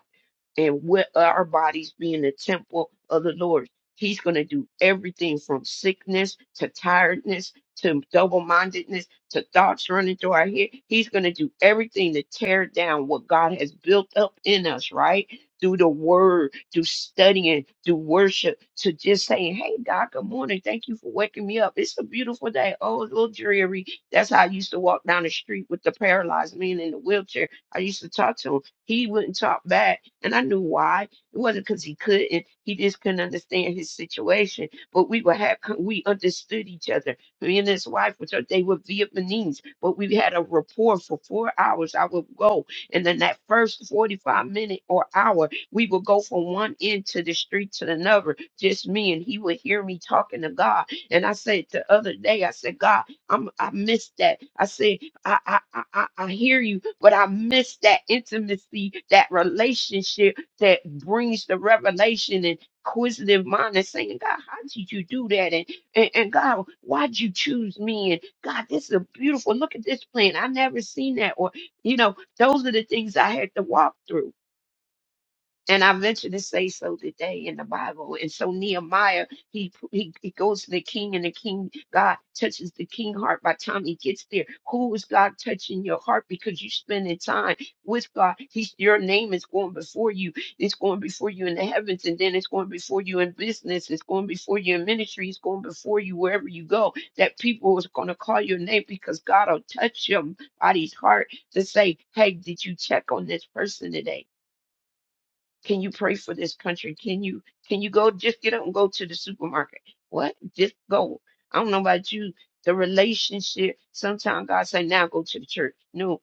Speaker 3: and with our bodies being the temple of the Lord. He's going to do everything from sickness to tiredness to double mindedness to thoughts running through our head. He's going to do everything to tear down what God has built up in us, right? Through the word, through studying, through worship, to just saying, Hey, God, good morning. Thank you for waking me up. It's a beautiful day. Oh, it's a little dreary. That's how I used to walk down the street with the paralyzed man in the wheelchair. I used to talk to him. He wouldn't talk back and I knew why. It wasn't because he couldn't. He just couldn't understand his situation. But we were have we understood each other. Me and his wife, which are, they were Vietnamese, but we had a rapport for four hours. I would go, and then that first forty-five minute or hour, we would go from one end to the street to another, just me, and he would hear me talking to God. And I said the other day, I said, God, I'm, I missed that. I said I, I, I, I I hear you, but I miss that intimacy, that relationship that brings the revelation and inquisitive mind and saying, God, how did you do that? And, and, and God, why'd you choose me? And God, this is a beautiful, look at this plan. I never seen that. Or, you know, those are the things I had to walk through. And I venture to say so today in the Bible. And so Nehemiah, he, he he goes to the king, and the king God touches the king heart. By the time he gets there, who is God touching your heart? Because you're spending time with God. He's your name is going before you. It's going before you in the heavens, and then it's going before you in business. It's going before you in ministry. It's going before you wherever you go. That people is going to call your name because God will touch your body's heart to say, "Hey, did you check on this person today?" Can you pray for this country? Can you can you go just get up and go to the supermarket? What? Just go. I don't know about you. The relationship. Sometimes God say, now go to the church. No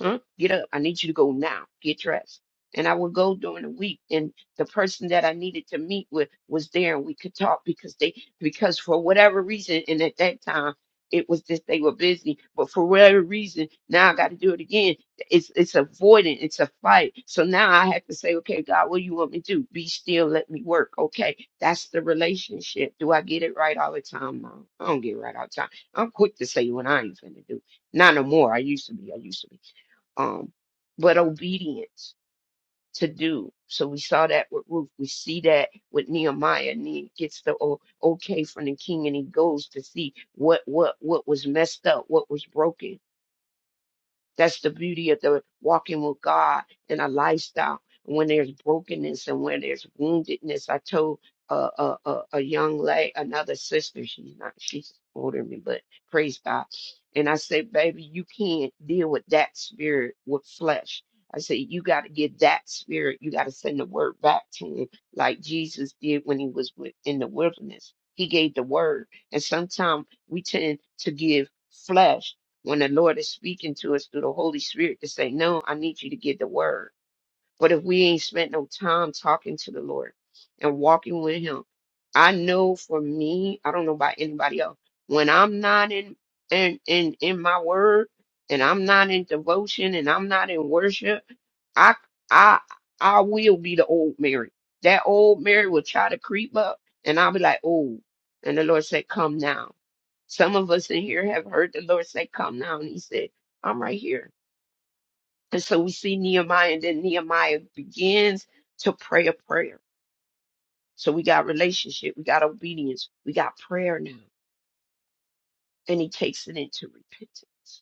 Speaker 3: huh? Get up. I need you to go now. Get dressed. And I would go during the week and the person that I needed to meet with was there and we could talk because they because for whatever reason and at that time it was just they were busy, but for whatever reason, now I got to do it again. It's it's avoiding, it's a fight. So now I have to say, okay, God, what do you want me to do? Be still, let me work. Okay, that's the relationship. Do I get it right all the time? No, I don't get it right all the time. I'm quick to say when I ain't finna do. Not no more. I used to be. I used to be um, but obedience to do. So we saw that with Ruth. We see that with Nehemiah, and he gets the o- okay from the king, and he goes to see what what what was messed up, what was broken that's the beauty of the walking with God and a lifestyle. When there's brokenness and when there's woundedness, I told uh, a, a, a young lady, another sister, she's not, she's older than me, but praise God. And I said, baby, you can't deal with that spirit with flesh. I said, you got to get that spirit. You got to send the word back to him, like Jesus did when he was with, in the wilderness. He gave the word. And sometimes we tend to give flesh when the Lord is speaking to us through the Holy Spirit to say, No, I need you to get the word. But if we ain't spent no time talking to the Lord and walking with Him, I know for me, I don't know about anybody else, when I'm not in in in, in my word and I'm not in devotion and I'm not in worship, I I I will be the old Mary. That old Mary will try to creep up and I'll be like, Oh, and the Lord said, Come now. Some of us in here have heard the Lord say, Come now. And he said, I'm right here. And so we see Nehemiah, and then Nehemiah begins to pray a prayer. So we got relationship, we got obedience, we got prayer now. And he takes it into repentance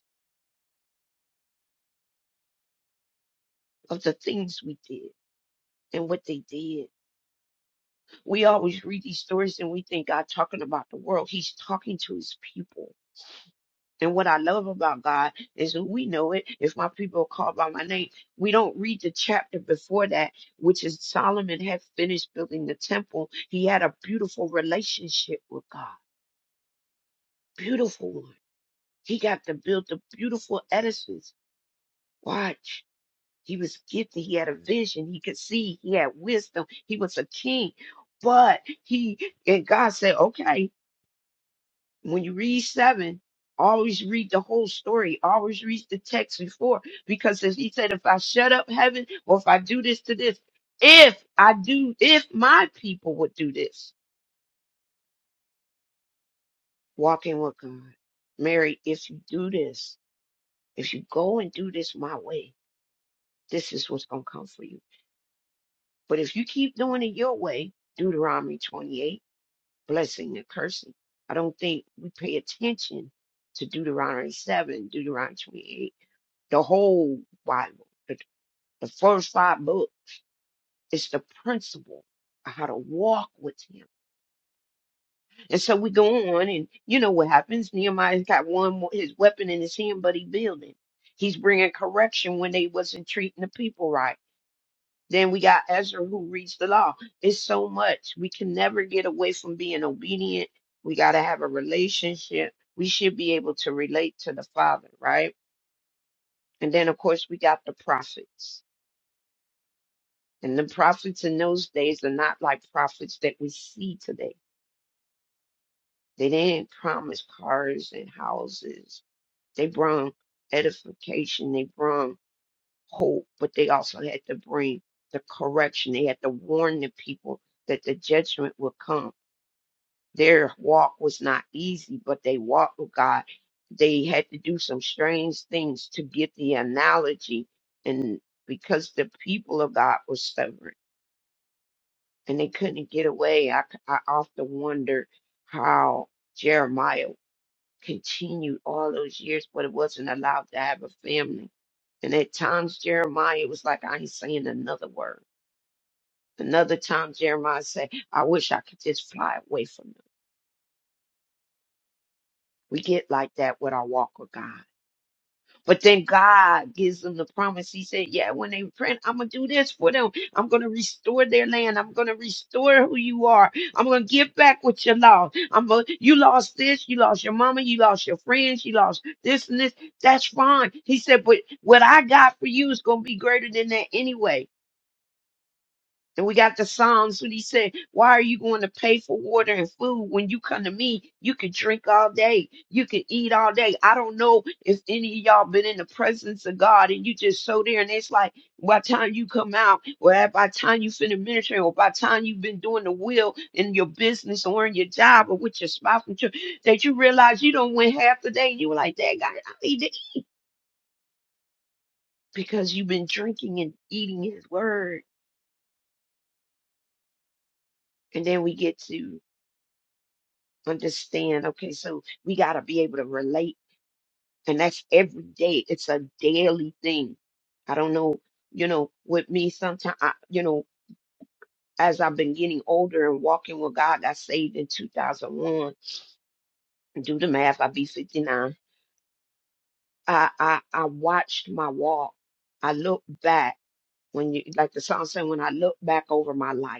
Speaker 3: of the things we did and what they did. We always read these stories and we think God talking about the world. He's talking to his people And what I love about God is that we know it. If my people are called by my name, we don't read the chapter before that, which is Solomon had finished building the temple. He had a beautiful relationship with God, beautiful one. He got to build the beautiful edifice. Watch. He was gifted. He had a vision. He could see. He had wisdom. He was a king. But he and God said, okay. when you read seven, always read the whole story. Always read the text before, because as he said, if I shut up heaven, or if I do this to this, if I do, if my people would do this, walking with God, Mary, if you do this, if you go and do this my way, this is what's gonna come for you. But if you keep doing it your way, Deuteronomy 28, blessing and cursing. I don't think we pay attention to Deuteronomy 7, Deuteronomy 28 the whole Bible, the, the first five books, is the principle of how to walk with him. And so we go on, and you know what happens? Nehemiah's got one more, his weapon in his hand, but he building. He's bringing correction when they wasn't treating the people right. Then we got Ezra who reads the law. It's so much. We can never get away from being obedient. We got to have a relationship. We should be able to relate to the Father, right? And then, of course, we got the prophets And the prophets in those days are not like prophets that we see today. They didn't promise cars and houses. They brought edification, they brought hope, but they also had to bring the correction. They had to warn the people that the judgment would come. Their walk was not easy, but they walked with God. They had to do some strange things to get the analogy, and because the people of God was stubborn. and they couldn't get away. I I often wondered how Jeremiah continued all those years, but it wasn't allowed to have a family. And at times Jeremiah was like, I ain't saying another word. Another time Jeremiah said, I wish I could just fly away from them. We get like that with our walk with God. But then God gives them the promise. He said, Yeah, when they repent, I'm going to do this for them. I'm going to restore their land. I'm going to restore who you are. I'm going to give back what you lost. I'm gonna, you lost this. You lost your mama. You lost your friends. You lost this and this. That's fine. He said, But what I got for you is going to be greater than that anyway. And we got the Psalms when he said, Why are you going to pay for water and food when you come to me? You can drink all day, you can eat all day. I don't know if any of y'all been in the presence of God and you just so there and it's like by the time you come out, or at- by the time you finish ministering, or by the time you've been doing the will in your business or in your job or with your spouse and children, that you realize you don't win half the day and you were like, Dad, I I need it because you've been drinking and eating his word. And then we get to understand okay so we got to be able to relate and that's every day it's a daily thing i don't know you know with me sometimes I, you know as i've been getting older and walking with god i saved in 2001 do the math i'll be 59 i i i watched my walk i look back when you like the song said when i look back over my life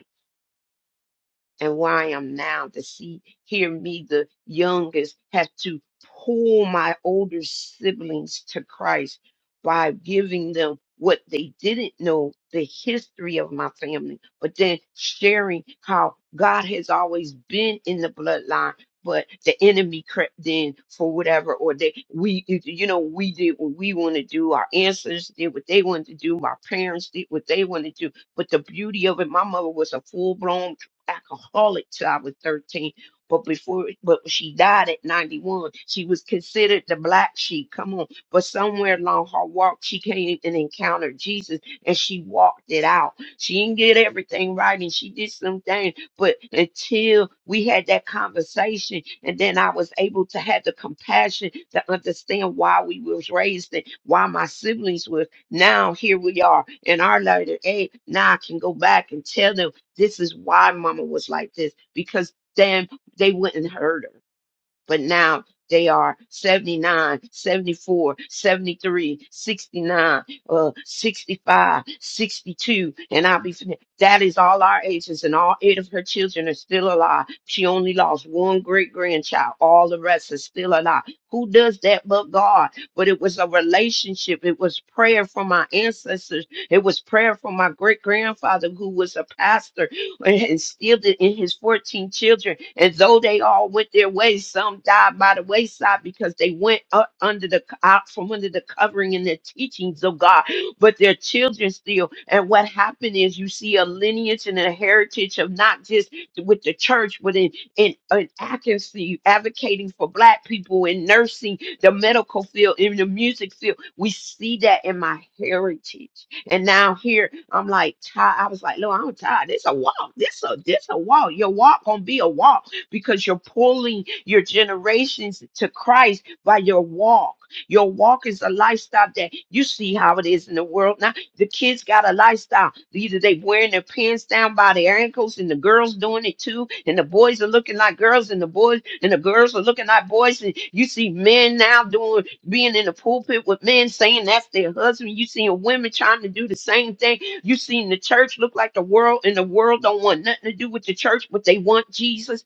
Speaker 3: and where I am now to see, hear me, the youngest, have to pull my older siblings to Christ by giving them what they didn't know, the history of my family, but then sharing how God has always been in the bloodline. But the enemy crept in for whatever, or they we you know we did what we want to do. Our ancestors did what they wanted to do. My parents did what they wanted to do. But the beauty of it, my mother was a full blown alcoholic till I was 13. But before, but she died at 91. She was considered the black sheep. Come on. But somewhere along her walk, she came and encountered Jesus and she walked it out. She didn't get everything right and she did some things. But until we had that conversation, and then I was able to have the compassion to understand why we was raised and why my siblings were now here we are in our later age. Now I can go back and tell them. This is why mama was like this, because then they wouldn't hurt her. But now they are 79, seventy-four, seventy-three, sixty-nine, uh, 65, sixty-two, and I'll be fin- that is all our ages, and all eight of her children are still alive. She only lost one great grandchild, all the rest are still alive. Who does that but God? But it was a relationship, it was prayer from my ancestors, it was prayer from my great grandfather who was a pastor and still it in his 14 children. And though they all went their ways, some died by the wayside because they went up under the out from under the covering and the teachings of God, but their children still. And what happened is you see a lineage and a heritage of not just with the church, but in in, in advocacy, advocating for black people in nursing, the medical field, in the music field. We see that in my heritage. And now here I'm like, tired. I was like, no, I'm tired. This a walk. This a this a walk. Your walk gonna be a walk because you're pulling your generations to Christ by your walk. Your walk is a lifestyle that you see how it is in the world now the kids got a lifestyle. Either they wearing their pants down by their ankles, and the girls doing it too, and the boys are looking like girls, and the boys and the girls are looking like boys. And you see men now doing being in the pulpit with men saying that's their husband. You seeing women trying to do the same thing. You seen the church look like the world, and the world don't want nothing to do with the church, but they want Jesus.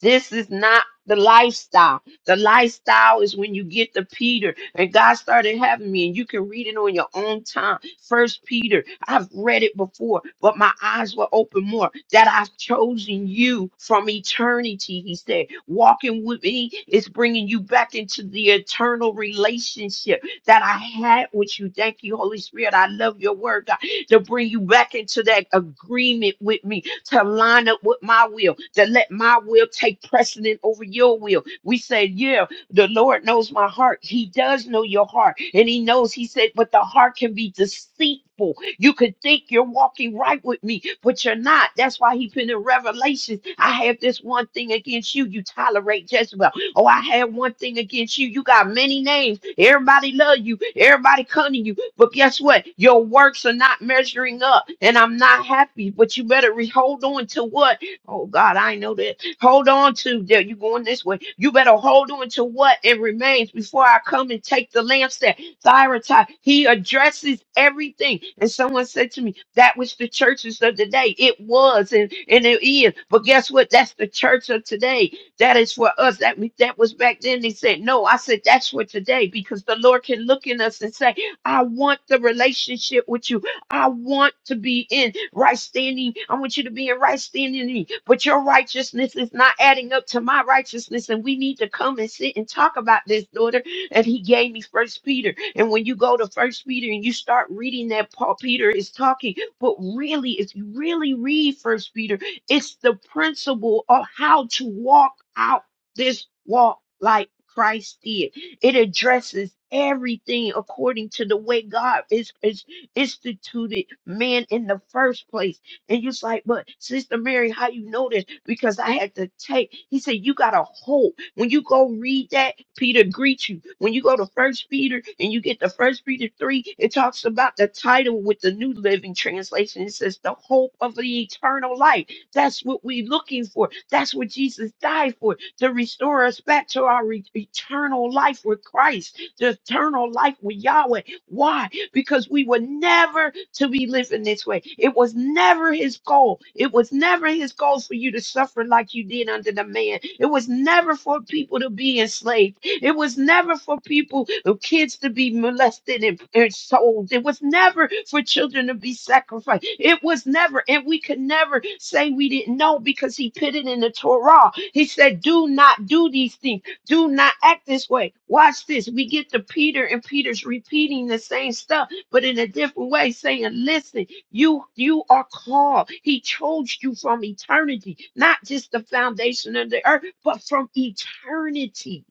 Speaker 3: This is not the lifestyle. The lifestyle is when you get to Peter, and God started having me, and you can read it on your own time. First Peter, I've read it before, but my eyes were open more. That I've chosen you from eternity, he said. Walking with me is bringing you back into the eternal relationship that I had with you. Thank you, Holy Spirit. I love your word, God, to bring you back into that agreement with me to line up with my will, to let my will take precedent over your will. We say, Yeah, the Lord knows my heart. He does know your heart. And He knows, He said, but the heart can be deceitful. You could think you're walking right with me, but you're not. That's why He put in Revelation, I have this one thing against you. You tolerate Jezebel. Oh, I had one thing against you. You got many names. Everybody love you. Everybody cunning you. But guess what? Your works are not measuring up, and I'm not happy. But you better re- hold on to what? Oh God, I know that. Hold on to that. You going this way. You better hold on to what it remains before I come and take the lampstand. Thyatira. He addresses everything. And someone said to me, that was the churches of the day. It was and, and it is. But guess what? That's the church of today that is for us. That we, that was back then. They said no. I said that's for today because the Lord can look in us and say, I want the relationship with you. I want to be in right standing. I want you to be in right standing. with me. But your righteousness is not adding up to my righteousness, and we need to come and sit and talk about this, daughter. And He gave me First Peter. And when you go to First Peter and you start reading that, Paul Peter is talking. But really, if you really read First Peter, it's the principle of how to walk out this walk like Christ did. It addresses everything according to the way God is, is instituted man in the first place. And you're like, but Sister Mary, how you know this? Because I had to take. He said, you got a hope. When you go read that, Peter greets you. When you go to First Peter and you get the First Peter three, it talks about the title with the New Living Translation. It says the hope of the eternal life. That's what we're looking for. That's what Jesus died for to restore us back to our re- eternal life with Christ, the eternal life with Yahweh. Why? Because we were never to be living this way. It was never his goal. It was never his goal for you to suffer like you did under the man. It was never for people to be enslaved. It was never for people, uh, kids to be molested and, and sold. It was never for children to be sacrificed. It was never, and we could never say we didn't know because he put it in the Torah. He said, Do not do these things. Do not act this way. Watch this. We get to Peter, and Peter's repeating the same stuff but in a different way, saying, listen, you you are called. He chose you from eternity, not just the foundation of the earth, but from eternity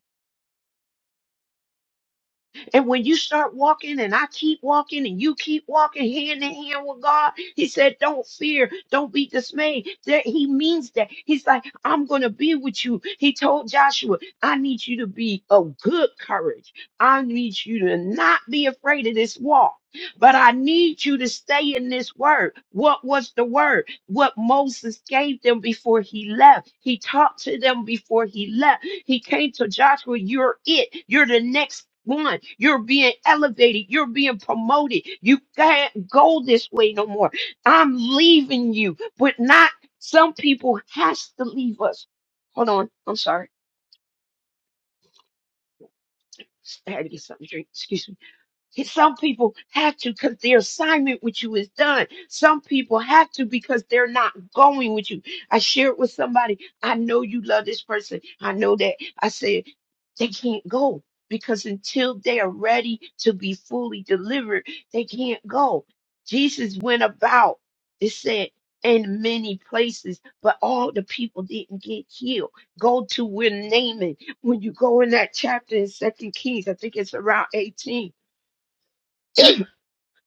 Speaker 3: and when you start walking and I keep walking and you keep walking hand in hand with God, he said, don't fear, don't be dismayed. That he means that. He's like, I'm going to be with you. He told Joshua, I need you to be of good courage. I need you to not be afraid of this walk. But I need you to stay in this word. What was the word? What Moses gave them before he left. He talked to them before he left he came to Joshua, you're it. You're the next one. You're being elevated. You're being promoted. You can't go this way no more. I'm leaving you, but not some people has to leave us. Hold on. I'm sorry. I had to get something to drink. Excuse me. Some people have to because their assignment with you is done. Some people have to because they're not going with you. I shared with somebody, I know you love this person. I know that. I said, they can't go because until they are ready to be fully delivered, they can't go. Jesus went about, it said, in many places, but all the people didn't get healed. Go to where Naaman, when you go in that chapter in Second Kings, I think it's around 18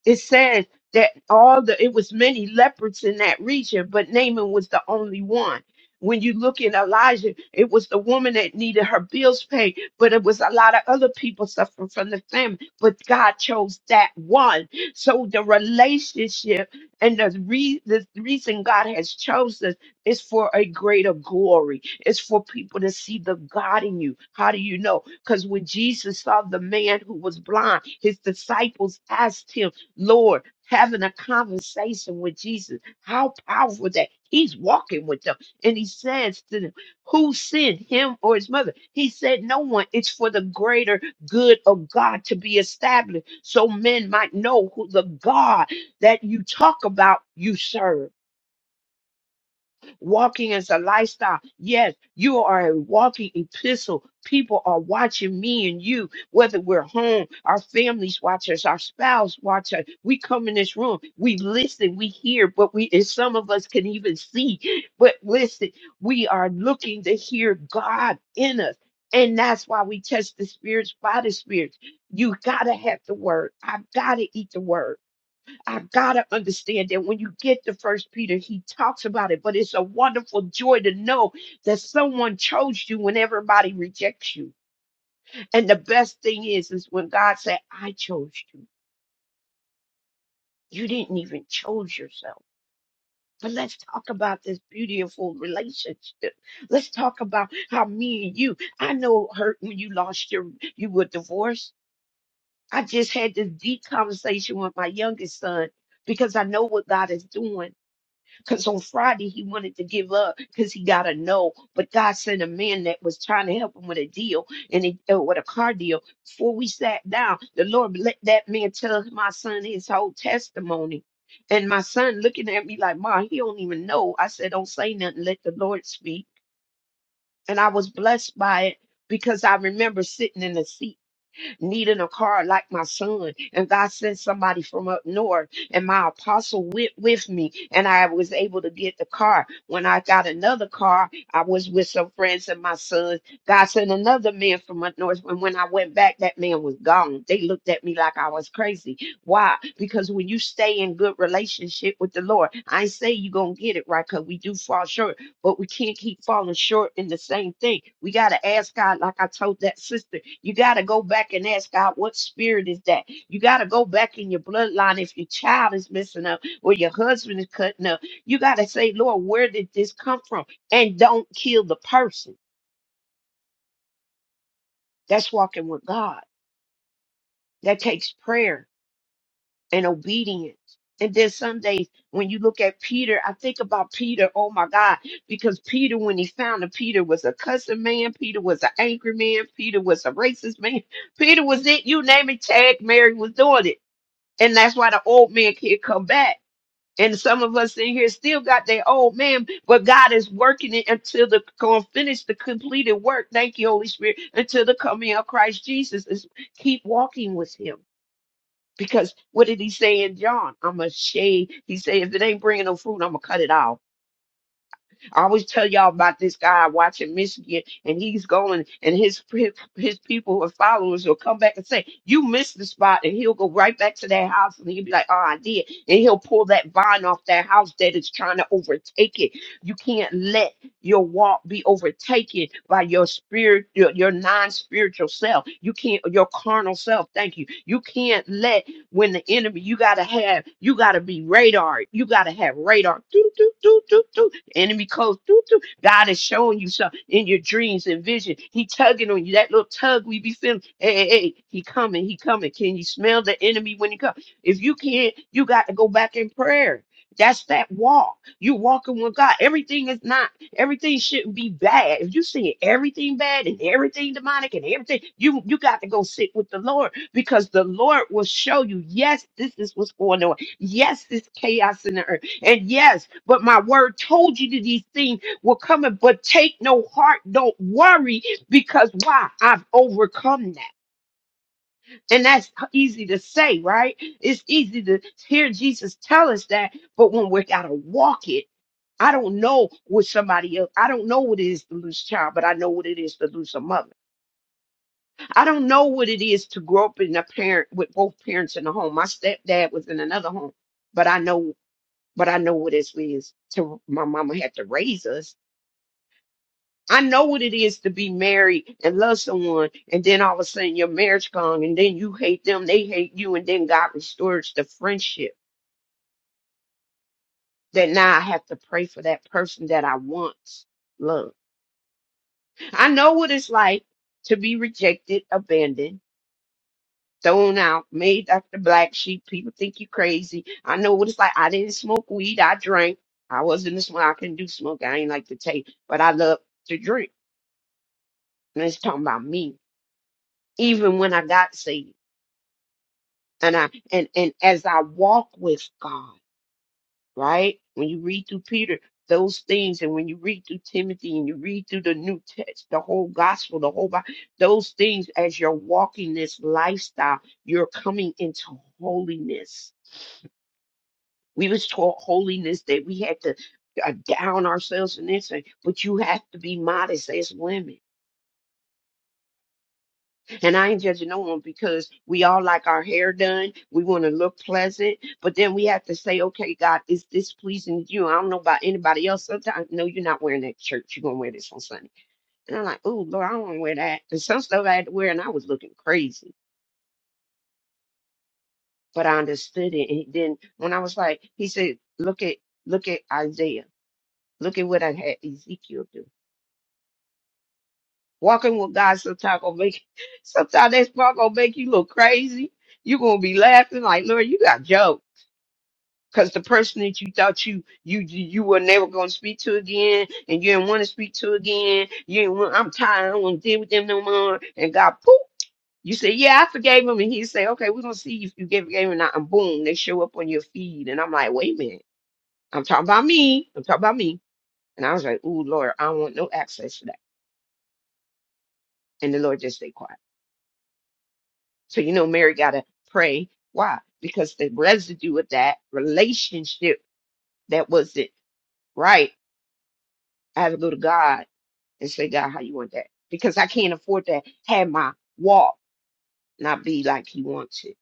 Speaker 3: it says that all the it was many leopards in that region, but Naaman was the only one. When you look in Elijah, it was the woman that needed her bills paid, but it was a lot of other people suffering from the famine. But God chose that one. So the relationship and the, re- the reason God has chosen us is for a greater glory. It's for people to see the God in you. How do you know? Because when Jesus saw the man who was blind, his disciples asked him Lord, having a conversation with Jesus. How powerful that he's walking with them. And he says to them, Who sinned, him or his mother? He said, No one. It's for the greater good of God to be established so men might know who the God that you talk about you serve. Walking is a lifestyle. Yes, you are a walking epistle. People are watching me and you, whether we're home, our families watch us, our spouse watch us. We come in this room, we listen, we hear, but we and some of us can even see. But listen, we are looking to hear God in us. And that's why we test the spirits by the spirits. You gotta have the word. I've gotta eat the word. I gotta understand that when you get to First Peter, he talks about it, but it's a wonderful joy to know that someone chose you when everybody rejects you. And the best thing is, is when God said, "I chose you." You didn't even choose yourself. But let's talk about this beautiful relationship. Let's talk about how me and you. I know it hurt when you lost your, you were divorced. I just had this deep conversation with my youngest son because I know what God is doing. Because on Friday, he wanted to give up because he got a no. But God sent a man that was trying to help him with a deal and it, uh, with a car deal. Before we sat down, the Lord let that man tell my son his whole testimony. And my son looking at me like, Ma, he don't even know. I said, Don't say nothing. Let the Lord speak. And I was blessed by it because I remember sitting in the seat needing a car like my son. And God sent somebody from up north, and my apostle went with me, and I was able to get the car. When I got another car, I was with some friends and my son. God sent another man from up north. And when I went back, that man was gone. They looked at me like I was crazy. Why? Because when you stay in good relationship with the Lord, I ain't say you're gonna get it right because we do fall short but we can't keep falling short in the same thing. We got to ask God, like I told that sister, you got to go back and ask God, what spirit is that? You got to go back in your bloodline if your child is messing up or your husband is cutting up. You got to say, Lord, where did this come from? And don't kill the person. That's walking with God. That takes prayer and obedience. And then some days when you look at Peter, I think about Peter, oh my God, because Peter, when he found him, Peter was a cussing man, Peter was an angry man, Peter was a racist man, (laughs) Peter was it, you name it, tag Mary was doing it. And that's why the old man can't come back. And some of us in here still got that old man, but God is working it until the going finish the completed work. Thank you, Holy Spirit, until the coming of Christ Jesus is keep walking with him because what did he say in John? I'm a shade. He said, if it ain't bringing no fruit, I'm gonna cut it off. I always tell y'all about this guy I watch in Michigan, and he's going, and his his, his people or followers will come back and say, "You missed the spot," and he'll go right back to that house, and he'll be like, "Oh, I did," and he'll pull that vine off that house that is trying to overtake it. You can't let your walk be overtaken by your spirit, your, your non-spiritual self. You can't, your carnal self. Thank you. You can't let when the enemy. You gotta have. You gotta be radar. You gotta have radar. Do do do do do enemy coast. Doo, doo. God is showing you something in your dreams and vision. He tugging on you. That little tug we be feeling. Hey, hey, hey, he coming, he coming. Can you smell the enemy when he comes? If you can't, you got to go back in prayer. That's that walk. You walking with God. Everything is not, everything shouldn't be bad. If you see everything bad and everything demonic and everything, you you got to go sit with the Lord because the Lord will show you, yes, this is what's going on. Yes, this chaos in the earth. And yes, but my word told you that these things were coming, but take no heart, don't worry, because why? I've overcome that. And that's easy to say, right? It's easy to hear Jesus tell us that, but when we gotta walk it, I don't know what somebody else, I don't know what it is to lose a child, but I know what it is to lose a mother. I don't know what it is to grow up in a parent with both parents in the home. My stepdad was in another home, but I know but I know what it is to my mama had to raise us. I know what it is to be married and love someone, and then all of a sudden your marriage gone, and then you hate them, they hate you, and then God restores the friendship that now I have to pray for that person that I once loved. I know what it's like to be rejected, abandoned, thrown out, made after black sheep. People think you crazy. I know what it's like. I didn't smoke weed. I drank. I wasn't a smoker. I couldn't do smoke. I ain't like to take, but I love to drink. And it's talking about me. Even when I got saved. And I and, and as I walk with God, right? When you read through Peter, those things, and when you read through Timothy and you read through the New Test, the whole gospel, the whole Bible, those things as you're walking this lifestyle, you're coming into holiness. We was taught holiness that we had to uh, down ourselves and this, and- but you have to be modest as women And I ain't judging no one because we all like our hair done. We want to look pleasant, but then we have to say, okay, God, is this pleasing to you? I don't know about anybody else. Sometimes, no, you're not wearing that church. You're going to wear this on Sunday. And I'm like, oh, Lord, I don't want to wear that. And some stuff I had to wear, and I was looking crazy, but I understood it. And then when I was like, he said, look at, look at Isaiah. Look at what I had Ezekiel do. Walking with God sometimes gonna make (laughs) sometimes that's probably gonna make you look crazy. You're gonna be laughing like, Lord, you got jokes because the person that you thought you you you were never gonna speak to again, and you didn't want to speak to again, you didn't want, I'm tired, I don't want to deal with them no more. And God, poof, you say, yeah, I forgave him, and he say, okay, we're gonna see if you gave forgave him or not. And boom, they show up on your feed, and I'm like, wait a minute, I'm talking about me, I'm talking about me. And I was like, ooh, Lord, I don't want no access to that. And the Lord just stay quiet. So you know, Mary gotta pray. Why? Because the residue of that relationship that wasn't right. I had to go to God and say, God, how you want that? Because I can't afford to have my walk not be like He wants it.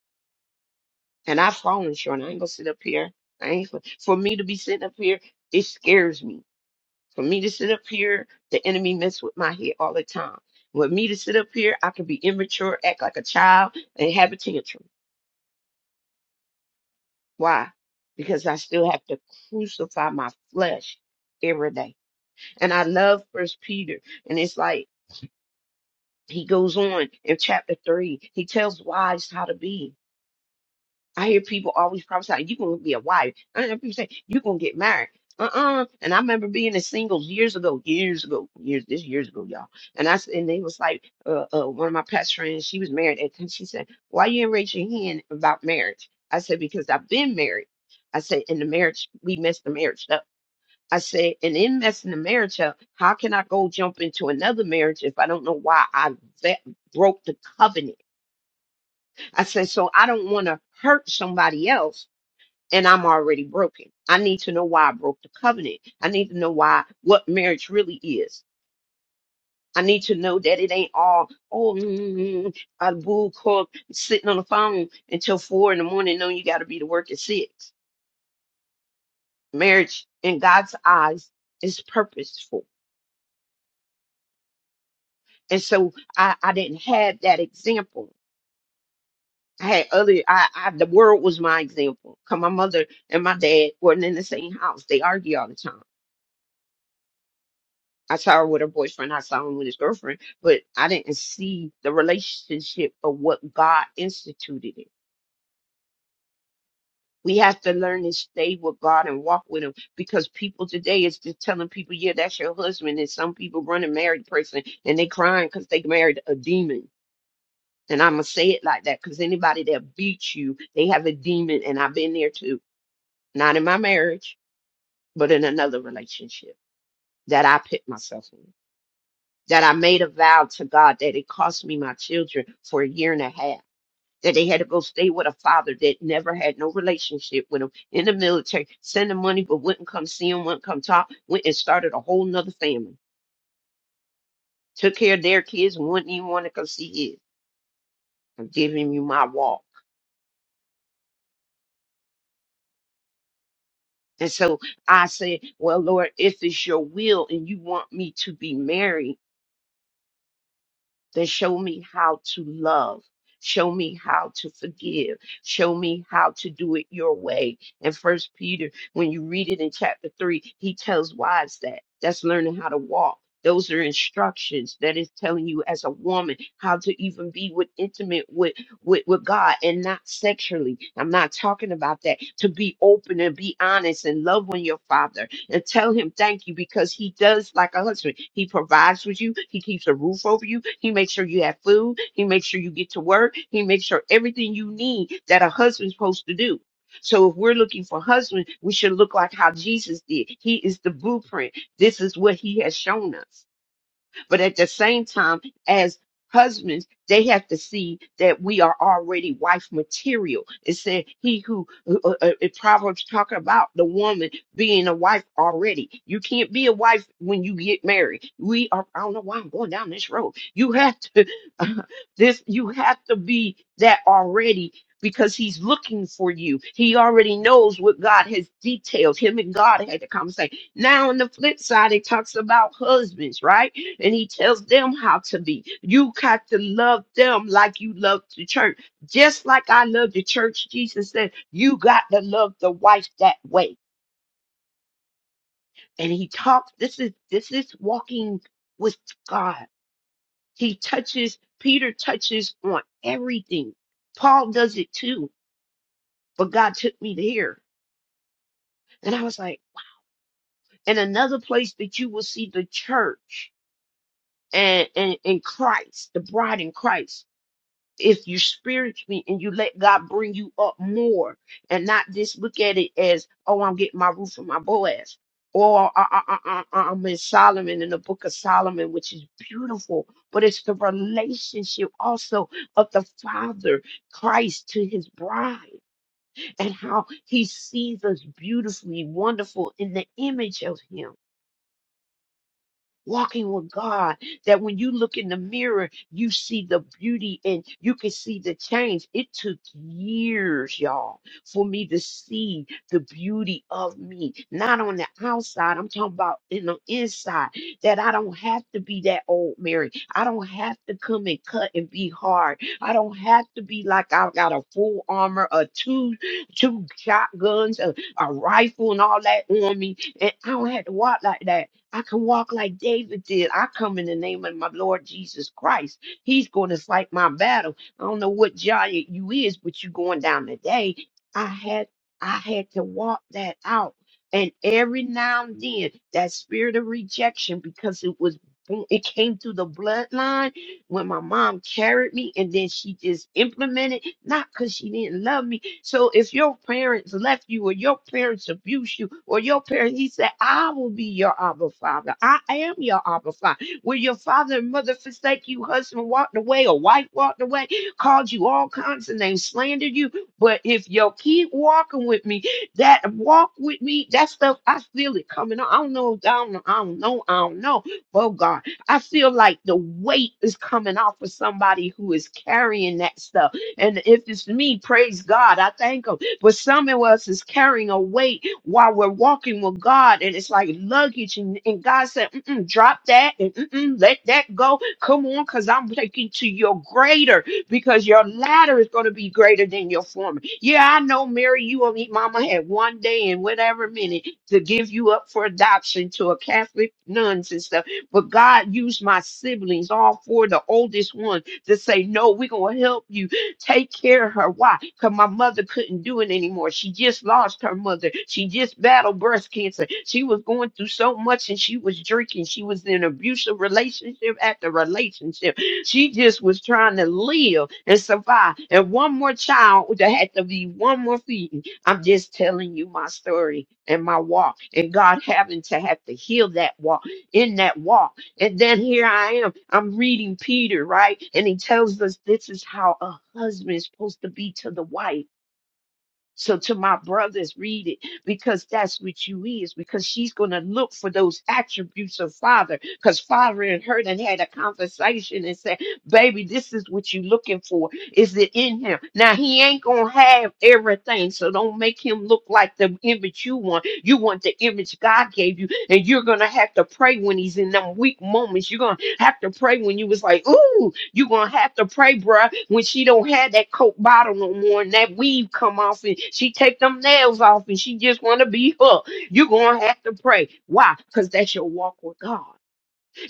Speaker 3: And I've fallen short. I ain't gonna sit up here. I ain't for, for me to be sitting up here. It scares me. For me to sit up here, the enemy mess with my head all the time. With me to sit up here, I can be immature, act like a child, and have a tantrum. Why? Because I still have to crucify my flesh every day. And I love First Peter, and it's like he goes on in chapter three. He tells wives how to be. I hear people always prophesy, you're going to be a wife. I hear people say, you're going to get married. Uh-uh. And I remember being in singles years ago, years ago, years, this years ago, y'all. And I, s- and they was like, uh, uh, one of my past friends, she was married. And then she said, why you ain't raise your hand about marriage? I said, because I've been married. I said, in the marriage, we messed the marriage up. I said, and in messing the marriage up, how can I go jump into another marriage if I don't know why I ve- broke the covenant? I said, so I don't want to hurt somebody else and I'm already broken. I need to know why I broke the covenant. I need to know why what marriage really is. I need to know that it ain't all, oh, mm, mm, mm, a boo called sitting on the phone until four in the morning, knowing you got to be to work at six. Marriage in God's eyes is purposeful And so I, I didn't have that example. I had other, I, I, the world was my example. Cause my mother and my dad weren't in the same house. They argue all the time. I saw her with her boyfriend. I saw him with his girlfriend, but I didn't see the relationship of what God instituted it. We have to learn to stay with God and walk with Him because people today is just telling people, yeah, that's your husband. And some people run a married person and they crying because they married a demon And I'm going to say it like that because anybody that beats you, they have a demon. And I've been there too, not in my marriage, but in another relationship that I put myself in, that I made a vow to God that it cost me my children for a year and a half. That they had to go stay with a father that never had no relationship with them in the military, send them money, but wouldn't come see them, wouldn't come talk, went and started a whole nother family, took care of their kids and wouldn't even want to come see his. I'm giving you my walk. And so I said, Well, Lord, if it's your will and you want me to be married, then show me how to love. Show me how to forgive. Show me how to do it your way. And first Peter, when you read it in chapter three, he tells wives that. That's learning how to walk. Those are instructions that is telling you as a woman how to even be with intimate with, with, with God and not sexually. I'm not talking about that. To be open and be honest and love on your father and tell him thank you because he does like a husband. He provides for you. He keeps a roof over you. He makes sure you have food. He makes sure you get to work. He makes sure everything you need that a husband's supposed to do. So if we're looking for husband, we should look like how Jesus did. He is the blueprint. This is what he has shown us. But at the same time, as husbands, they have to see that we are already wife material. It said he who uh, uh, uh, Proverbs talk about the woman being a wife already. You can't be a wife when you get married. We are. I don't know why I'm going down this road. You have to (laughs) this. You have to be that already. Because he's looking for you. He already knows what God has detailed. Him and God had the conversation. Now, on the flip side, it talks about husbands, right? And he tells them how to be. You got to love them like you love the church. Just like I love the church, Jesus said, you got to love the wife that way. And he talks, this is this is walking with God. He touches, Peter touches on everything. Paul does it too, but God took me there. And I was like, and another place that you will see the church and, and in Christ, the bride in Christ. If you spiritually and you let God bring you up more and not just look at it as, oh, I'm getting my roof from my Boaz. Or uh, uh, uh, uh, uh, uh, I'm in Solomon in the book of Solomon, which is beautiful, but it's the relationship also of the Father Christ to his bride and how he sees us beautifully, wonderful in the image of him walking with God, that when you look in the mirror, you see the beauty and you can see the change. It took years, y'all, for me to see the beauty of me, not on the outside. I'm talking about in the inside, that I don't have to be that old Mary. I don't have to come and cut and be hard. I don't have to be like I've got a full armor, a two, two shotguns, a, a rifle, and all that on me. And I don't have to walk like that. I can walk like David did. I come in the name of my Lord Jesus Christ. He's going to fight my battle. I don't know what giant you is, but you going down today. I had I had to walk that out. And every now and then, that spirit of rejection, because it was it came through the bloodline when my mom carried me, and then she just implemented, not because she didn't love me, so if your parents left you or your parents abused you or your parents, he said, I will be your Abba Father. I am your Abba Father. When your father and mother forsake you, husband walked away or wife walked away, called you all kinds of names, slandered you. But if you keep walking with me, that walk with me, that stuff, I feel it coming on. I don't know, I don't know, I don't know, I don't know. Oh God, I feel like the weight is coming off of somebody who is carrying that stuff and if it's me, praise God. I thank Him. But some of us is carrying a weight while we're walking with God, and it's like luggage. And, and God said, Mm-mm, drop that and mm-mm, let that go. Come on, because I'm taking to your greater, because your latter is going to be greater than your former. Yeah, I know, Mary, you and me, Mama had one day and whatever minute to give you up for adoption to a Catholic nuns and stuff. But God used my siblings, all four, the oldest one, to say, No, we're going to help you Take care of her. Why? Because my mother couldn't do it anymore. She just lost her mother. She just battled breast cancer. She was going through so much and she was drinking. She was in abusive relationship after relationship. She just was trying to live and survive. And one more child that had to be one more feeding. I'm just telling you my story and my walk and God having to have to heal that walk in that walk. And then here I am, I'm reading Peter, right? And he tells us this is how a husband is supposed to be to the wife so to my brothers, read it because that's what you is. Because she's gonna look for those attributes of father. Because father and her then had a conversation and said, "Baby, this is what you looking for. Is it in him? Now he ain't gonna have everything, so don't make him look like the image you want. You want the image God gave you, and you're gonna have to pray when he's in them weak moments. You're gonna have to pray when you was like, ooh." You gonna have to pray, bruh, when she don't have that coke bottle no more and that weave come off and she take them nails off and she just wanna be her. You gonna have to pray. Why? Because that's your walk with God.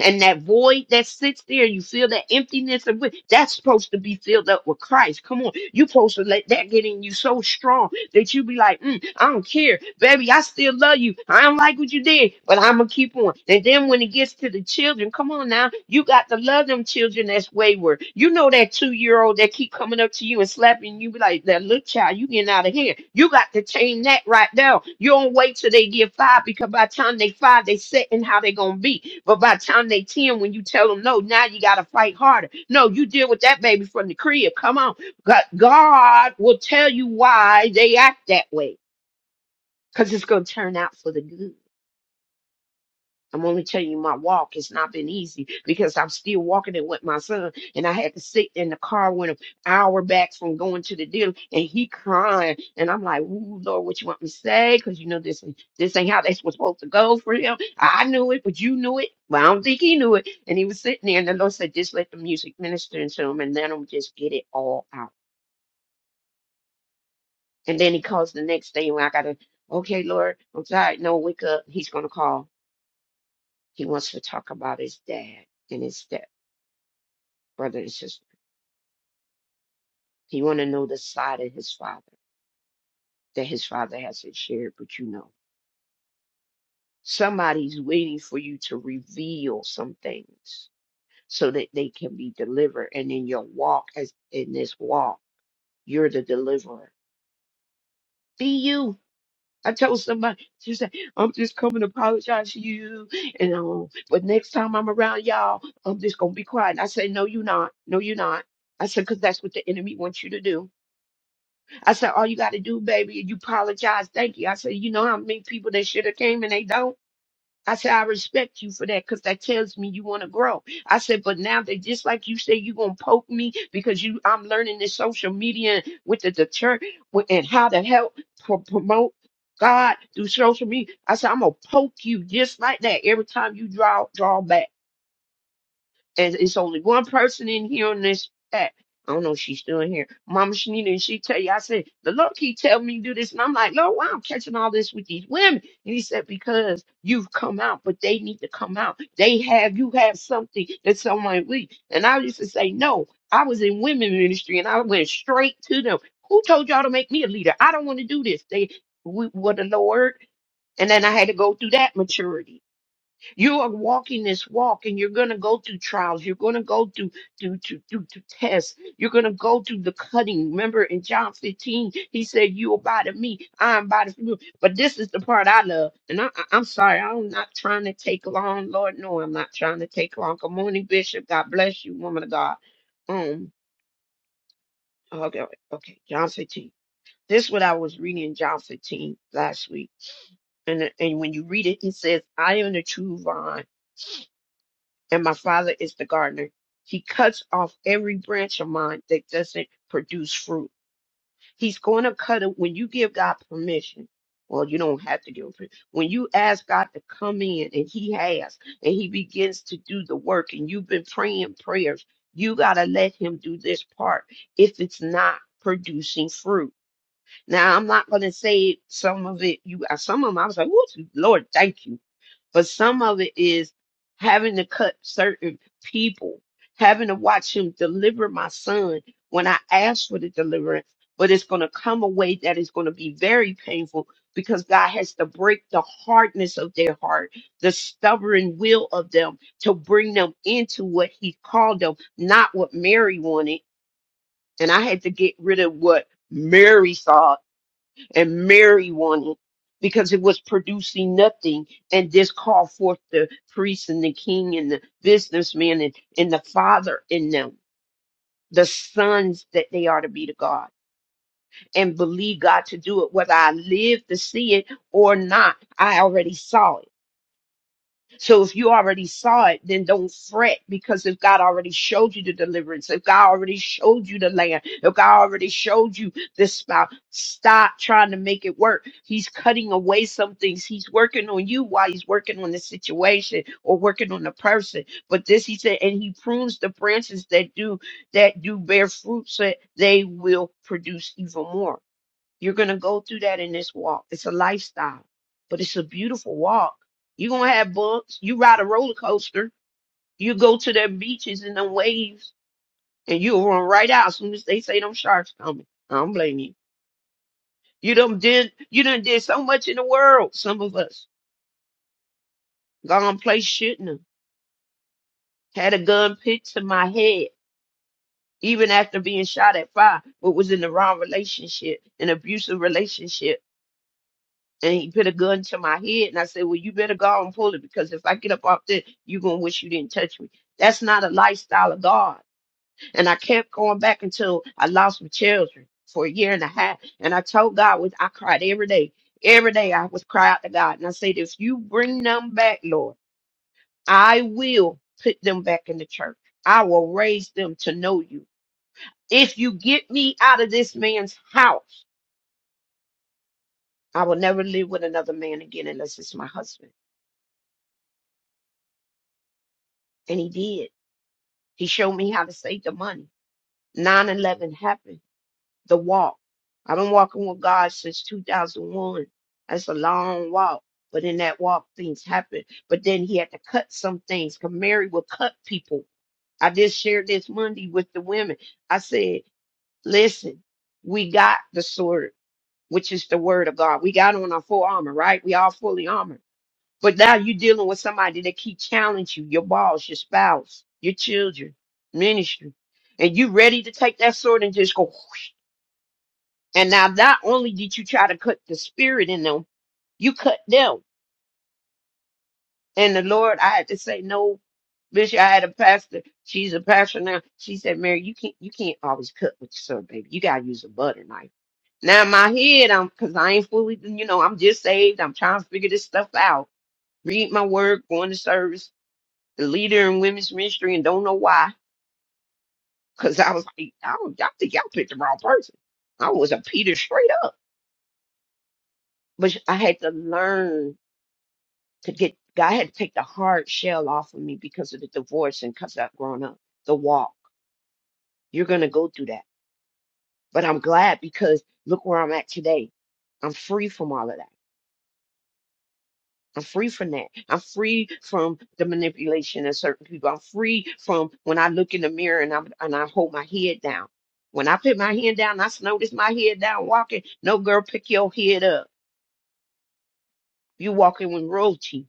Speaker 3: And that void that sits there, you feel that emptiness of it, that's supposed to be filled up with Christ. Come on, you supposed to let that get in you so strong that you be like, mm, I don't care, baby, I still love you. I don't like what you did, but I'm gonna keep on. And then when it gets to the children, come on now, you got to love them children as wayward. You know that two year old that keep coming up to you and slapping you, be like, that little child, you getting out of here. You got to change that right now. You don't wait till they get five because by the time they five, they setting how they gonna be. But by the time they ten, when you tell them no, now you gotta fight harder. No, you deal with that baby from the crib. Come on, God, God will tell you why they act that way, cause it's gonna turn out for the good. I'm only telling you my walk has not been easy because I'm still walking it with my son. And I had to sit in the car with him hour back from going to the dealer and he crying. And I'm like, Ooh, Lord, what you want me to say? Because you know this this ain't how this was supposed to go for him. I knew it, but you knew it. But I don't think he knew it. And he was sitting there and the Lord said, Just let the music minister into him and let him just get it all out. And then he calls the next day when I gotta, okay, Lord, I'm tired. No, wake up. He's gonna call. He wants to talk about his dad and his stepdad. brother and sister. He want to know the side of his father that his father hasn't shared, but you know. Somebody's waiting for you to reveal some things so that they can be delivered. And in your walk, as in this walk, you're the deliverer. Be you. I told somebody, she said, I'm just coming to apologize to you. And um, but next time I'm around y'all, I'm just gonna be quiet. And I said, No, you're not. No, you're not. I said, because that's what the enemy wants you to do. I said, all you got to do, baby, is you apologize. Thank you. I said, you know how many people that should have came and they don't. I said, I respect you for that because that tells me you want to grow. I said, but now they just like you say, you going to poke me because you, I'm learning this social media and with the, the church with- and how to help pro- promote God through social media. I said, I'm going to poke you just like that every time you draw, drawback and it's only one person in here on this app. I don't know if she's still in here. Mama Shanita, and she tell you, I said, the Lord keep telling me to do this. And I'm like, Lord, why I'm catching all this with these women? And he said, because you've come out, but they need to come out. They have, you have something that someone we. And I used to say, no, I was in women ministry and I went straight to them. Who told y'all to make me a leader? I don't want to do this. They, we were the Lord. And then I had to go through that maturity. You are walking this walk and you're going to go through trials. You're going to go through, through, through, through, through tests. You're going to go through the cutting. Remember in John 15, he said, You abide in me, I abide in you. But this is the part I love. And I, I- I'm sorry, I'm not trying to take long. Lord, no, I'm not trying to take long. Good morning, Bishop. God bless you, woman of God. Um, okay, okay, John 15. This is what I was reading in John 15 last week. And, and when you read it, it says, I am the true vine and my father is the gardener. He cuts off every branch of mine that doesn't produce fruit. He's going to cut it when you give God permission. Well, you don't have to give him permission. When you ask God to come in, and He has, and He begins to do the work, and you've been praying prayers, you got to let Him do this part if it's not producing fruit. Now, I'm not going to say some of it. You, some of them, I was like, "Ooh, Lord, thank you but some of it is having to cut certain people, having to watch him deliver my son when I asked for the deliverance. But it's going to come a way that is going to be very painful because God has to break the hardness of their heart, the stubborn will of them to bring them into what He called them, not what Mary wanted. And I had to get rid of what Mary saw and Mary wanted because it was producing nothing and this called forth the priest and the king and the businessman and, and the father in them, the sons that they are to be to God and believe God to do it, whether I live to see it or not. I already saw it so if you already saw it, then don't fret because if God already showed you the deliverance, if God already showed you the land, if God already showed you this spouse, stop trying to make it work. He's cutting away some things. He's working on you while he's working on the situation or working on the person. But this he said, and he prunes the branches that do that do bear fruit so that they will produce even more. You're going to go through that in this walk. It's a lifestyle, but it's a beautiful walk. You're going to have bumps. You ride a roller coaster. You go to the beaches and the waves, and you'll run right out as soon as they say them sharks coming. I don't blame you. You done did, you done did so much in the world, some of us. Gone place shouldn't have. Had a gun picked to my head, even after being shot at five, but was in the wrong relationship, an abusive relationship and he put a gun to my head and I said, Well, you better go and pull it because if I get up off there, you're gonna wish you didn't touch me. That's not a lifestyle of God. And I kept going back until I lost my children for a year and a half. And I told God was I cried every day. Every day I was cry out to God and I said, If you bring them back, Lord, I will put them back in the church. I will raise them to know you. If you get me out of this man's house, I will never live with another man again unless it's my husband. And he did He showed me how to save the money. 9 11 happened, the walk. I've been walking with God since 2001. That's a long walk. But in that walk, things happened. But then he had to cut some things. 'cause Mary will cut people. I just shared this Monday with the women. I said, listen, we got the sword, which is the word of God. We got on our full armor, right? We all fully armored. But now you're dealing with somebody that keep challenging you, your boss, your spouse, your children, ministry. And you ready to take that sword and just go whoosh. And now not only did you try to cut the spirit in them, you cut them. And the Lord, I had to say, no, Bishop, I had a pastor. She's a pastor now. She said, Mary, you can't you can't always cut with your sword, baby. You gotta use a butter knife. Now in my head, I'm cause I ain't fully, you know, I'm just saved. I'm trying to figure this stuff out. Read my word, going to service the leader in women's ministry and don't know why. Cause I was like, I don't, I think y'all picked the wrong person. I was a Peter straight up, but I had to learn to get, God had to take the hard shell off of me because of the divorce and cause I've grown up, the walk. You're going to go through that. But I'm glad because look where I'm at today. I'm free from all of that. I'm free from that. I'm free from the manipulation of certain people. I'm free from when I look in the mirror and I and I hold my head down. When I put my head down, I notice my head down walking. No girl, pick your head up. You walking with royalty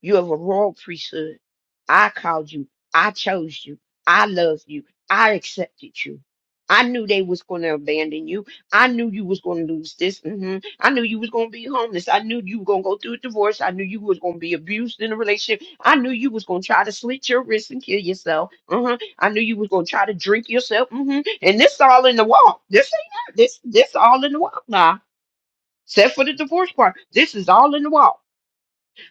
Speaker 3: you have a royal priesthood. I called you. I chose you. I loved you. I accepted you. I knew they was going to abandon you. I knew you was going to lose this. hmm I knew you was going to be homeless. I knew you were going to go through a divorce. I knew you was going to be abused in a relationship. I knew you was going to try to slit your wrist and kill yourself. hmm I knew you was going to try to drink yourself. hmm And this all in the walk. This ain't that. This this all in the walk now. Except for the divorce part. This is all in the walk.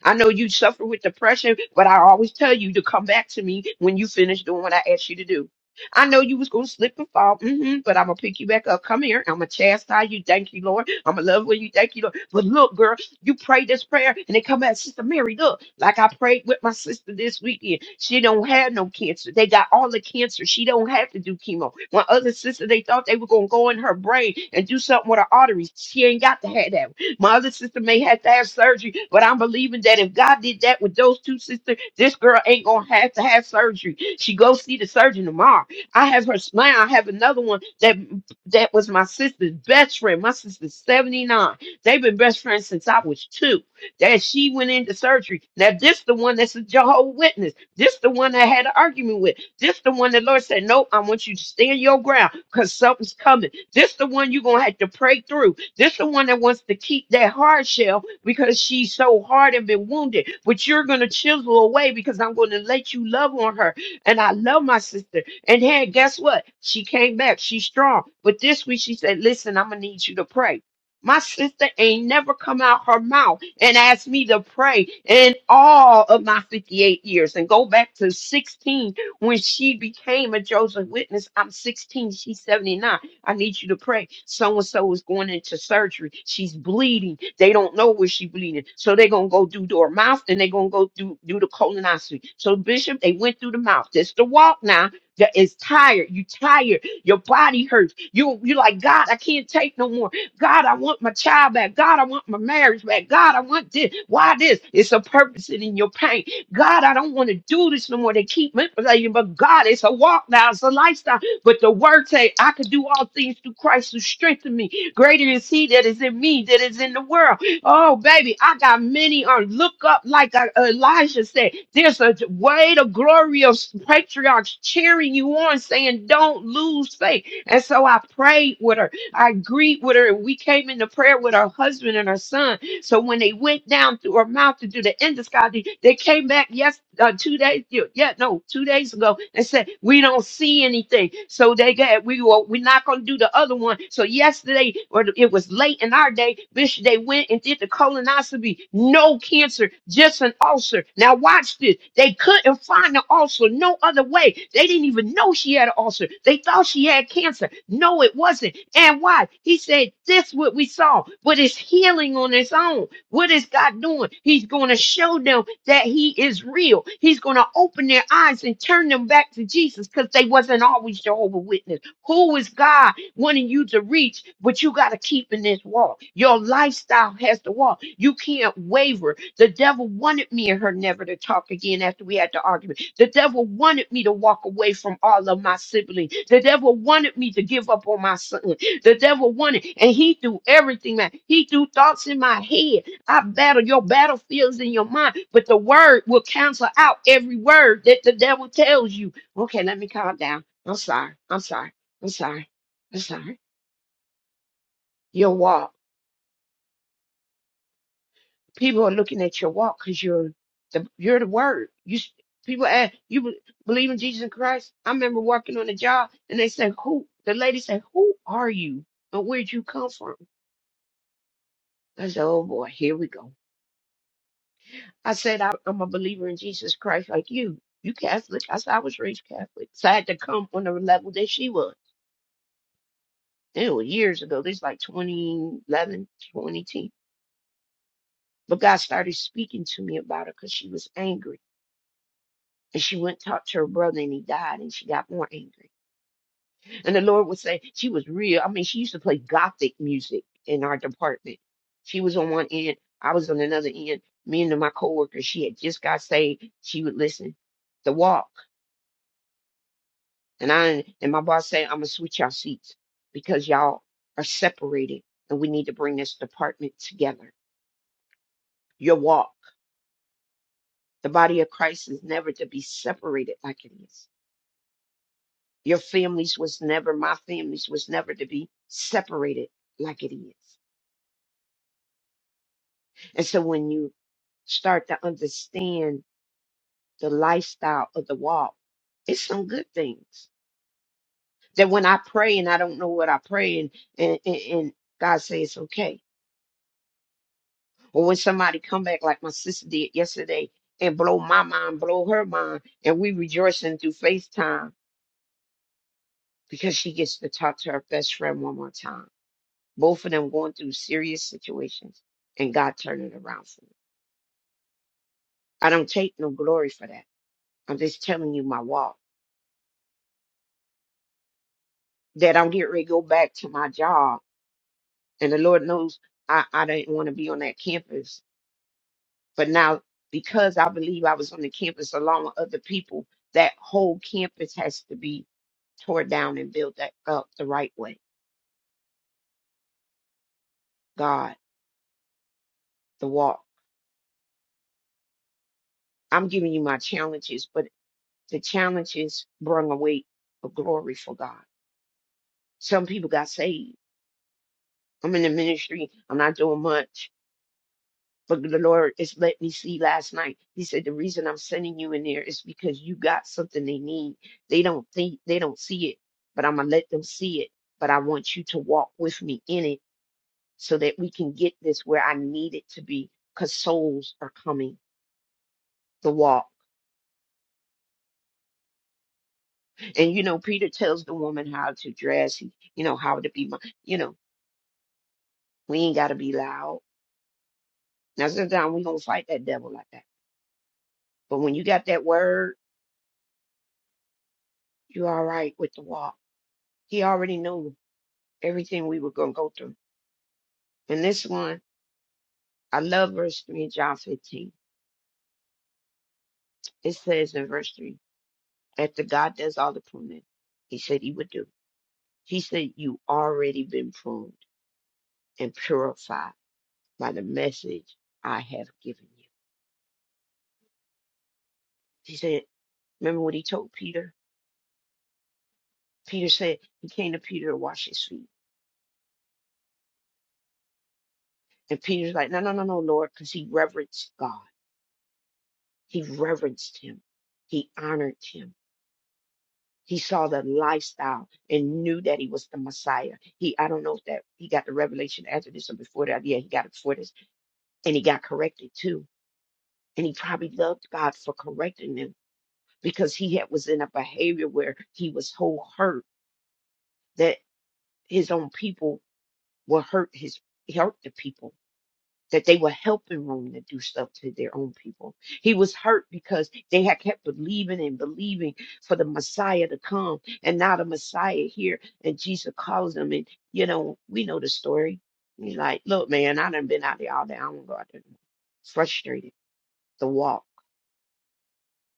Speaker 3: I know you suffer with depression, but I always tell you to come back to me when you finish doing what I asked you to do. I know you was gonna slip and fall, hmm but I'm gonna pick you back up. Come here, I'm gonna chastise you. Thank you, Lord. I'm gonna love when you. Thank you, Lord. But look, girl, you pray this prayer and they come back, Sister Mary. Look, like I prayed with my sister this weekend. She don't have no cancer. They got all the cancer. She don't have to do chemo. My other sister, they thought they were gonna go in her brain and do something with her arteries. She ain't got to have that. My other sister may have to have surgery, but I'm believing that if God did that with those two sisters, this girl ain't gonna have to have surgery. She go see the surgeon tomorrow. I have her smile. I have another one that that was my sister's best friend. My sister's 79. They've been best friends since I was two. That she went into surgery. Now this the one that's a Jehovah Witness. This the one that I had an argument with. This the one the Lord said, No, I want you to stand your ground because something's coming. This the one you're gonna have to pray through. This the one that wants to keep that hard shell because she's so hard and been wounded. But you're gonna chisel away because I'm gonna let you love on her. And I love my sister. And hey, guess what? She came back. She's strong. But this week she said, Listen, I'm gonna need you to pray. My sister ain't never come out her mouth and asked me to pray in all of my 58 years and go back to 16 when she became a Joseph Witness. I'm 16, she's 79 I need you to pray. So and so is going into surgery. She's bleeding. They don't know where she's bleeding. So they're going to go do to her mouth and they're going to go do, do the colonoscopy. So, Bishop, they went through the mouth. That's the walk now. That is tired. You tired. Your body hurts. You you like God. I can't take no more. God, I want my child back. God, I want my marriage back. God, I want this. Why this? It's a purpose in your pain. God, I don't want to do this no more. They keep manipulating, but God, it's a walk now. It's a lifestyle. But the word say, I can do all things through Christ who strengthened me. Greater is he that is in me that is in the world. Oh, baby, I got many on. Look up like uh, Elijah said. There's a way to glory of patriarchs cheering you on, saying, don't lose faith. And so I prayed with her. I agreed with her. And we came into prayer with her husband and her son so when they went down through a mountain through the endoscopy, they came back yes uh, two days yeah yeah, no two days ago and said we don't see anything. So they got we were we're not gonna do the other one. So yesterday or it was late in our day, Bishop they went and did the colonoscopy, no cancer, just an ulcer. Now watch this. They couldn't find the ulcer no other way. They didn't even know she had an ulcer. They thought she had cancer. No, it wasn't. And why? He said, This what we saw, but it's healing on its own. What is God doing? He's going to show them that He is real. He's going to open their eyes and turn them back to Jesus because they wasn't always Jehovah Witness. Who is God? wanting you to reach, but you got to keep in this walk. Your lifestyle has to walk. You can't waver. The devil wanted me and her never to talk again after we had the argument. The devil wanted me to walk away from all of my siblings. The devil wanted me to give up on my son. The devil wanted, and he threw everything at he threw thoughts in my head. I battle your battlefields in your mind, but the word will cancel out every word that the devil tells you. Okay, let me calm down. I'm sorry. I'm sorry. I'm sorry. I'm sorry, your walk. People are looking at your walk because you're the you're the word. You s- people ask you be- believe in Jesus Christ. I remember working on a job and they said, "Who?" The lady said, "Who are you? And where'd you come from?" I said, "Oh boy, here we go." I said, I, "I'm a believer in Jesus Christ, like you. You Catholic?" I said, "I was raised Catholic, so I had to come on the level that she was." It was years ago. This like 2011, 2010. But God started speaking to me about her because she was angry And she went and talked to her brother and he died and she got more angry. And the Lord would say she was real. I mean, she used to play gothic music in our department. She was on one end, I was on another end. Me and my coworker, she had just got saved. She would listen to walk. And I and my boss said, I'm gonna switch y'all seats because y'all are separated and we need to bring this department together. Your walk. The body of Christ is never to be separated like it is. Your families was never, my families was never to be separated like it is. And so when you start to understand the lifestyle of the walk, it's some good things that when I pray and I don't know what I pray and, and, and, and God says it's okay. Or when somebody come back like my sister did yesterday and blow my mind, blow her mind, and we rejoicing through FaceTime because she gets to talk to her best friend one more time both of them going through serious situations and God turned it around for me. I don't take no glory for that. I'm just telling you my walk. That I'm getting ready to go back to my job. And the Lord knows I, I didn't want to be on that campus. But now because I believe I was on the campus along with other people, that whole campus has to be tore down and built that up the right way. God, the walk. I'm giving you my challenges, but the challenges brung a weight of glory for God. Some people got saved I'm in the ministry. I'm not doing much. But the Lord just let me see last night. He said, The reason I'm sending you in there is because you got something they need. They don't think they don't see it, but I'm gonna let them see it. But I want you to walk with me in it so that we can get this where I need it to be. Cause souls are coming the walk. And you know, Peter tells the woman how to dress, he- you know, how to be my you know, we ain't gotta be loud. Now sometimes we gonna fight that devil like that. But when you got that word you all right with the walk. He already knew everything we were going to go through. And this one, I love verse 3 in John 15. It says in verse 3, after God does all the pruning, he said he would do. He said, you already been pruned and purified by the message I have given you. He said, remember what he told Peter? Peter said, he came to Peter to wash his feet. And Peter's like, no, no, no, no, Lord, because he reverenced God. He reverenced him. He honored him He saw the lifestyle and knew that he was the Messiah. He, I don't know if that he got the revelation after this or before that. Yeah, he got it before this, and he got corrected too. And he probably loved God for correcting him because he had was in a behavior where he was so hurt that his own people were hurt his hurt the people that they were helping Rome to do stuff to their own people. He was hurt because they had kept believing and believing for the Messiah to come, and now the Messiah here, and Jesus calls them, and you know we know the story. He's like, "Look, man, I done been out there all day. I don't go out there. no more." Frustrated, the walk.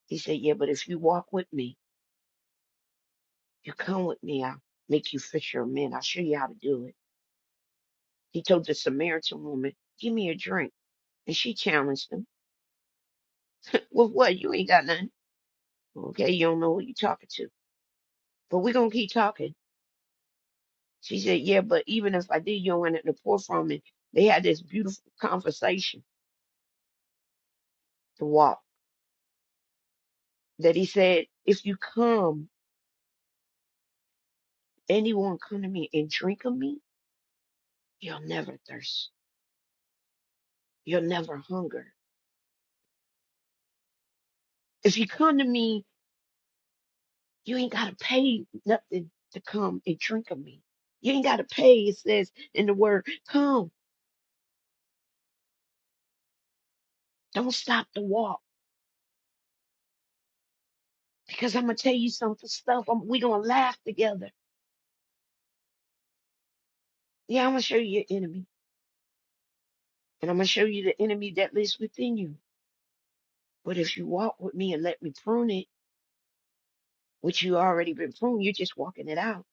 Speaker 3: He said, "Yeah, but if you walk with me, you come with me, I'll make you fisher of men. I'll show you how to do it." He told the Samaritan woman, "Give me a drink," and she challenged him. (laughs) Well, what? You ain't got nothing. Okay, you don't know who you're talking to. But we're gonna keep talking. She said, Yeah, but even if I did, you don't want it to pour from it. They had this beautiful conversation to walk that he said, If you come, anyone come to me and drink of me, you'll never thirst. You'll never hunger. If you come to me, you ain't gotta pay nothing to come and drink of me. You ain't gotta pay, it says in the word, come, don't stop the walk. Because I'm gonna tell you some stuff. I'm, we gonna laugh together. Yeah, I'm gonna show you your enemy. and I'm going to show you the enemy that lives within you. But if you walk with me and let me prune it, which you already been pruned, you're just walking it out.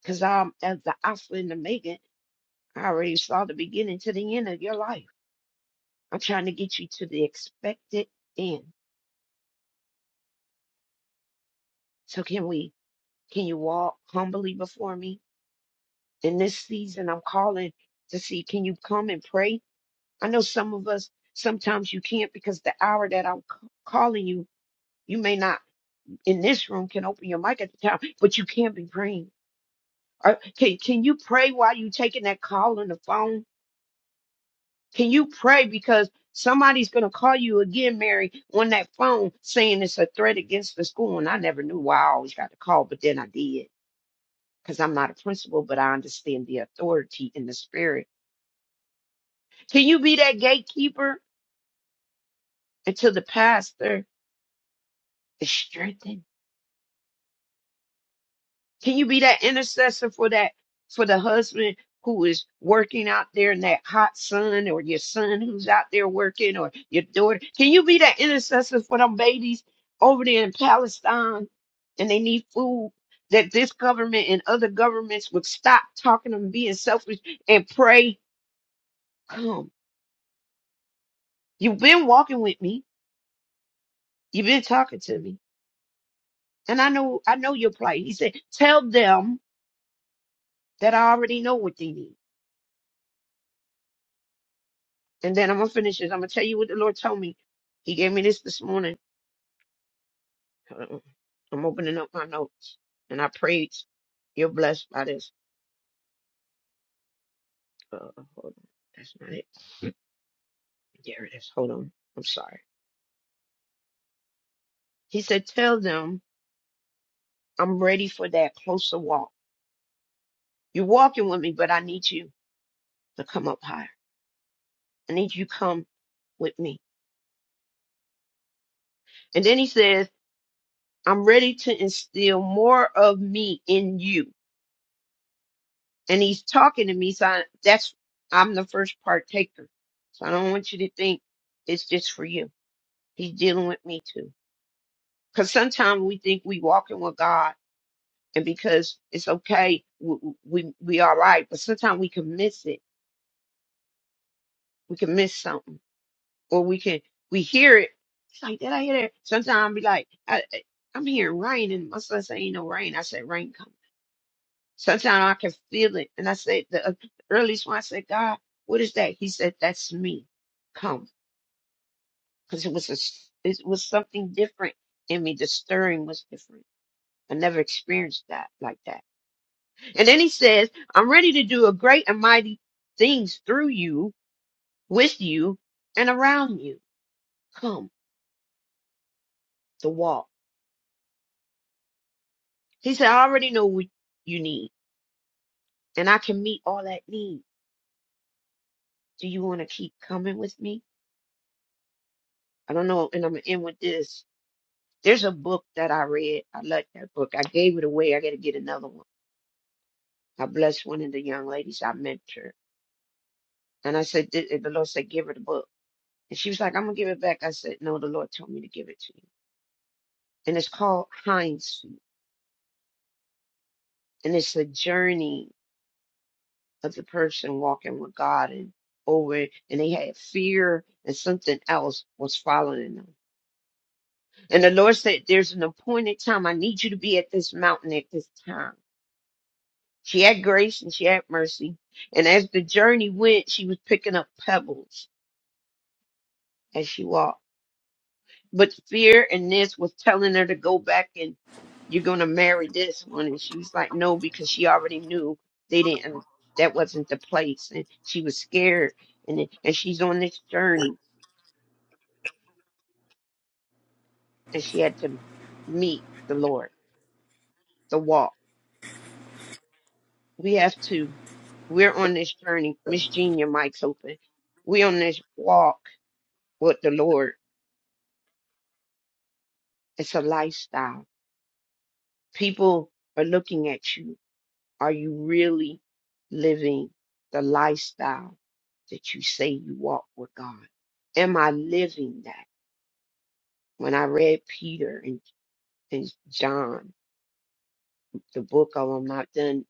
Speaker 3: Because I'm as the Alpha and the Omega. I already saw the beginning to the end of your life. I'm trying to get you to the expected end. So can we? Can you walk humbly before me in this season? I'm calling to see. Can you come and pray? I know some of us sometimes you can't because the hour that I'm c- calling you, you may not in this room can open your mic at the time, but you can't be praying. Or can can you pray while you taking that call on the phone? Can you pray because somebody's gonna call you again, Mary, on that phone saying it's a threat against the school? And I never knew why I always got the call, but then I did. Because I'm not a principal, but I understand the authority in the spirit. Can you be that gatekeeper until the pastor is strengthened? Can you be that intercessor for that, for the husband who is working out there in that hot sun, or your son who's out there working, or your daughter? Can you be that intercessor for them babies over there in Palestine and they need food? That this government and other governments would stop talking and being selfish and pray, come. You've been walking with me. You've been talking to me. And I know I know your plight. He said, Tell them that I already know what they need. And then I'm gonna finish this. I'm gonna tell you what the Lord told me. He gave me this this morning. Hold on. I'm opening up my notes, and I prayed. You're blessed by this. Uh, hold on, that's not it. There it is. Hold on. I'm sorry. He said, "Tell them I'm ready for that closer walk. You're walking with me, but I need you to come up higher. I need you to come with me." And then he says, "I'm ready to instill more of me in you." and he's talking to me. So I, that's I'm the first partaker. So I don't want you to think it's just for you. He's dealing with me too. Because sometimes we think we walking with God, and because it's okay, we we, we all right. But sometimes we can miss it. We can miss something, or we can we hear it. It's like did I hear that? Sometimes I be like, I, I- I'm hearing rain, and my son say ain't no rain. I said rain coming. Sometimes I can feel it. And I say, the uh, earliest one, I said, God, what is that? He said, that's me. Come. Because it was a, s- it was something different in me. The stirring was different. I never experienced that like that. And then he says, I'm ready to do a great and mighty things through you, with you, and around you. Come to walk. He said, I already know what you need and I can meet all that need. Do you want to keep coming with me? I don't know. And I'm going to end with this. There's a book that I read. I like that book. I gave it away. I got to get another one. I blessed one of the young ladies I mentored. And I said, th- the Lord said, give her the book. And she was like, I'm going to give it back. I said, no, the Lord told me to give it to you. And it's called Hind's Feet. And it's a journey of the person walking with God and over. it. And they had fear and something else was following them. And the Lord said, there's an appointed time. I need you to be at this mountain at this time. She had grace and she had mercy. And as the journey went, she was picking up pebbles as she walked. But fear and this was telling her to go back and you're going to marry this one. And she was like, no, because she already knew they didn't, that wasn't the place. And she was scared. And, it- and she's on this journey and she had to meet the Lord, the walk. We have to, we're on this journey. Miss Jean, your mic's open. we on this walk with the Lord It's a lifestyle. People are looking at you. Are you really living the lifestyle that you say you walk with God? Am I living that? When I read Peter and, and John, the book of, I'm not done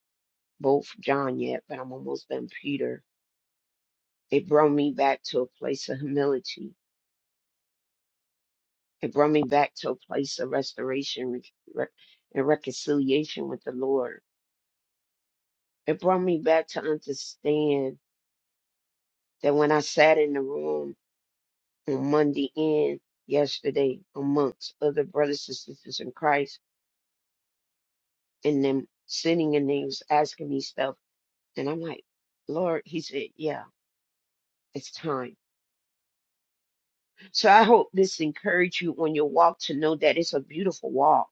Speaker 3: both John yet, but I'm almost done Peter. It brought me back to a place of humility. It brought me back to a place of restoration re- re- and reconciliation with the Lord. It brought me back to understand that when I sat in the room on Monday end yesterday amongst other brothers and sisters in Christ and them sending and things asking me stuff and I'm like, Lord, he said, Yeah, it's time. So I hope this encourage you on your walk to know that it's a beautiful walk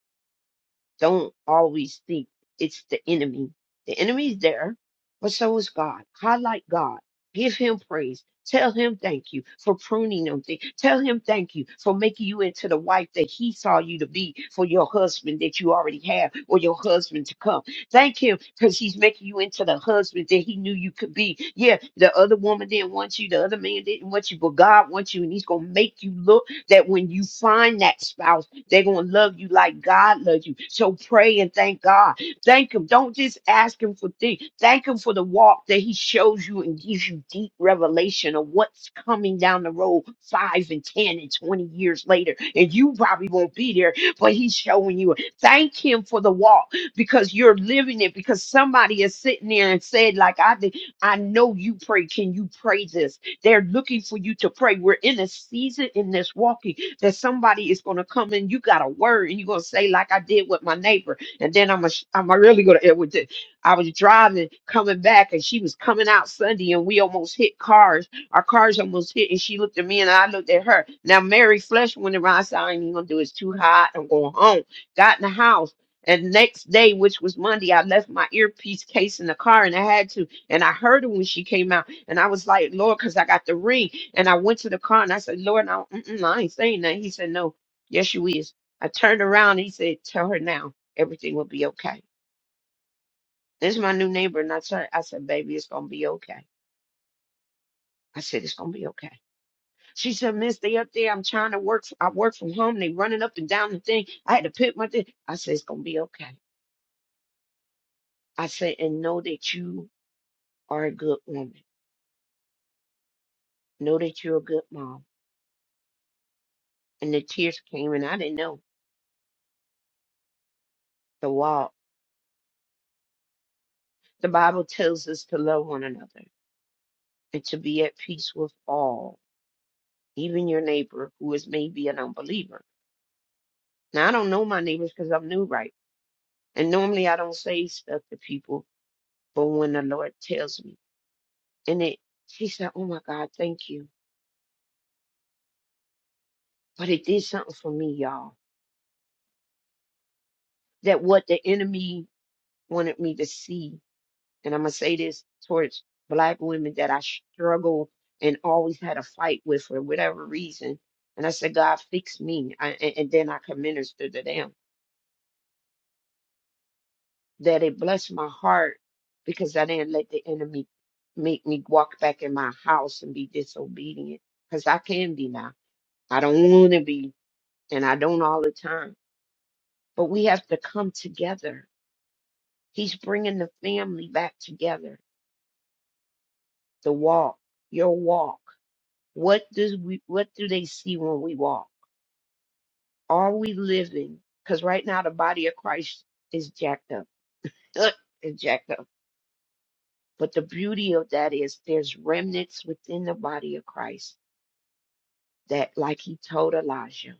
Speaker 3: Don't always think it's the enemy. The enemy's there, but so is God. Highlight God. Give him praise. Tell him thank you for pruning them. Things. Tell him thank you for making you into the wife that he saw you to be for your husband that you already have or your husband to come. Thank him because he's making you into the husband that he knew you could be. Yeah, the other woman didn't want you, the other man didn't want you, but God wants you, and he's going to make you look that when you find that spouse they're going to love you like God loves you. So pray and thank God. Thank Him. Don't just ask Him for things. Thank Him for the walk that He shows you and gives you deep revelation of what's coming down the road five and 10 and 20 years later. And you probably won't be there, but He's showing you. Thank Him for the walk because you're living it because somebody is sitting there and said, like I did, I know you pray. Can you pray this? They're looking for you to pray. We're in a season in this walking that somebody is going to come and you got a word and you're going to say like I did with my neighbor and then I'm a, I'm a really going to it was just- I was driving coming back and she was coming out Sunday and we almost hit cars our cars almost hit and she looked at me and I looked at her now Mary Flesh went around I said I ain't even going to do it. it's too hot I'm going home got in the house and next day, which was Monday, I left my earpiece case in the car and I had to. And I heard her when she came out. And I was like, Lord, because I got the ring. And I went to the car and I said, Lord, no, mm-mm, I ain't saying that. He said, No, yes, you is. I turned around and he said, Tell her now, everything will be okay. This is my new neighbor. And I, said, I said, Baby, it's going to be okay. I said, It's going to be okay. She said, Miss, they up there. I'm trying to work. I work from home. They running up and down the thing. I had to pick my thing. I said, It's going to be okay. I said, And know that you are a good woman. Know that you're a good mom. And the tears came and I didn't know the wall. The Bible tells us to love one another and to be at peace with all, even your neighbor who is maybe an unbeliever. Now, I don't know my neighbors because I'm new, right? And normally I don't say stuff to people, but when the Lord tells me, and it, she said, Oh my God, thank you. But it did something for me, y'all, that what the enemy wanted me to see and I'm gonna say this towards black women that I struggle and always had a fight with for whatever reason. And I said, God, fix me. I, and, and then I can minister to them. That it blessed my heart because I didn't let the enemy make me walk back in my house and be disobedient because I can be now. I don't want to be, and I don't all the time. But we have to come together. He's bringing the family back together. The walk, your walk. What does we what do they see when we walk? Are we living? Because right now the body of Christ is jacked up. Ugh, It's jacked up. But the beauty of that is there's remnants within the body of Christ that, like he told Elijah,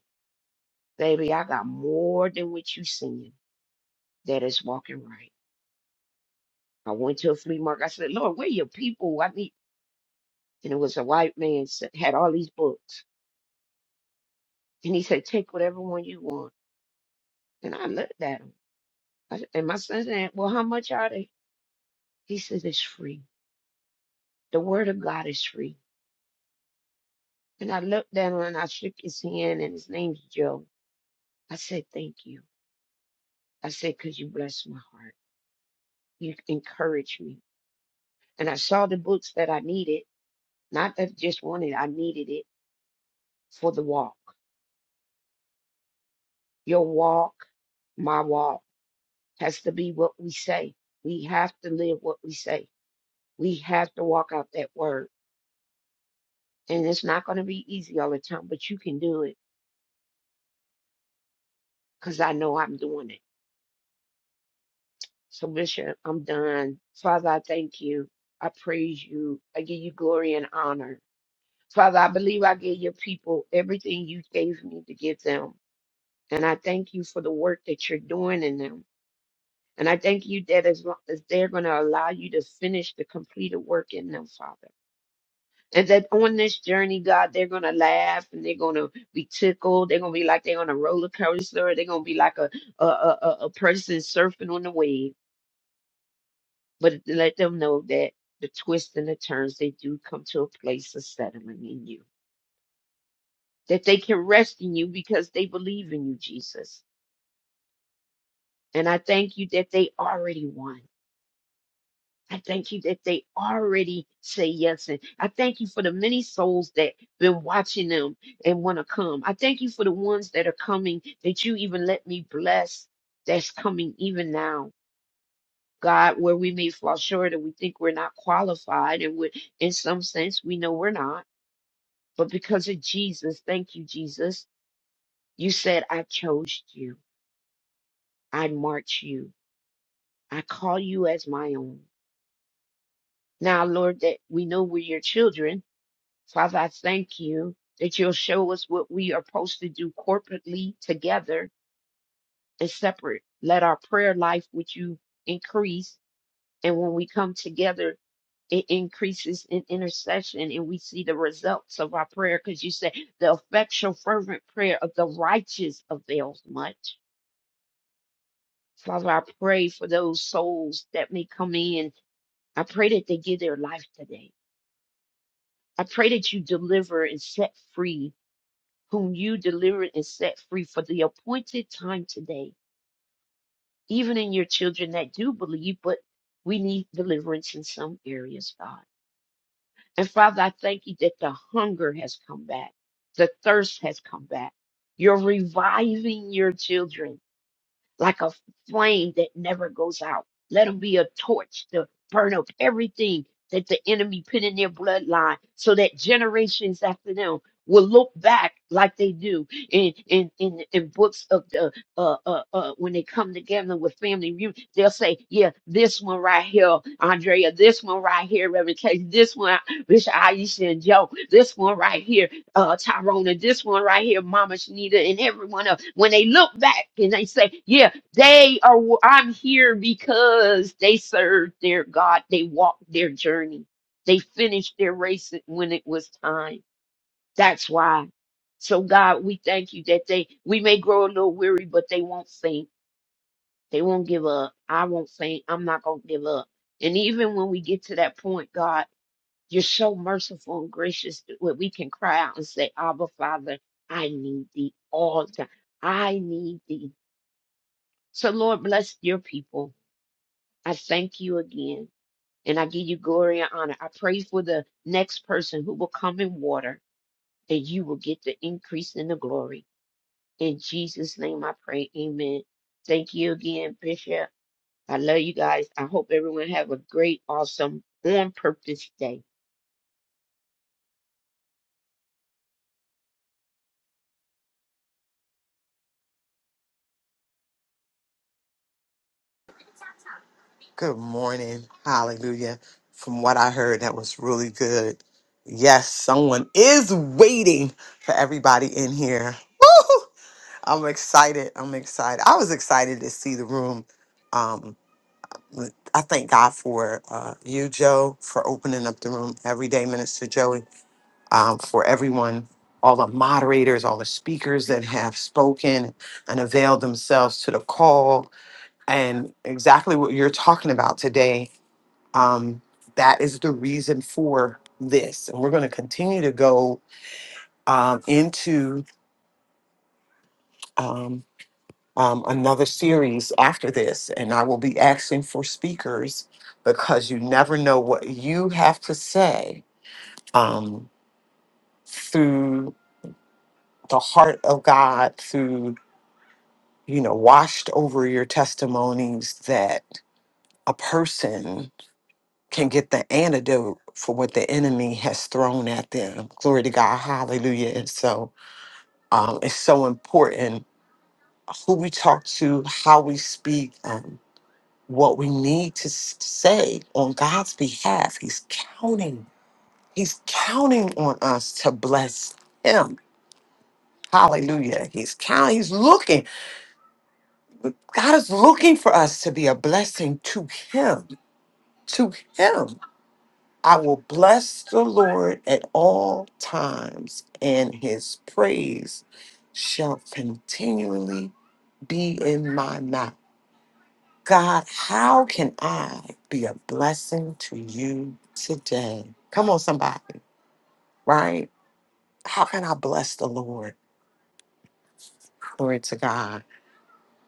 Speaker 3: baby, I got more than what you seeing that is walking right. I went to a flea market. I said, Lord, where your people? I need and it was a white man s- had all these books. And he said, Take whatever one you want. And I looked at him. I, s- and my son said, Well, how much are they? He says it's free. The word of God is free. And I looked at him and I shook his hand, and his name's Joe. I said, Thank you. I said, "Cause you blessed my heart. You encouraged me. And I saw the books that I needed, not that I just wanted, I needed it for the walk. Your walk, my walk, has to be what we say. We have to live what we say. We have to walk out that word. And it's not going to be easy all the time, but you can do it because I know I'm doing it. So, Bishop, I'm done. Father, I thank you. I praise you. I give you glory and honor. Father, I believe I gave your people everything you gave me to give them. And I thank you for the work that you're doing in them. And I thank you that as long as they're going to allow you to finish the completed work in them, Father. And that on this journey, God, they're going to laugh and they're going to be tickled. They're going to be like they're on a roller coaster. They're going to be like a, a, a, a a person surfing on the wave. but let them know that the twists and the turns they do come to a place of settling in you that they can rest in you because they believe in you jesus and i thank you that they already won i thank you that they already say yes and i thank you for the many souls that been watching them and want to come i thank you for the ones that are coming that you even let me bless that's coming even now god where we may fall short or we think we're not qualified and we in some sense we know we're not But because of Jesus, thank you, Jesus, you said, I chose you. I marked you. I call you as my own. Now, Lord, that we know we're your children. Father, I thank you that you'll show us what we are supposed to do corporately together and separate. Let our prayer life with you increase. And when we come together, it increases in intercession and we see the results of our prayer because you said the effectual fervent prayer of the righteous avails much. Father, I pray for those souls that may come in. I pray that they give their life today. I pray that you deliver and set free whom you delivered and set free for the appointed time today, even in your children that do believe, but we need deliverance in some areas, God. And Father, I thank you that the hunger has come back, the thirst has come back. You're reviving your children. like a flame that never goes out. Let them be a torch to burn up everything that the enemy put in their bloodline so that generations after them will look back like they do in in in, in books of the uh, uh uh when they come together with family reunion they'll say yeah this one right here andrea this one right here reverend Case, this one bishop aisha and joe this one right here uh, Tyrone and this one right here, Mama Shanita, and everyone else. When they look back and they say, "Yeah, they are, i I'm here because they served their God. They walked their journey. They finished their race when it was time. That's why. So God, we thank you that they, we may grow a little weary, but they won't faint. They won't give up. I won't faint. I'm not going to give up. And even when we get to that point, God, you're so merciful and gracious that we can cry out and say, Abba, Father, I need thee all the time. I need thee. So Lord, bless your people. I thank you again and I give you glory and honor. I pray for the next person who will come in water and you will get the increase in the glory. In Jesus' name I pray. Amen. Thank you again, Bishop. I love you guys. I hope everyone have a great, awesome, on purpose day.
Speaker 5: Good morning. Hallelujah. From what I heard, that was really good. Yes, someone is waiting for everybody in here. Woo! I'm excited. I'm excited. I was excited to see the room. Um, I thank God for uh, you, Joe, for opening up the room every day, Minister Joey, um, for everyone, all the moderators, all the speakers that have spoken and availed themselves to the call and exactly what you're talking about today um, that is the reason for this. And we're going to continue to go um, into um, um, another series after this. And I will be asking for speakers because you never know what you have to say um, through the heart of God, through, you know, washed over your testimonies that a person can get the antidote for what the enemy has thrown at them. Glory to God. Hallelujah. And so, um, it's so important who we talk to, how we speak, um, what we need to s- say on God's behalf. He's counting. He's counting on us to bless Him. Hallelujah. He's counting. He's looking. God is looking for us to be a blessing to Him. To Him. I will bless the Lord at all times, and His praise shall continually be in my mouth. God, how can I be a blessing to you today? Come on, somebody, right? How can I bless the Lord? Glory to God.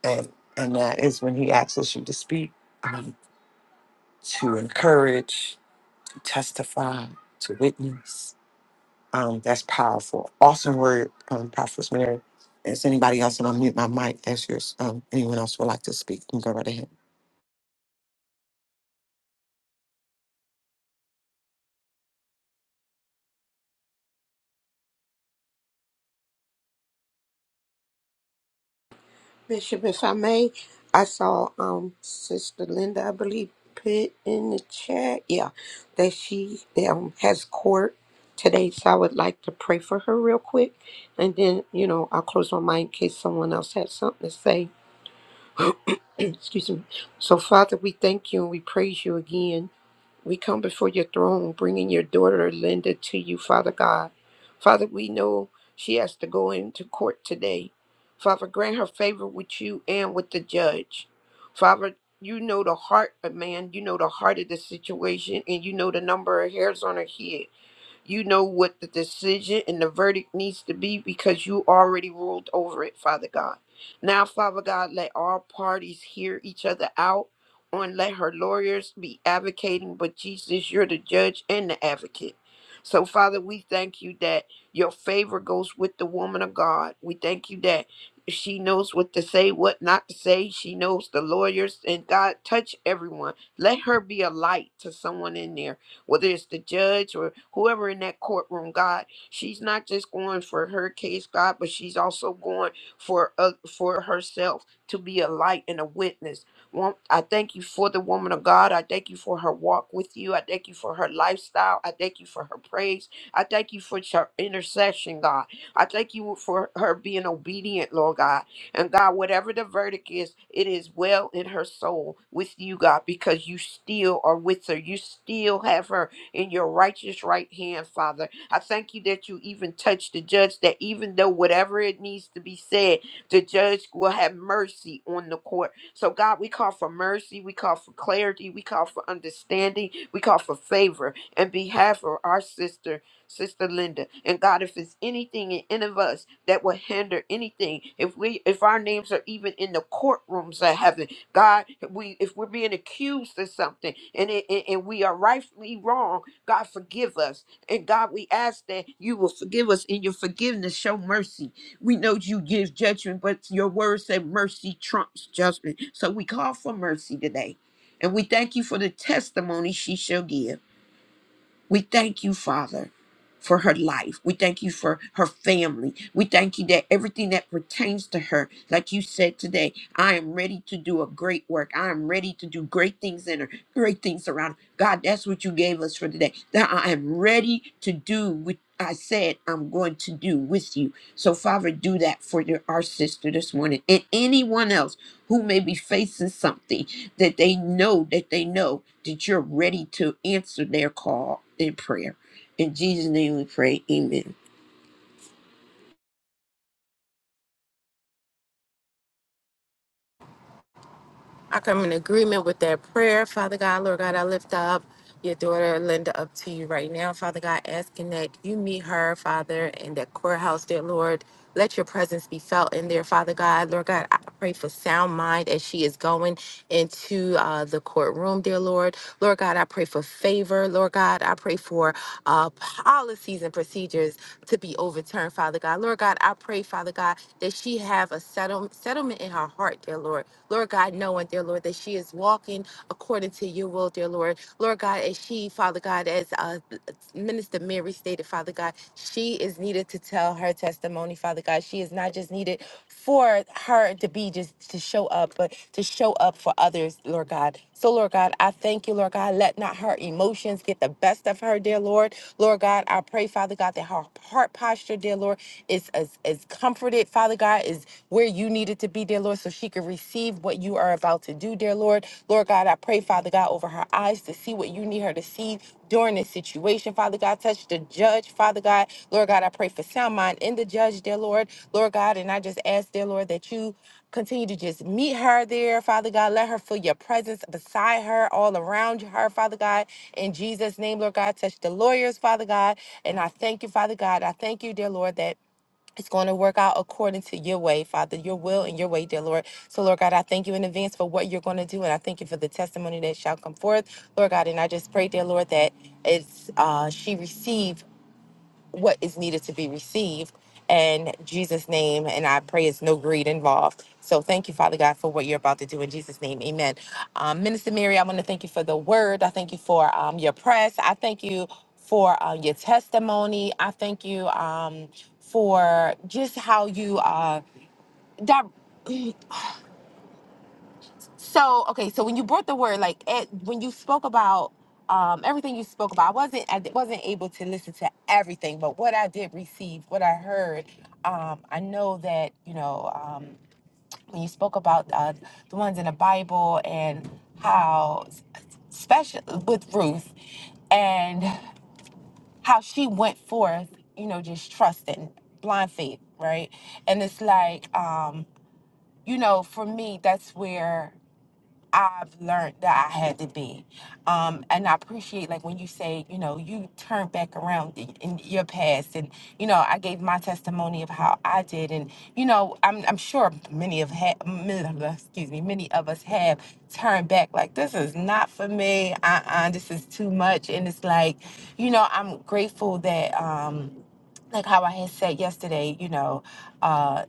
Speaker 5: And and that is when He asks you to speak, um, to encourage, to testify, to witness. Um, that's powerful. Awesome word, um, Prophet Mary. Is anybody else? And I'll mute my mic as yours. Um, anyone else would like to speak? You can go right ahead.
Speaker 3: Bishop, if I may, I saw um Sister Linda, I believe, put in the chat, yeah, that she um has court today, so I would like to pray for her real quick, and then you know I'll close my mind in case someone else has something to say. (clears throat) Excuse me. So Father, we thank you and we praise you again. We come before your throne, bringing your daughter Linda to you, Father God. Father, we know she has to go into court today. Father, grant her favor with you and with the judge. Father, you know the heart of man, you know the heart of the situation, and you know the number of hairs on her head. You know what the decision and the verdict needs to be because you already ruled over it, Father God. Now, Father God, let all parties hear each other out on let her lawyers be advocating, but Jesus, you're the judge and the advocate. So, Father, we thank you that your favor goes with the woman of God. We thank you that she knows what to say, what not to say. She knows the lawyers, and God, touch everyone. Let her be a light to someone in there whether it's the judge or whoever in that courtroom, God, she's not just going for her case, God, but she's also going for uh, for herself to be a light and a witness. Wom- I thank you for the woman of God. I thank you for her walk with you. I thank you for her lifestyle. I thank you for her praise. I thank you for her intercession, God. I thank you for her being obedient, Lord God. And God, whatever the verdict is, it is well in her soul with you, God, because you still are with her. You still have her in your righteous right hand, Father. I thank you that you even touch the judge, that even though whatever it needs to be said, the judge will have mercy on the court. So, God, we call for mercy. We call for clarity. We call for understanding. We call for favor in behalf of our sister Sister Linda. And God, if it's anything in any of us that will hinder anything, if we if our names are even in the courtrooms of heaven, God, we if we're being accused of something and it, and and we are rightfully wrong, God forgive us. And God, we ask that you will forgive us in your forgiveness, show mercy. We know you give judgment, but your word said mercy trumps judgment. So we call for mercy today. And we thank you for the testimony she shall give. We thank you, Father, for her life. We thank you for her family. We thank you that everything that pertains to her, like you said today, I am ready to do a great work. I am ready to do great things in her, great things around her. God, that's what you gave us for today. That I am ready to do what I said I'm going to do with you. So, Father, do that for your, our sister this morning and anyone else who may be facing something that they know that they know that you're ready to answer their call in prayer. In Jesus' name we pray. Amen.
Speaker 4: I come in agreement with that prayer. Father God, Lord God, I lift up your daughter Linda up to you right now, Father God, asking that you meet her, Father, in that courthouse, dear Lord. Let your presence be felt in there, Father God. Lord God, I pray for sound mind as she is going into uh, the courtroom, dear Lord. Lord God, I pray for favor. Lord God, I pray for uh, policies and procedures to be overturned, Father God. Lord God, I pray, Father God, that she have a settle- settlement in her our heart, dear Lord. Lord God, knowing, dear Lord, that she is walking according to your will, dear Lord. Lord God, as she, Father God, as uh, Minister Mary stated, Father God, she is needed to tell her testimony, Father God. She is not just needed for her to be just to show up, but to show up for others, Lord God. So, Lord God, I thank you, Lord God. Let not her emotions get the best of her, dear Lord. Lord God, I pray, Father God, that her heart posture, dear Lord, is, is, is comforted, Father God. Father God, is where you needed to be, dear Lord, so she could receive what you are about to do, dear Lord. Lord God, I pray, Father God, over her eyes to see what you need her to see during this situation, Father God. Touch the judge, Father God. Lord God, I pray for sound mind in the judge, dear Lord. Lord God, and I just ask, dear Lord, that you continue to just meet her there, Father God. Let her feel your presence beside her, all around her, Father God. In Jesus' name, Lord God, touch the lawyers, Father God. And I thank you, Father God. I thank you, dear Lord, that it's going to work out according to your way, Father, your will and your way, dear Lord. So, Lord God, I thank you in advance for what you're going to do. And I thank you for the testimony that shall come forth, Lord God. And I just pray, dear Lord, that it's uh, she received what is needed to be received. In Jesus' name, and I pray it's no greed involved. So thank you, Father God, for what you're about to do in Jesus' name. Amen. Um, Minister Mary, I want to thank you for the word. I thank you for um, your press. I thank you for uh, your testimony. I thank you um, for just how you uh, di- (clears throat) So okay, so when you brought the word, like it, when you spoke about um, everything you spoke about, I wasn't I wasn't able to listen to everything, but what I did receive, what I heard, um, I know that you know um, when you spoke about uh, the ones in the Bible and how s- special with Ruth and how she went forth, you know, just trusting blind faith, right? And it's like, um, you know, for me, that's where I've learned that I had to be. Um, and I appreciate like when you say, you know, you turn back around in in your past and, you know, I gave my testimony of how I did. And, you know, I'm, I'm sure many of, ha- many of us- excuse me, many of us have turned back like, this is not for me. Uh-uh, this is too much. And it's like, you know, I'm grateful that, um, like how I had said yesterday, you know, uh,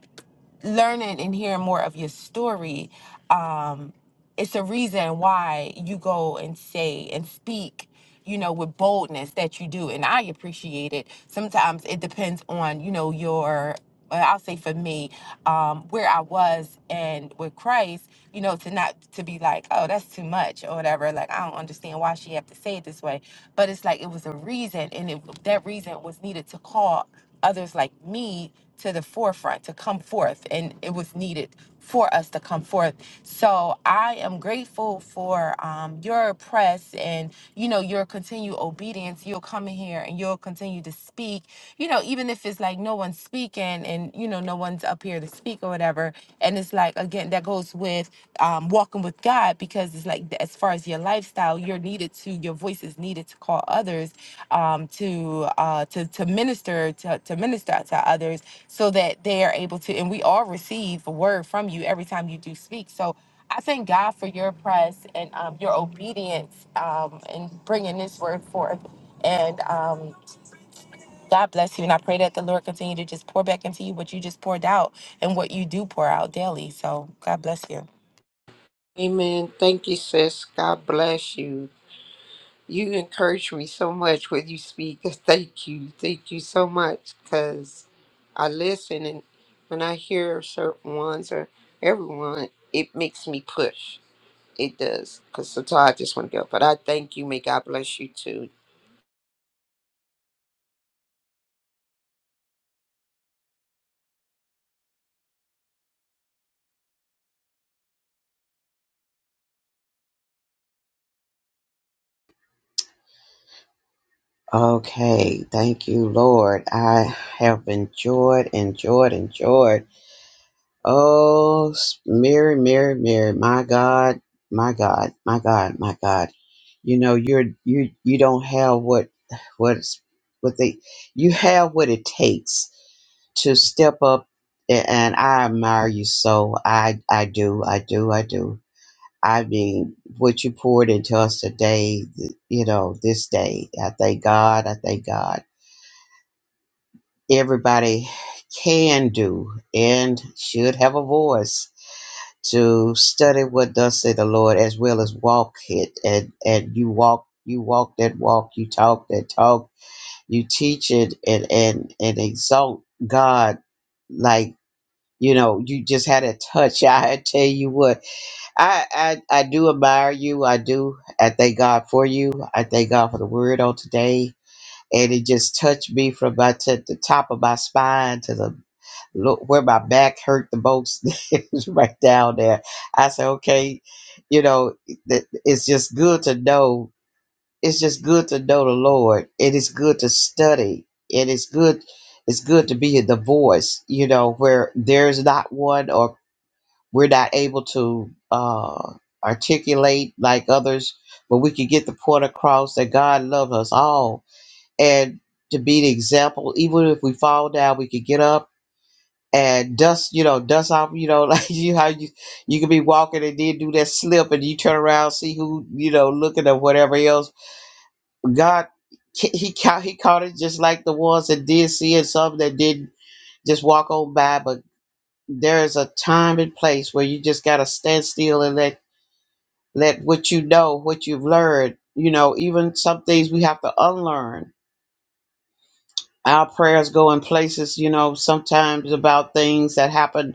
Speaker 4: learning and hearing more of your story, um, it's a reason why you go and say and speak, you know, with boldness that you do. And I appreciate it. Sometimes it depends on, you know, your, uh, I'll say for me, um, where I was and with Christ, you know, to not to be like, oh, that's too much or whatever. Like, I don't understand why she have to say it this way. But it's like it was a reason. And it, that reason was needed to call others like me to the forefront to come forth and it was needed for us to come forth so i am grateful for um, your press and you know your continued obedience you'll come in here and you'll continue to speak you know even if it's like no one's speaking and you know no one's up here to speak or whatever and it's like again that goes with um, walking with god God because it's like as far as your lifestyle, you're needed to your voice is needed to call others um, to uh, to to minister to, to minister to others so that they are able to and we all receive a word from you every time you do speak. So I thank God for your press and um, your obedience um, in bringing this word forth and. Um, God bless you, and I pray that the Lord continue to just pour back into you what you just poured out and what you do pour out daily. So, God bless you.
Speaker 3: Amen. Thank you, sis. God bless you. You encourage me so much when you speak. (laughs) Thank you. Thank you so much because I listen and when I hear certain ones or everyone, it makes me push. It does because sometimes I just want to go. But I thank you. May God bless you too.
Speaker 6: Okay, thank you, Lord. I have enjoyed, enjoyed, enjoyed. Oh, Mary, Mary, Mary, my God, my God, my God, my God. You know, you're you you don't have what what's what they you have what it takes to step up, a- and I admire you so. I I do, I do, I do. I mean, what you poured into us today, you know, this day. I thank God. I thank God everybody can do and should have a voice to study what does say the Lord as well as walk it and and you walk you walk that walk you talk that talk you teach it and and and exalt God like you know you just had a touch (laughs) I tell you what I I I do admire you I do I thank God for you I thank God for the word on today and it just touched me from my t- the top of my spine to the look where my back hurt the most (laughs) it right down there. I said, okay, you know, th- it's just good to know. It's just good to know the Lord. It is good to study. It is good. It's good to be in the voice, you know, where there's not one or we're not able to uh, articulate like others, but we can get the point across that God loves us all. And to be the example, even if we fall down, we can get up and dust, you know, dust off, you know, (laughs) like you how you you could be walking and then do that slip and you turn around see who you know looking at whatever else. God, ca- he caught he caught it just like the ones that did see it, some that didn't just walk on by. But there is a time and place where you just gotta stand still and let let what you know, what you've learned, you know, even some things we have to unlearn. Our prayers go in places, you know, sometimes about things that happen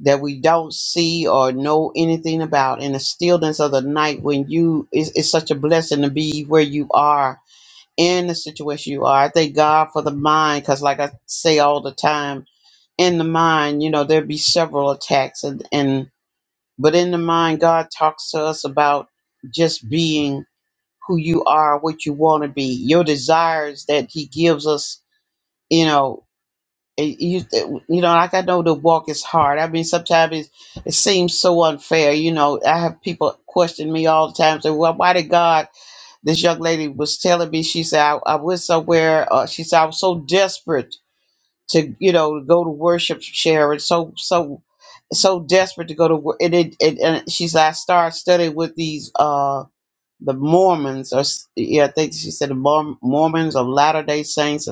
Speaker 6: that we don't see or know anything about in the stillness of the night when you it's, it's such a blessing to be where you are in the situation you are i thank god for the mind because like i say all the time in the mind you know there'd be several attacks and, and but in the mind god talks to us about just being who you are what you want to be your desires that he gives us you know it, you it- you know like i know the walk is hard i mean sometimes it, it seems so unfair you know i have people question me all the time say well why did god this young lady was telling me she said i, I went somewhere uh, she said i was so desperate to you know go to worship sharon so so so desperate to go to work and, it, and, and she said i started studying with these uh the mormons or s- yeah i think she said the Morm- mormons or latter day saints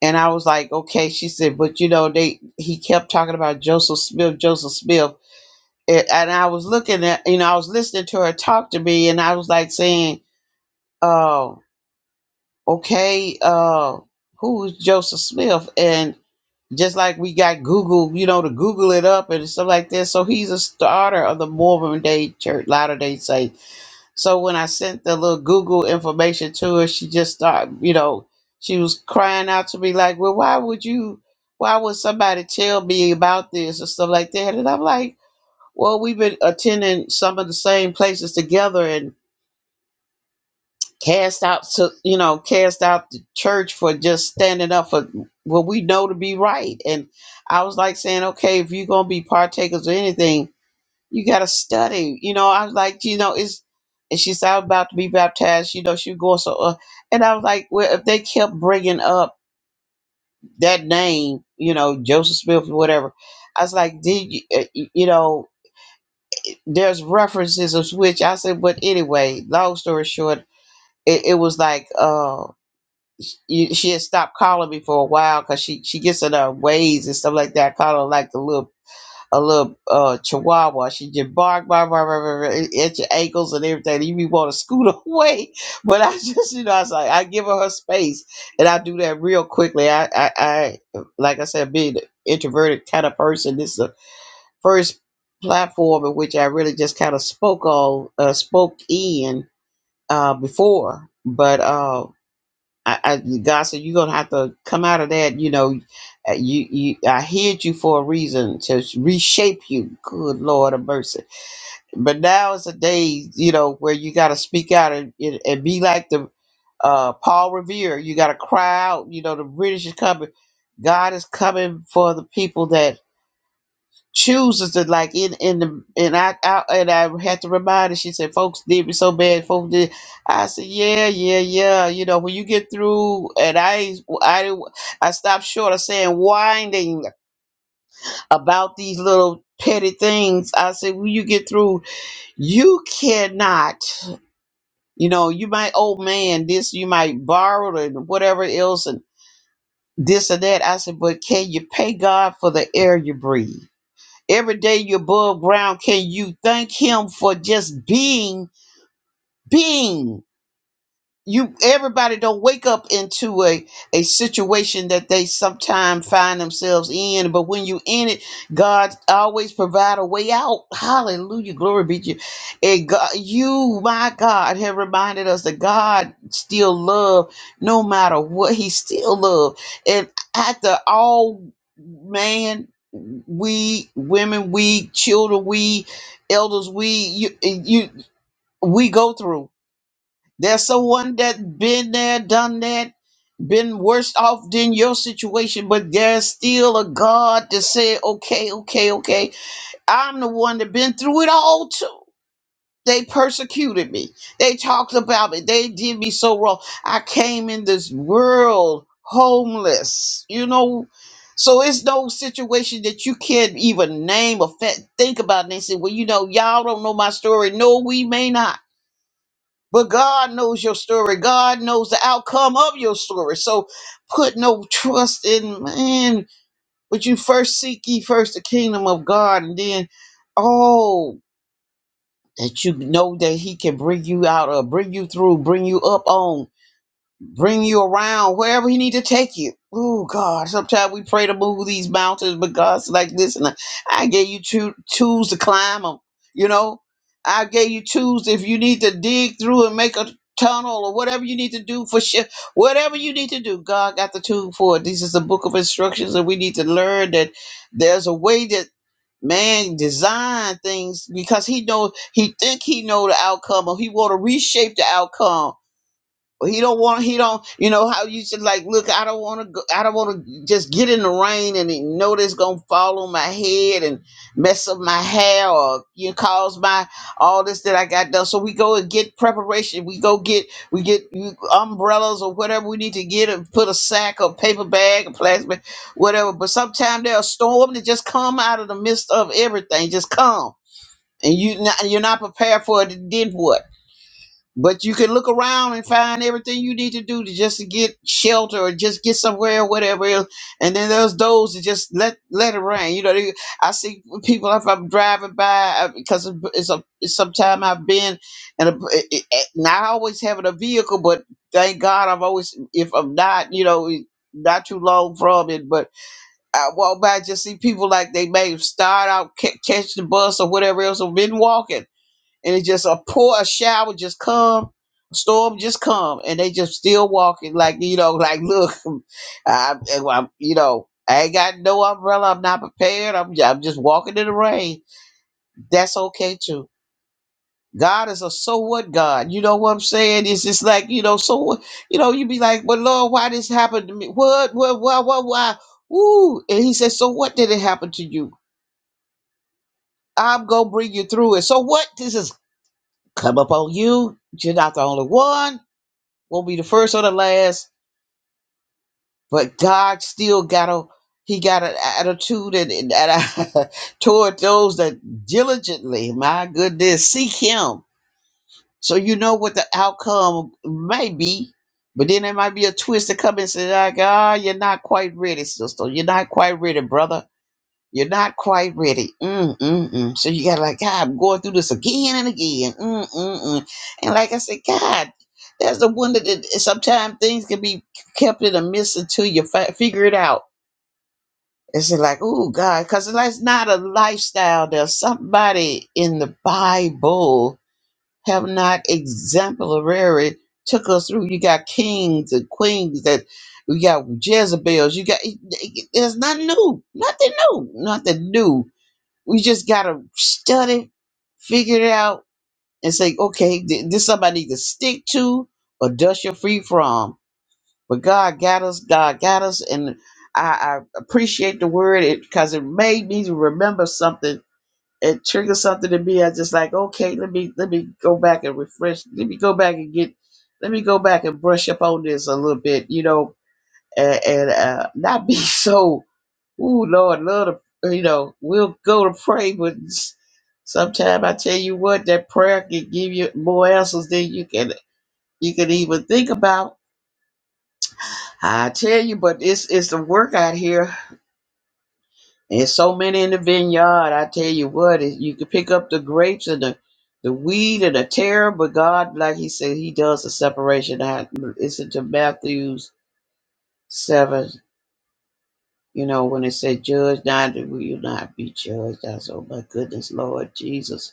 Speaker 6: and I was like, okay. She said, but you know, they he kept talking about Joseph Smith, Joseph Smith, and, and I was looking at, you know, I was listening to her talk to me, and I was like saying, oh, okay, uh, who is Joseph Smith? And just like we got Google, you know, to Google it up and stuff like that. So he's a starter of the Mormon Day Church, Latter Day Saints so when I sent the little Google information to her, she just started, you know, she was crying out to me like, "Well, why would you? Why would somebody tell me about this and stuff like that?" And I'm like, "Well, we've been attending some of the same places together and cast out, to, you know, cast out the church for just standing up for what we know to be right." And I was like saying, "Okay, if you're gonna be partakers of anything." you got to study. You know, I was like, you know, it's, and she said, I'm about to be baptized. You know, she was going so, uh, and I was like, well, if they kept bringing up that name, you know, Joseph Smith or whatever, I was like, did you, uh, y- you know, there's references of which I said, but anyway, long story short, it, it was like, uh, you, she had stopped calling me for a while because she, she gets in her ways and stuff like that. I call her like the little a little uh chihuahua. She just bark, bark, bark, bark, bark, bark, at your ankles and everything. You be want to scoot (laughs) away. But I just, you know, I was like, I give her her space, and I do that real quickly. I, I, I like I said, being an introverted kind of person, this is the first platform in which I really just kind of spoke all, uh, spoke in uh, before. But uh I, I, God said, you're going to have to come out of that. You know, uh, you, you, I hid you for a reason to reshape you. Good Lord of mercy. But now is a day, you know, where you got to speak out and, and, and be like the uh, Paul Revere. You got to cry out. You know, the British is coming. God is coming for the people that chooses to like in in the and I, I and I had to remind her. She said, "Folks did me so bad. Folks did." I said, "Yeah, yeah, yeah. You know, when you get through, and I I didn't- I stopped short of saying whining about these little petty things. I said, when you get through, you cannot. You know, you might old man this, you might borrow and whatever else and." This and that, I said, but can you pay God for the air you breathe? Every day you're above ground. Can you thank him for just being, being? you everybody don't wake up into a a situation that they sometimes find themselves in but when you in it god always provide a way out hallelujah glory be to you and god you my god have reminded us that god still love no matter what he still love and after all man we women we children we elders we you, you we go through there's someone that been there, done that, been worse off than your situation, but there's still a God to say, okay, okay, okay. I'm the one that been through it all too. They persecuted me. They talked about me. They did me so wrong. I came in this world homeless, you know. So it's no situation that you can't even name or fa- think about. And they say, well, you know, y'all don't know my story. No, we may not. But God knows your story. God knows the outcome of your story. So put no trust in man, but you first seek ye first the kingdom of God, and then oh that you know that He can bring you out or bring you through, bring you up on bring you around wherever he need to take you. Oh God, sometimes we pray to move these mountains, but God's like, listen, I I gave you two tools to climb them. You know, I gave you tools if you need to dig through and make a tunnel or whatever you need to do for sure. Whatever you need to do, God got the tool for it. This is the book of instructions, and we need to learn that there's a way that man design things because he know he think he know the outcome or he want to reshape the outcome he don't want he don't you know how you should like look i don't want to go i don't want to just get in the rain and it- know that it's gonna fall on my head and mess up my hair or you know, cause my all this that i got done so we go and get preparation we go get we get you- umbrellas or whatever we need to get and put a sack or paper bag or plastic bag, whatever but sometimes there's a storm that just come out of the midst of everything just come and you not, you're not prepared for it then what but you can look around and find everything you need to do to just to get shelter or just get somewhere or whatever else. And then there's those that just let let it rain. You know, they, I see people if I'm driving by because it's a it's sometime I've been and a, it, it, not always having a vehicle, but thank God I've always if I'm not you know not too long from it, but I walk by just see people like they may start out ca- catch the bus or whatever else or been walking and it's just a pour a shower just come storm just come and they just still walking like you know (laughs) like look I, am you know i ain't got no umbrella i'm not prepared I'm, ju- I'm just walking in the rain that's okay too god is a so what god you know what i'm saying it's just like you know so what you know you be like well lord why this happened to me what what why why why Ooh. and he says so what did it happen to you i'm gonna bring you through it so what this is come up on you you're not the only one won't be the first or the last, but God still got a he got an attitude and, and, and (laughs) toward those that diligently, my goodness, seek him. So you know what the outcome may be. But then there might be a twist to come and say, like, ah, you're not quite ready, sister. You're not quite ready, brother you're not quite ready. Mm, mm, mm. So you got like, God, I'm going through this again and again. Mm, mm, mm. And like I said, God, that's the one that that sometimes things can be kept in a mist until you fi- figure it out. It's like, oh God, because that's not a lifestyle that somebody in the Bible have not exemplary took us through. You got kings and queens that we got Jezebels. You got eh, eh, there's nothing new, nothing new, nothing new we just gotta study, figure it out, and say, okay, th- this somebody to stick to or dust you free from. But God got us. God got us, and I, I appreciate the word because it 'cause it made me remember something. It triggered something in me. I just like, okay, let me let me go back and refresh. Let me go back and get. Let me go back and brush up on this a little bit, you know, and, and uh, not be (laughs) so Ooh, Lord, love to, you know, we'll go to pray, but sometimes I tell you what, that prayer can give you more answers than you can you can even think about. I tell you, but it's it's the work out here. There's so many in the vineyard. I tell you what, it- you can pick up the grapes and the the weed and the tear, but God, like He said, He does the separation. I listen to Matthew's seven. You know when it said, "Judge not, that we will not be judged." I said, "Oh my goodness, Lord Jesus."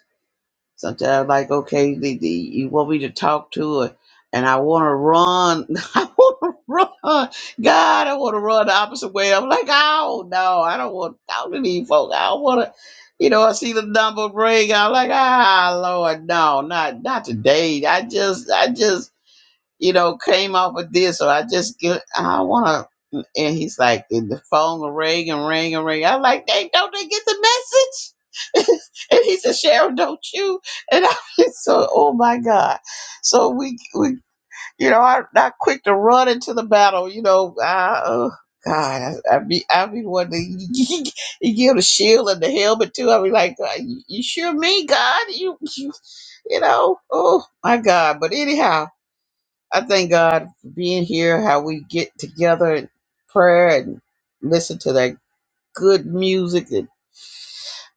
Speaker 6: Sometimes, like, okay, the, the, you want me to talk to her, and I want to run. (laughs) I want to run. God, I want to run the opposite way. I'm like, oh, no, I don't want to talk to these folks. I don't want to, you know, I see the number ring. I'm like, ah, Lord, no, not not today. I just, I just you know, came up with this, or I just get, I want to. And he's like, and the phone will ring and ring and ring. I'm like, they don't they get the message? (laughs) and he said, Cheryl, don't you? And I (laughs) was so, oh my God. So we, we, you know, I, not quick to run into the battle. You know, I, oh God, I, I be, I be one to (laughs) you give the shield and the helmet too. I be like, "Uh, you you sure me, God? You, you, you know, oh my God. But anyhow. I thank God for being here, how we get together in prayer and listen to that good music. And,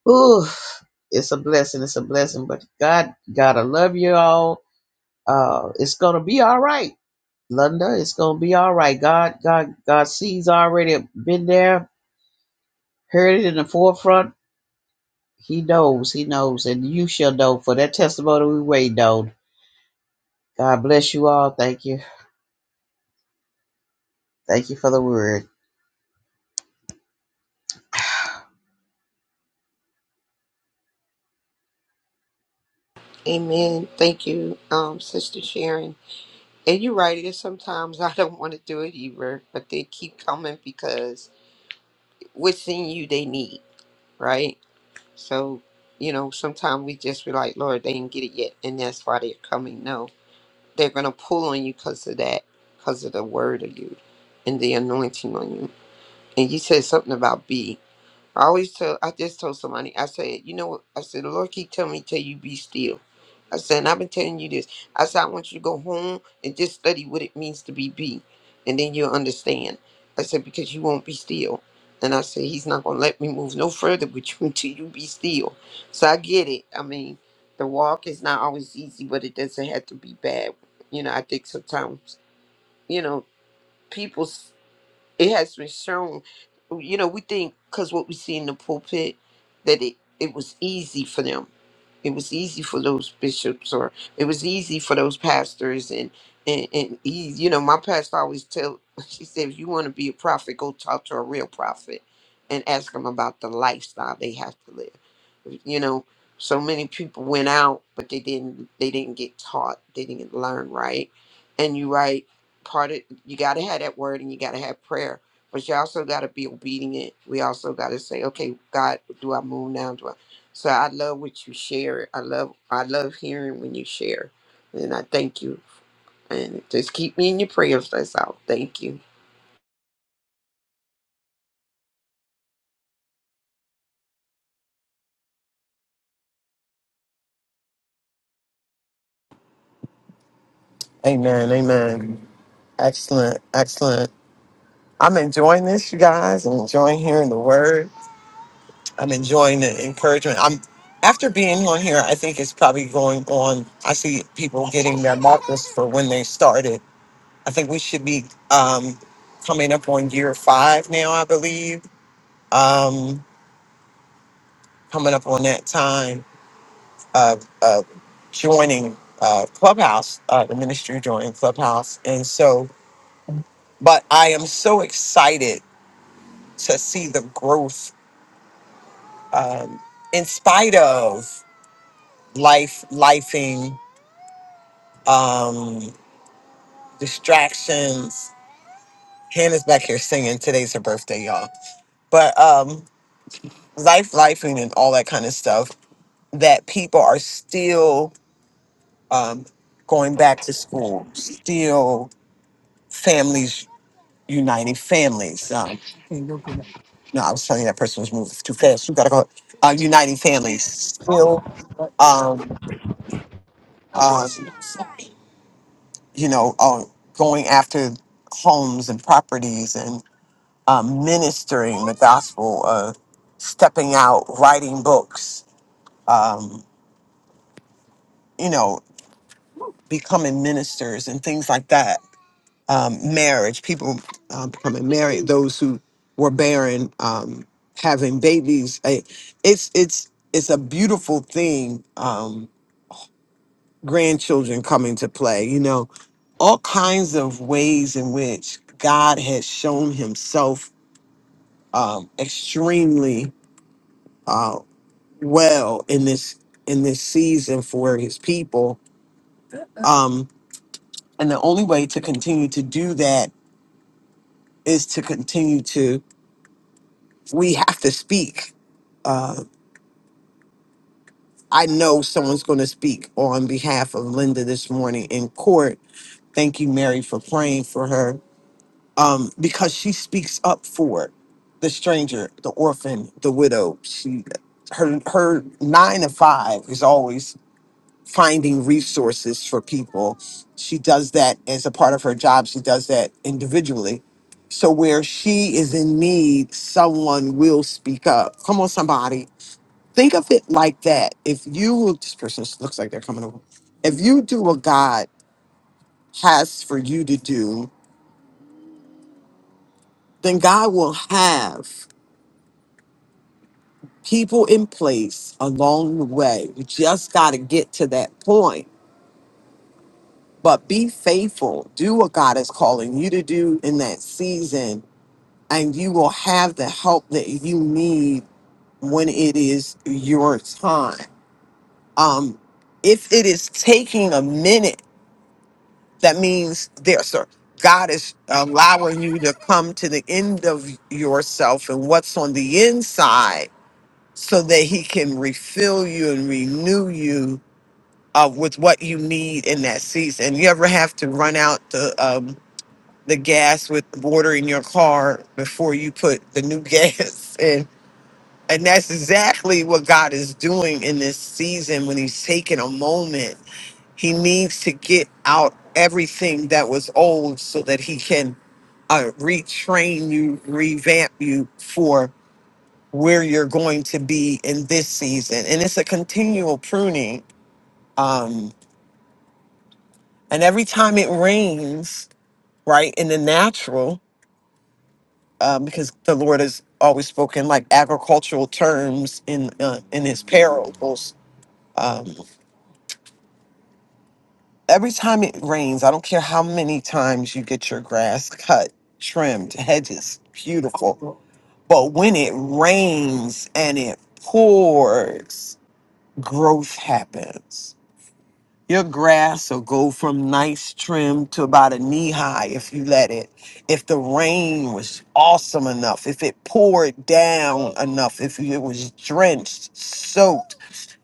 Speaker 6: ooh, it's a blessing. It's a blessing. But God, God, I love you all. Uh, it's going to be all right. Linda, it's going to be all right. God, God, God sees already been there, heard it in the forefront. He knows, he knows, and you shall know for that testimony we wait on. God bless you all. Thank you. Thank you for the word.
Speaker 3: Amen. Thank you, um, Sister Sharon. And you're right, it is sometimes (laughs) I don't want to do it either, but they keep coming because what's in you they need, right? So, you know, sometimes we just be like, Lord, they didn't get it yet, and that's why they're coming. No, they're going to pull on you because of that, because of the word of you and the anointing on you. And you said something about be. I always tell, I just told somebody, I said, you know what? I said, the Lord keep telling me, tell you be still. I said, and I've been telling you this. I said, I want you to go home and just study what it means to be be. And then you'll understand. I said, because you won't be still. And I said, he's not going to let me move no further with you (laughs) until you be still. So I get it. I mean, the walk is not always easy, but it doesn't have to be bad. You know, I think sometimes, you know, people it has been shown you know we think because what we see in the pulpit that it, it was easy for them it was easy for those bishops or it was easy for those pastors and and, and he, you know my pastor always tell (laughs) she said if you want to be a prophet go talk to a real prophet and ask them about the lifestyle they have to live you know so many people went out but they didn't they didn't get taught they didn't learn right and you right part of you got to have that word and you got to have prayer but you also got to be obedient we also got to say okay god do i move now do i so i love what you share i love i love hearing when you share and i thank you and just keep me in your prayers that's all thank you
Speaker 5: Amen. Amen. Excellent. Excellent. I'm enjoying this, you guys. I'm enjoying hearing the word. I'm enjoying the encouragement. I'm after being on here, I think it's probably going on. I see people getting their markers for when they started. I think we should be um, coming up on year five now, I believe. Um, coming up on that time of, of joining uh, Clubhouse, uh, the ministry joining Clubhouse. And so, but I am so excited to see the growth um, in spite of life, lifing, um, distractions. Hannah's back here singing. Today's her birthday, y'all. But um, life, lifing, and all that kind of stuff. That people are still um, going back to school. Still, families uniting families. Um, no, I was telling you that person was moving too fast. You gotta go. Uh, uniting families still. Um, um, you know, uh, going after homes and properties and um, ministering the gospel, uh, stepping out, writing books, um, you know, becoming ministers and things like that. Um, marriage, people um, becoming married, those who were barren, um, having babies. I- It's it's it's a beautiful thing. Um, grandchildren come into play, you know, all kinds of ways in which God has shown himself um, extremely uh, well in this in this season for his people. Um, and the only way to continue to do that is to continue to we have to speak. Uh, I know someone's going to speak on behalf of Linda this morning in court. Thank you, Mary, for praying for her um, because she speaks up for the stranger, the orphan, the widow. She, her, her nine to five is always finding resources for people. She does that as a part of her job. She does that individually. So where she is in need, someone will speak up. Come on, somebody. Think of it like that. If you, this person looks like they're coming over. If you do what God has for you to do, then God will have. people in place along the way. You just got to get to that point. But be faithful. Do what God is calling you to do in that season, and you will have the help that you need when it is your time. Um, if it is taking a minute, that means there's a God is allowing you to come to the end of yourself and what's on the inside so that he can refill you and renew you uh, with what you need in that season. You ever have to run out the um, the gas with water in your car before you put the new (laughs) gas in? And that's exactly what God is doing in this season when He's taking a moment. He needs to get out everything that was old so that He can uh, retrain you, revamp you for where you're going to be in this season. And it's a continual pruning. Um, And every time it rains, right, in the natural, um, because the Lord has always spoken like agricultural terms in uh, in His parables. Um, every time it rains, I don't care how many times you get your grass cut, trimmed, hedges, beautiful. But when it rains and it pours, growth happens Your grass will go from nice trim to about a knee high if you let it. If the rain was awesome enough, if it poured down enough, if it was drenched, soaked,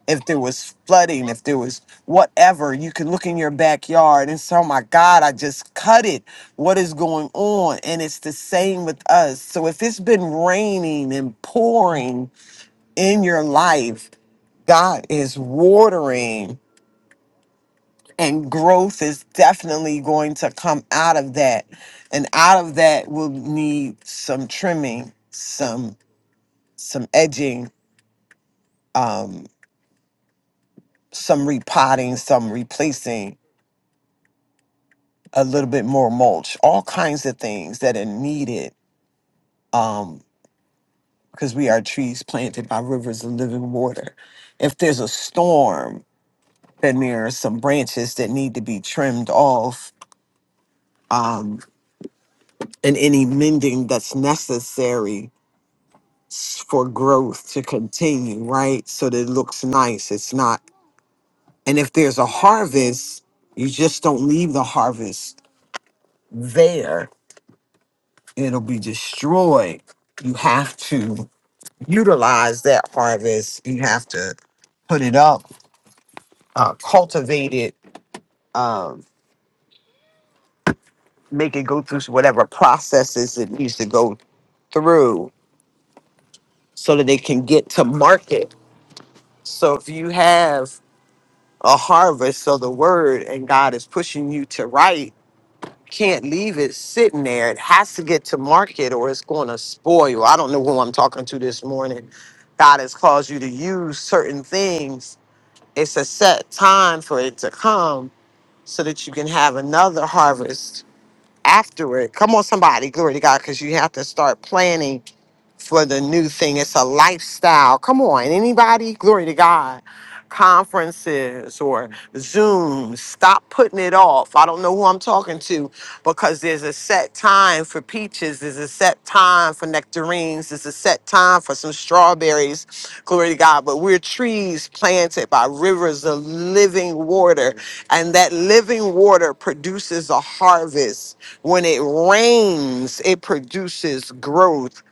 Speaker 5: if there was flooding, if there was whatever, you can look in your backyard and say, oh my God, I just cut it. What is going on? And it's the same with us. So if it's been raining and pouring in your life, God is watering and growth is definitely going to come out of that and out of that will need some trimming some some edging um some repotting some replacing a little bit more mulch all kinds of things that are needed um because we are trees planted by rivers of living water if there's a storm then there are some branches that need to be trimmed off um and any mending that's necessary s- for growth to continue, right? So that it looks nice. It's not. And if there's a harvest, you just don't leave the harvest there. It'll be destroyed. You have to utilize that harvest. You have to put it up, uh, cultivate it, um, make it go through whatever processes it needs to go through so that it can get to market. So if you have a harvest of the word and God is pushing you to write, can't leave it sitting there. It has to get to market or it's going to spoil. I don't know who I'm talking to this morning. God has caused you to use certain things. It's a set time for it to come so that you can have another harvest after it. Come on, somebody, glory to God, because you have to start planning for the new thing. It's a lifestyle. Come on, anybody? Glory to God. Conferences or Zoom. Stop putting it off. I don't know who I'm talking to, because there's a set time for peaches, there's a set time for nectarines, there's a set time for some strawberries. Glory to God. But we're trees planted by rivers of living water, and that living water produces a harvest. When it rains, it produces growth.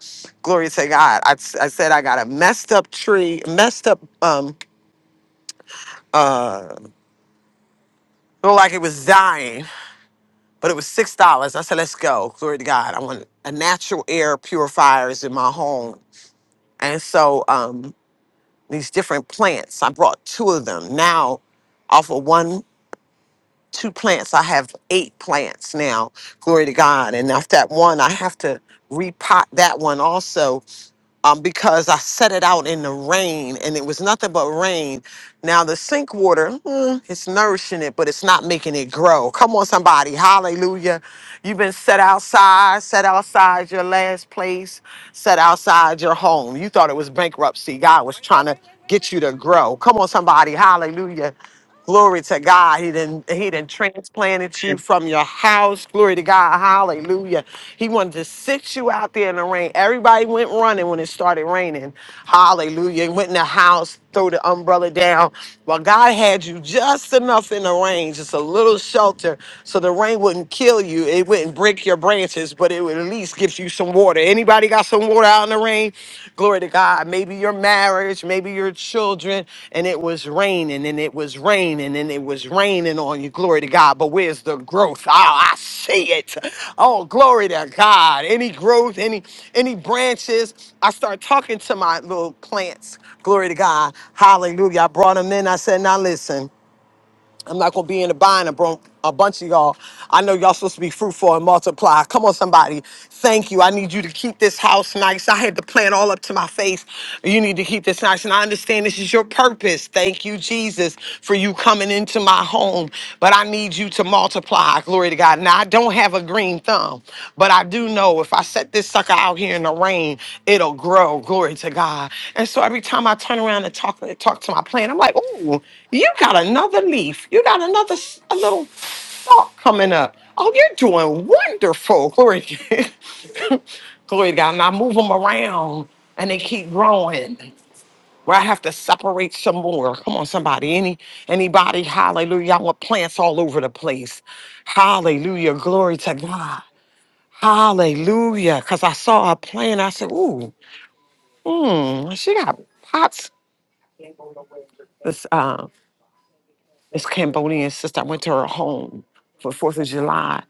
Speaker 5: Glory to God. I, I said I got a messed up tree, messed up, um, looked like it was dying but it was six dollars. I said, "Let's go, glory to God." I want a natural air purifier is in my home, and so um, these different plants. I brought two of them. Now, off of one, two plants, I have eight plants now. Glory to God. And off that one, I have to repot that one also um, because I set it out in the rain and it was nothing but rain. Now the sink water, mm, it's nourishing it, but it's not making it grow. Come on, somebody, hallelujah! You've been set outside, set outside your last place, set outside your home. You thought it was bankruptcy. God was trying to get you to grow. Come on, somebody, hallelujah! Glory to God. He didn't he didn't transplanted you from your house. Glory to God. Hallelujah. He wanted to sit you out there in the rain. Everybody went running when it started raining. Hallelujah. Went in the house, threw the umbrella down. Well, God had you just enough in the rain, just a little shelter, so the rain wouldn't kill you. It wouldn't break your branches, but it would at least give you some water water. Anybody got some water out in the rain? Glory to God. Maybe your marriage, maybe your children, and it was raining and it was raining and it was raining on you. Glory to God. But where's the growth? Oh, I see it. Oh, glory to God. Any growth, any any branches. I start talking to my little plants. Glory to God. Hallelujah. I brought them in. I said, now listen. I'm not gonna be in the bind a, bro- a bunch of y'all. I know y'all supposed to be fruitful and multiply. Come on, somebody. Thank you. I need you to keep this house nice. I had the plan all up to my face. You need to keep this nice. And I understand this is your purpose. Thank you, Jesus, for you coming into my home. But I need you to multiply. Glory to God. Now I don't have a green thumb, but I do know if I set this sucker out here in the rain, it'll grow. Glory to God. And so every time I turn around and talk, talk to my plant, I'm like, oh, you got another leaf. You got another s- a little stalk coming up. Oh, you're doing wonderful. Glory to (laughs) Glory to God. And I move them around and they keep growing. Where I have to separate some more. Come on, somebody. Any anybody, hallelujah. I want plants all over the place. Hallelujah. Glory to God. Hallelujah. Because I saw her playing. I said, ooh, mm, she got pots. This, uh, this Cambodian sister, I went to her home for 4th of July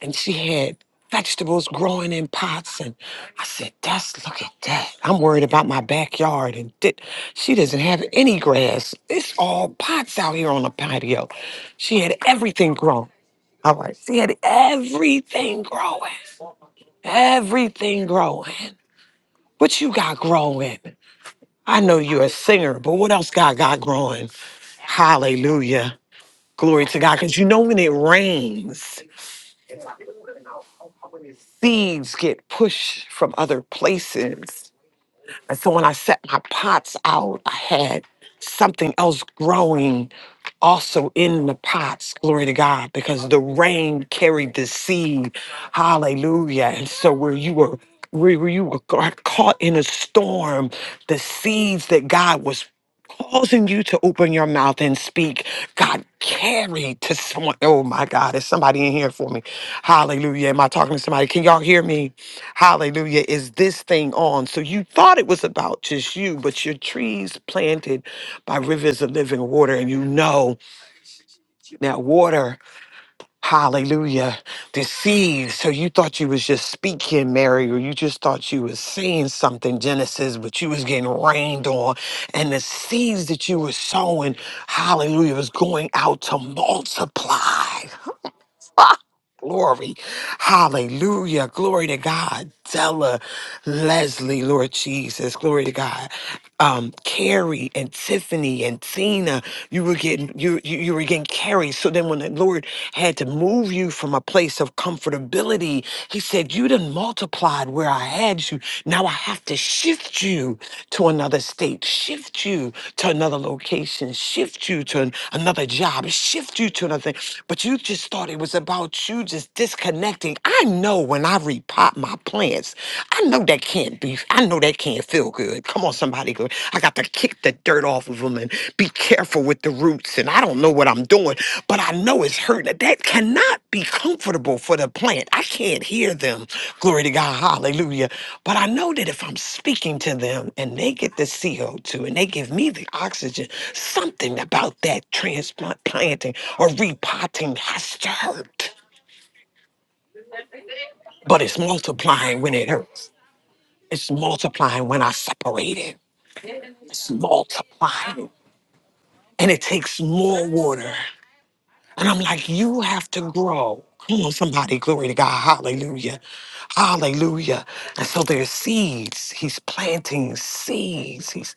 Speaker 5: and she had vegetables growing in pots. And I said, that's, look at that. I'm worried about my backyard. And did, she doesn't have any grass. It's all pots out here on the patio. She had everything growing. All right. She had everything growing. Everything growing. What you got growing? I know you're a singer, but what else God got growing? Hallelujah. Glory to God. Because you know when it rains, seeds get pushed from other places. And so when I set my pots out, I had something else growing also in the pots. Glory to God. Because the rain carried the seed. Hallelujah. And so where you were where where you were ca- caught in a storm, the seeds that God was causing you to open your mouth and speak. God, carried to someone. Oh my God, is somebody in here for me? Hallelujah. Am I talking to somebody? Can y'all hear me? Hallelujah. Is this thing on? So you thought it was about just you, but your trees planted by rivers of living water, and you know that water. Hallelujah. Deceived. So you thought you was just speaking, Mary, or you just thought you was saying something, Genesis, but you was getting rained on. And the seeds that you were sowing, hallelujah, was going out to multiply. (laughs) Glory. Hallelujah. Glory to God. Della, Leslie, Lord Jesus. Glory to God. Um, Carrie and Tiffany and Tina, you were getting you you, you were getting carried. So then when the Lord had to move you from a place of comfortability, he said, You done multiplied where I had you. Now I have to shift you to another state, shift you to another location, shift you to an- another job, shift you to another thing. But you just thought it was about you about you just disconnecting. I know when I repot my plants, I know that can't be, I know that can't feel good. Come on, somebody, go. I got to kick the dirt off of them and be careful with the roots. And I don't know what I'm doing, but I know it's hurting. That cannot be comfortable for the plant. I can't hear them. Glory to God. Hallelujah. But I know that if I'm speaking to them and they get the CO2 and they give me the oxygen, something about that transplant planting or repotting has to hurt but it's multiplying when it hurts. It's multiplying when I separate it. It's multiplying. And it takes more water. And I'm like, you have to grow. Come on, somebody, glory to God. Hallelujah. Hallelujah. And so there's seeds. He's planting seeds. He's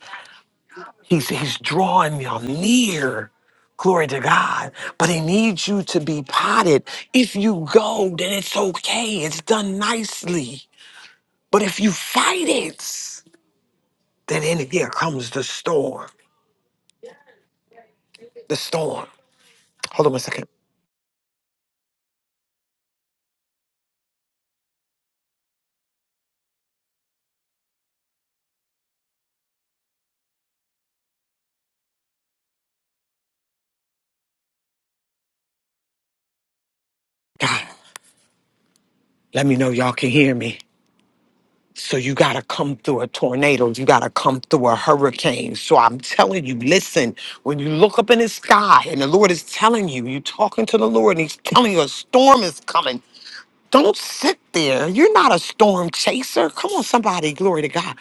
Speaker 5: he's he's drawing y'all near. Glory to God. But he needs you to be potted. If you go, then it's okay. It's done nicely. But if you fight it, Then in the year comes the storm. The storm. Hold on a second. God, let me know y'all can hear me. So you gotta come through a tornado. You gotta come through a hurricane. So I'm telling you, listen, when you look up in the sky and the Lord is telling you, you're talking to the Lord and He's telling you a storm is coming. Don't sit there. You're not a storm chaser. Come on, somebody, glory to God.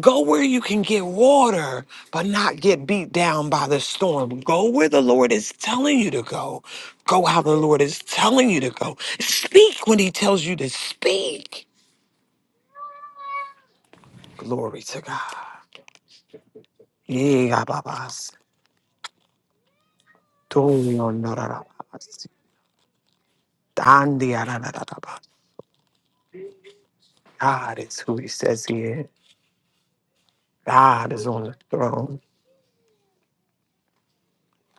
Speaker 5: Go where you can get water, but not get beat down by the storm. Go where the Lord is telling you to go. Go how the Lord is telling you to go. Speak when He tells you to speak. Glory to God. Yigababas, toyonarabas, dandiarabas. God is who He says He is. God is on the throne.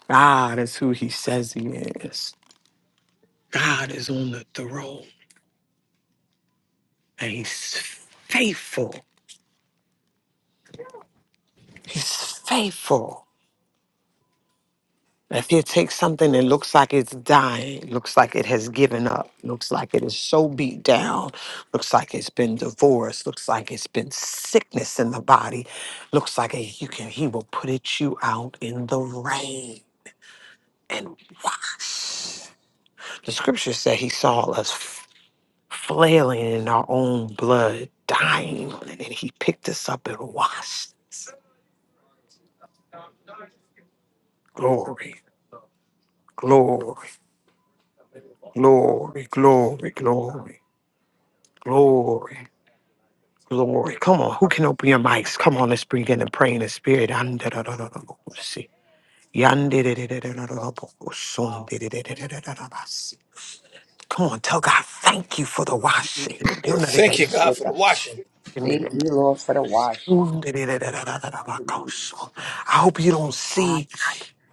Speaker 5: God is who He says He is. God is on the throne and he's faithful. He's faithful. If you take something that looks like it's dying, looks like it has given up, looks like it is so beat down, looks like it's been divorced, looks like it's been sickness in the body, looks like it, you can he will put it you out in the rain and wash. The scripture said he saw us flailing in our own blood, dying. on it. And then he picked us up and washed us. Glory, glory, glory, glory, glory, glory, glory. Come on, who can open your mics? Come on, let's bring in and pray in the spirit. Andadadadadabosi. Yandidididididididabosundididididididabasi. Come on, tell God, thank you for the washing.
Speaker 3: Dear God.
Speaker 7: Thank
Speaker 3: Thank
Speaker 7: you, God,
Speaker 3: you,
Speaker 7: for the
Speaker 3: God.
Speaker 7: washing.
Speaker 3: Thank you, Lord, for the washing. Amen.
Speaker 5: I hope you don't see.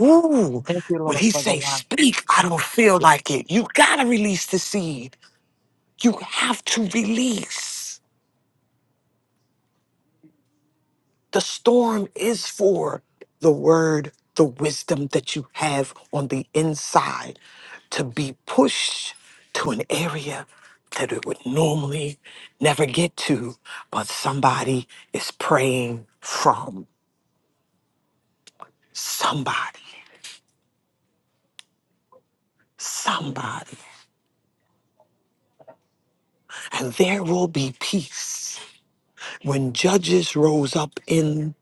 Speaker 5: Ooh,
Speaker 8: Thank you,
Speaker 5: when
Speaker 8: Lord,
Speaker 5: he
Speaker 8: for the
Speaker 5: say
Speaker 8: why.
Speaker 5: speak, I don't feel like it. You gotta release the seed. You have to release. The storm is for the word, the wisdom that you have on the inside to be pushed to an area that it would normally never get to, but somebody is praying from somebody, somebody, and there will be peace When judges rose up in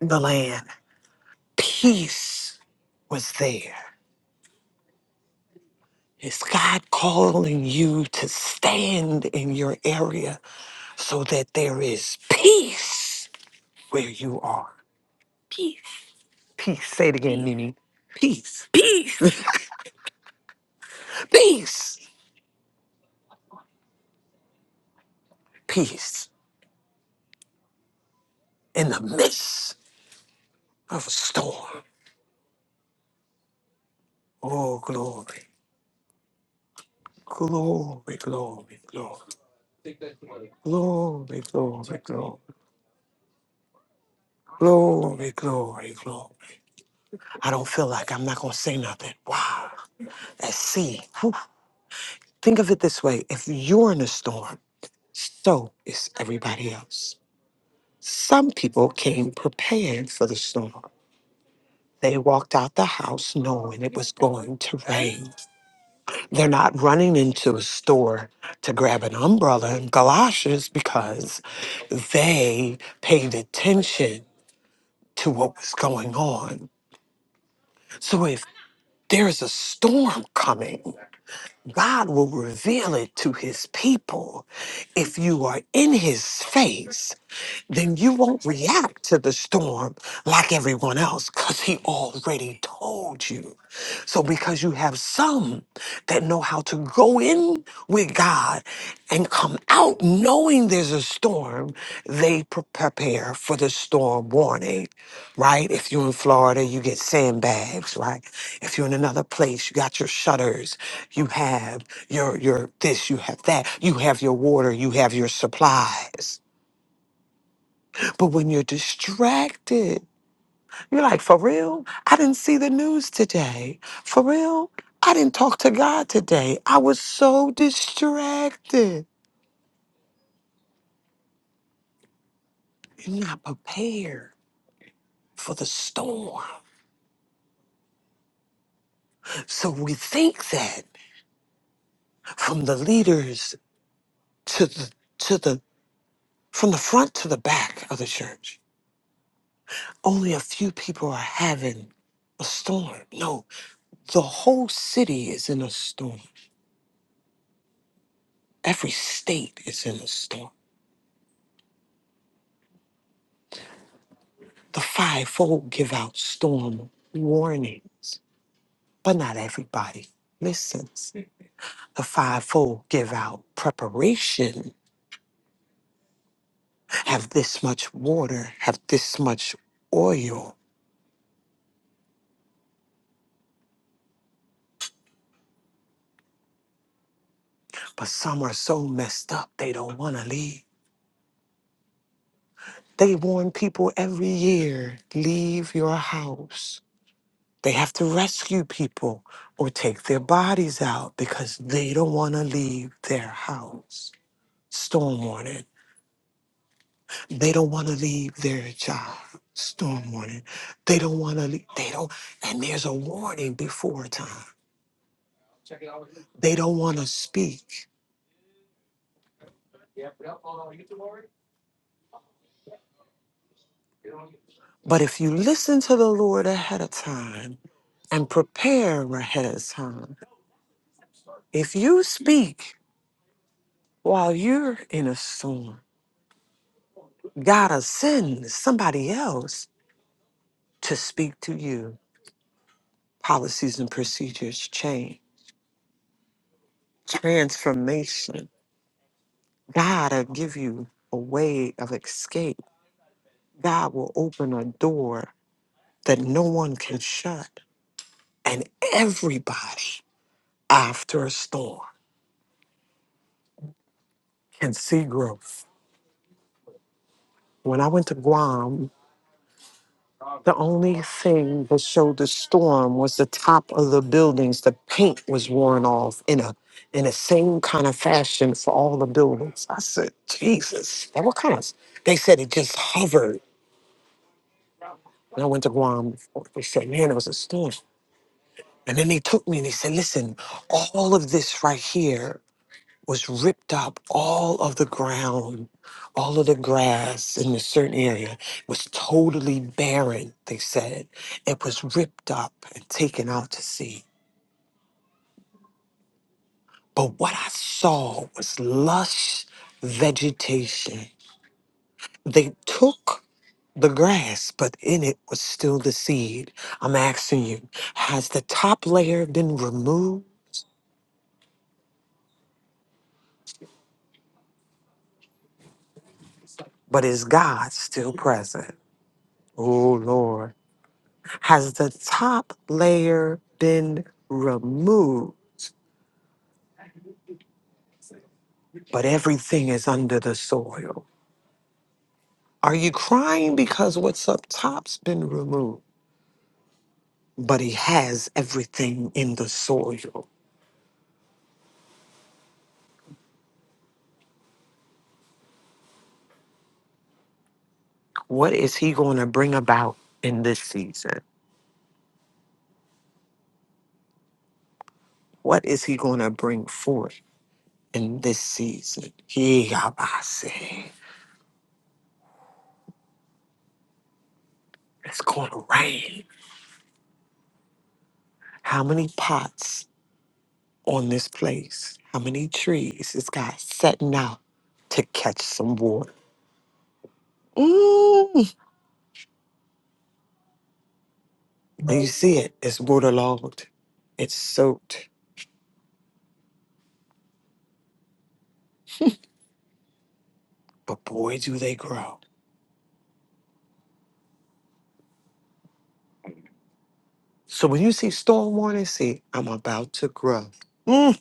Speaker 5: the land, peace was there. Is God calling you to stand in your area so that there is peace where you are? Peace. Peace. Say it again, Nini. Peace. Peace. (laughs) peace. Peace in the midst of a storm. Oh, glory. Glory, glory, glory. Glory, glory, glory. Glory, glory, glory. I don't feel like I'm not going to say nothing. Wow. Let's see. Whew. Think of it this way if you're in a storm, so is everybody else. Some people came prepared for the storm. They walked out the house knowing it was going to rain. They're not running into a store to grab an umbrella and galoshes because they paid attention to what was going on. So if There is a storm coming. God will reveal it to his people. If you are in his face, then you won't react to the storm like everyone else because he already told you. So, because you have some that know how to go in with God and come out knowing there's a storm, they pre- prepare for the storm warning, right? If you're in Florida, you get sandbags, right? If you're in another place, you got your shutters. You have your your this, you have that, you have your water, you have your supplies. But when you're distracted, you're like, for real? I didn't see the news today. For real? I didn't talk to God today. I was so distracted. You're not prepared for the storm. So we think that from the leaders to the to the from the front to the back of the church, only a few people are having a storm. No, The whole city is in a storm. Every state is in a storm. The fivefold give out storm warnings, but not everybody listens. The fivefold give out preparation. Have this much water, have this much oil, but some are so messed up they don't want to leave. They warn people every year leave your house They have to rescue people or take their bodies out because they don't want to leave their house. Storm warning. They don't want to leave their job. Storm warning. They don't want to leave. They don't. And there's a warning before time. They don't want to speak. But if you listen to the Lord ahead of time and prepare ahead of time, if you speak while you're in a storm, God will send somebody else to speak to you. Policies and procedures change, transformation. God will give you a way of escape. God will open a door that no one can shut. And everybody after a storm can see growth. When I went to Guam The only thing that showed the storm was the top of the buildings. The paint was worn off in a in the same kind of fashion for all the buildings. I said, Jesus, now what kind of? They said it just hovered. And I went to Guam. They said, man, it was a storm. And then they took me and they said, listen, all of this right here was ripped up all of the ground all of the grass in a certain area was totally barren they said it was ripped up and taken out to sea but what i saw was lush vegetation they took the grass but in it was still the seed i'm asking you has the top layer been removed but is god still present oh lord Has the top layer been removed, but everything is under the soil? Are you crying because what's up top's been removed, but he has everything in the soil? What is he going to bring about in this season? What is he going to bring forth in this season? He, I say It's going to rain. How many pots? on this place. How many trees is God setting out to catch some water? Mm. And you see it, it's waterlogged, it's soaked, but boy, do they grow. So when you see storm warning, see, I'm about to grow. Mm.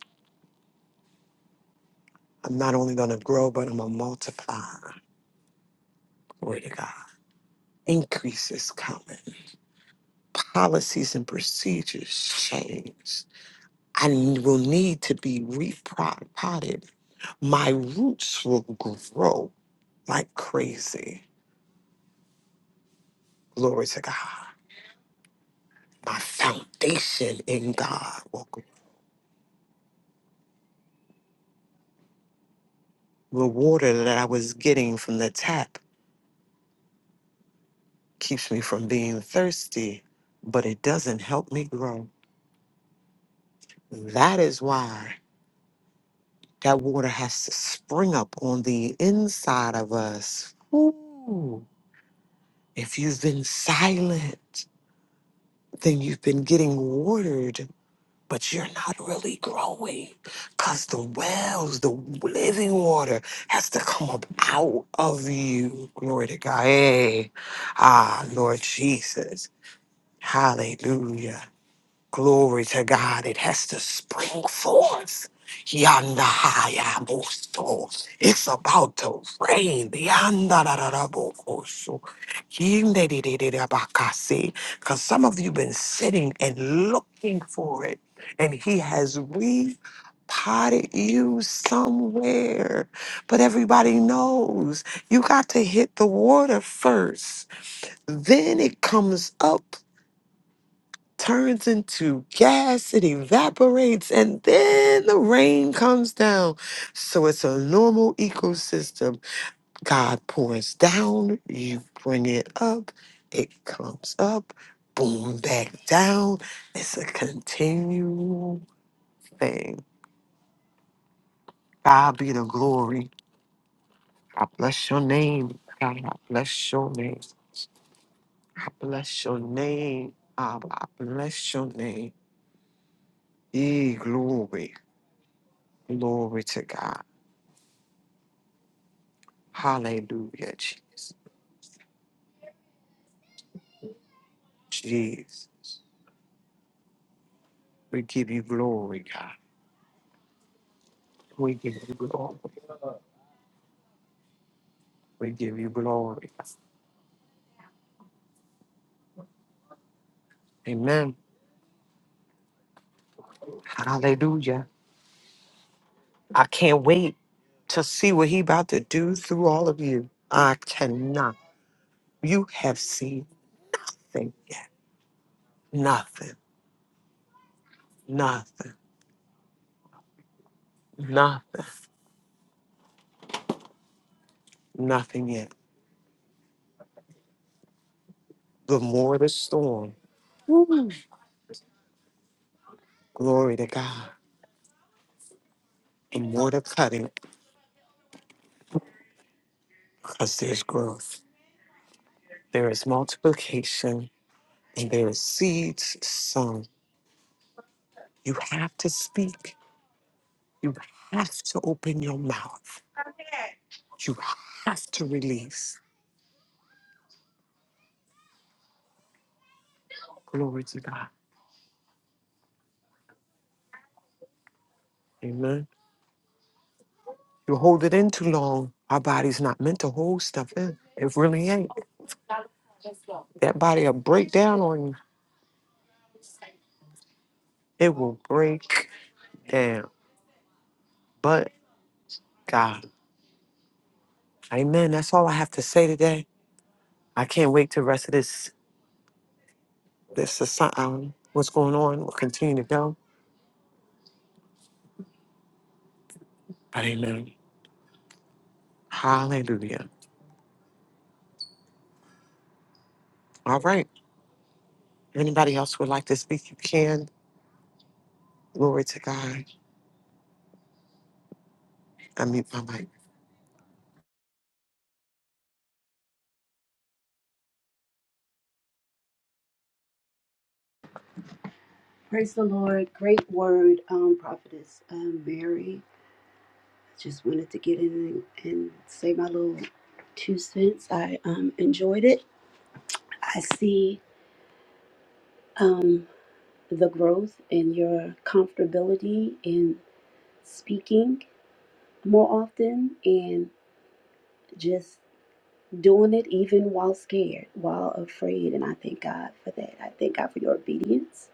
Speaker 5: I'm not only going to grow, but I'm going to multiply. Glory to God. Increase is coming. Policies and procedures change. I will need to be repotted. My roots will grow like crazy. Glory to God. My foundation in God. The water that I was getting from the tap keeps me from being thirsty, but it doesn't help me grow. That is why that water has to spring up on the inside of us. Ooh. If you've been silent, then you've been getting watered but you're not really growing because the wells, the living water has to come up out of you. Glory to God. Hey. Ah, Lord Jesus. Hallelujah. Glory to God. It has to spring forth. Yandahayabuso. It's about to rain. Yandarararabokoso. Yindedidididabakase. Cause some of you have been sitting and looking for it. And he has repotted you somewhere. But everybody knows you got to hit the water first. Then it comes up turns into gas, it evaporates, and then the rain comes down. So it's a normal ecosystem. God pours down, you bring it up, it comes up, boom, back down. It's a continual thing. God be the glory. I bless your name. God, I bless your name. I bless your name. Abba, I bless your name. E glory. Glory to God. Hallelujah, Jesus. Jesus. We give you glory, God. We give you glory. We give you glory. Amen. Hallelujah. I can't wait to see what he about to do through all of you. I cannot. You have seen nothing yet. Nothing. Nothing. Nothing. Nothing yet. The more the storm, glory to God. The more the cutting, because there's growth. There is multiplication and there are seeds sown. You have to speak. You have to open your mouth. You have to release. Glory to God. Amen. You hold it in too long. Our body's not meant to hold stuff in. It really ain't. That body will break down on you. It will break down. But God. Amen. That's all I have to say today. I can't wait to rest of this this assi- um, what's going on. We'll continue to go. But amen. Hallelujah. All right. If anybody else would like to speak, you can. Glory to God. I mute my mic.
Speaker 9: Praise the Lord. Great word, um, prophetess um, Mary. Just wanted to get in and, and say my little two cents. I um, enjoyed it. I see um, the growth and your comfortability in speaking more often and just doing it even while scared, while afraid. And I thank God for that. I thank God for your obedience.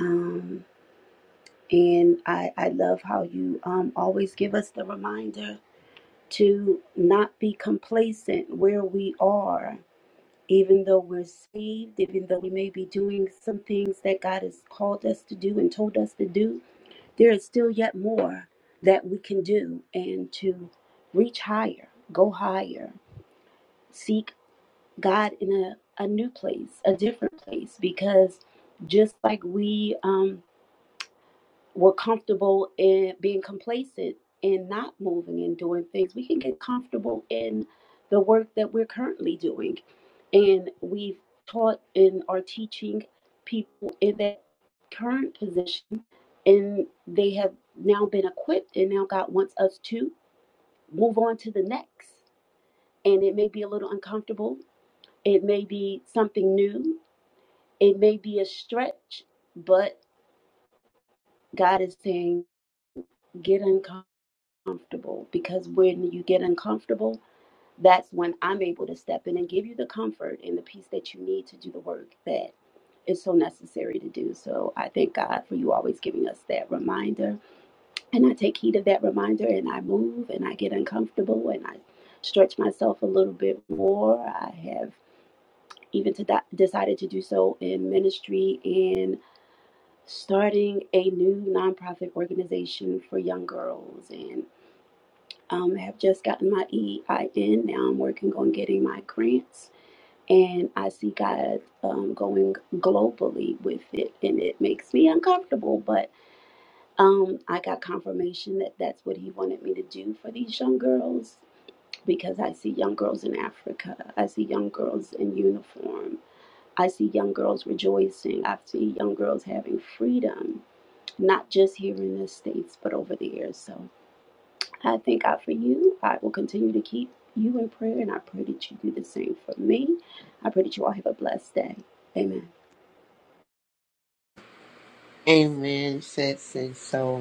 Speaker 9: Um, and I, I love how you um, always give us the reminder to not be complacent where we are, even though we're saved, even though we may be doing some things that God has called us to do and told us to do, there is still yet more that we can do and to reach higher, go higher, seek God in a, a new place, a different place, because just like we um, we're comfortable in being complacent and not moving and doing things. We can get comfortable in the work that we're currently doing. And we've taught and are teaching people in that current position, and they have now been equipped, and now God wants us to move on to the next. And it may be a little uncomfortable, it may be something new, it may be a stretch, but God is saying, get uncomfortable comfortable because when you get uncomfortable, that's when I'm able to step in and give you the comfort and the peace that you need to do the work that is so necessary to do. So I thank God for you always giving us that reminder. And I take heed of that reminder and I move and I get uncomfortable and I stretch myself a little bit more. I have even to di- decided to do so in ministry and starting a new nonprofit organization for young girls and. Um, I have just gotten my EIN. Now I'm working on getting my grants, and I see God um, going globally with it, and it makes me uncomfortable. But um, I got confirmation that that's what He wanted me to do for these young girls because I see young girls in Africa. I see young girls in uniform. I see young girls rejoicing. I see young girls having freedom, not just here in the States, but over there. So. I thank God for you. I will continue to keep you in prayer, and I pray that you do the same for me. I pray that you all have a blessed day. Amen.
Speaker 3: amen sense and so.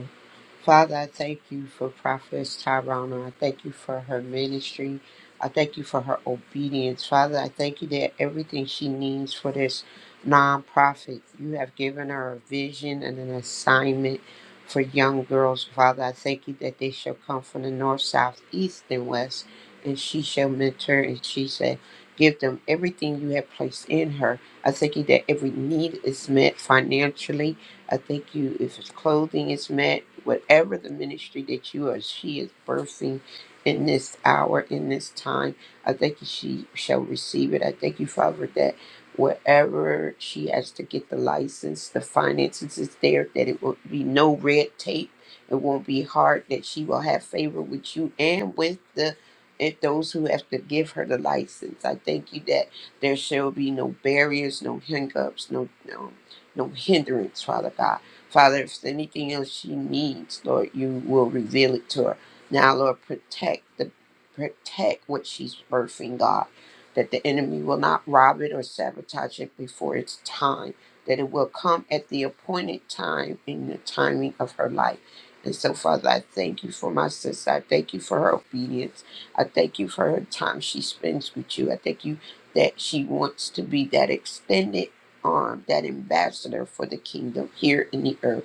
Speaker 3: Father, I thank you for Prophetess Tyrone. I thank you for her ministry. I thank you for her obedience. Father, I thank you that everything she needs for this nonprofit, you have given her a vision and an assignment for young girls. Father, I thank you that they shall come from the north, south, east, and west, and she shall mentor and she shall give them everything you have placed in her. I thank you that every need is met financially I thank you if it's clothing is met, whatever the ministry that you or she is birthing in this hour, in this time, I thank you she shall receive it. I thank you, Father, that wherever she has to get the license, the finances is there, that it will be no red tape. It won't be hard, that she will have favor with you and with the and those who have to give her the license. I thank you that there shall be no barriers, no hiccups, no no no hindrance, Father God. Father, if there's anything else she needs, Lord, you will reveal it to her. Now, Lord, protect the protect what she's birthing, God, that the enemy will not rob it or sabotage it before its time, that it will come at the appointed time in the timing of her life. And so, Father, I thank you for my sister. I thank you for her obedience. I thank you for her time she spends with you. I thank you that she wants to be that extended arm, that ambassador for the kingdom here in the earth,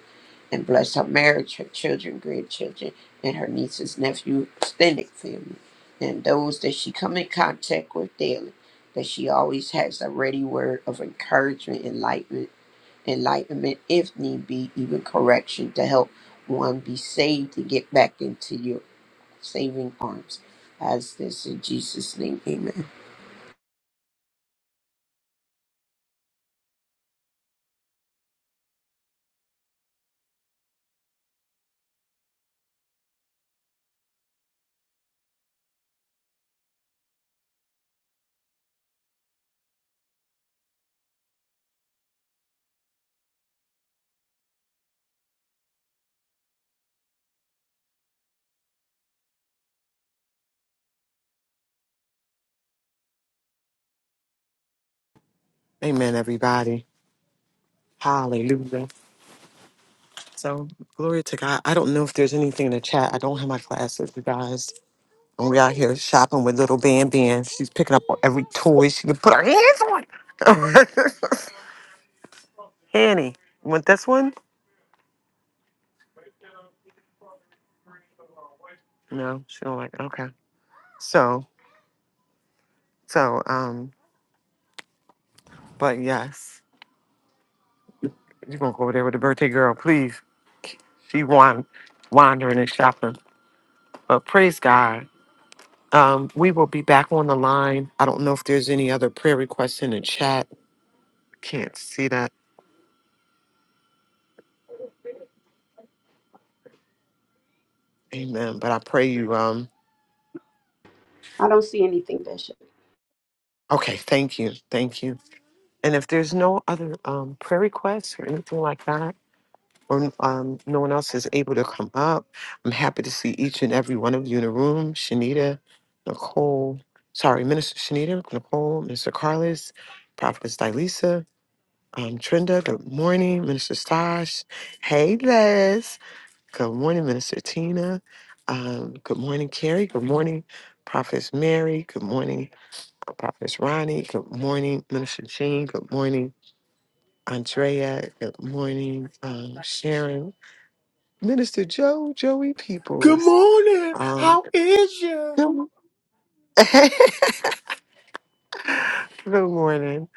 Speaker 3: and bless her marriage, her children, grandchildren, and her nieces, nephew, extended family, and those that she come in contact with daily, that she always has a ready word of encouragement, enlightenment, enlightenment, if need be, even correction to help one be saved and get back into your saving arms. As this in Jesus' name, amen.
Speaker 5: Amen, everybody. Hallelujah. So, glory to God. I don't know if there's anything in the chat. I don't have my classes, you guys. And we out here shopping with little Bam Bam. She's picking up every toy she can put her hands on. (laughs) Annie, you want this one? No, she don't like it. Okay. So, so, um, but yes, you're gonna go over there with the birthday girl, please. She wan- wandering and shopping. But praise God. Um, we will be back on the line. I don't know if there's any other prayer requests in the chat. Can't see that. Amen. But I pray you. Um,
Speaker 9: I don't see anything, Bishop.
Speaker 5: okay. Thank you. Thank you. And if there's no other um, prayer requests or anything like that, or um, no one else is able to come up, I'm happy to see each and every one of you in the room. Shanita, Nicole, sorry, Minister Shanita, Nicole, Mr. Carlos, Prophetess Dilisa, Um, Trenda, good morning, Minister Stash. Hey, Les. Good morning, Minister Tina. Um, good morning, Carrie. Good morning, Prophetess Mary. Good morning, Prophetess Ronnie. Good morning, Minister Jean. Good morning, Andrea. Good morning, um, Sharon. Minister Joe, Joey
Speaker 7: Good
Speaker 5: Peoples.
Speaker 7: morning.
Speaker 5: Um,
Speaker 7: How?
Speaker 5: good, (laughs) Good morning.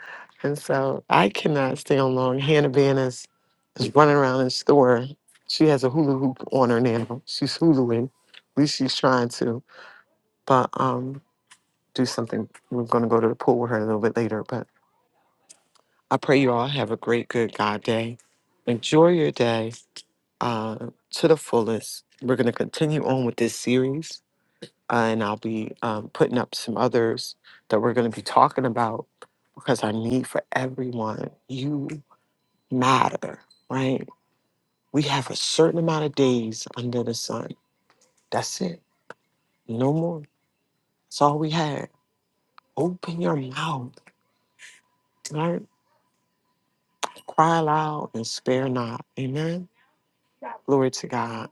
Speaker 5: And so I cannot stay on long. Hannah Van is, is running around in the store. She has a hula hoop on her now. She's huluing. At least she's trying to. But um, do something. We're going to go to the pool with her a little bit later. But I pray you all have a great, good God day. Enjoy your day uh, to the fullest. We're going to continue on with this series and I'll be um, putting up some others that we're going to be talking about because our need for everyone, you matter, right? We have a certain amount of days under the sun. That's it. No more. That's all we had. Open your mouth, right? Cry loud and spare not. Amen. Glory to God.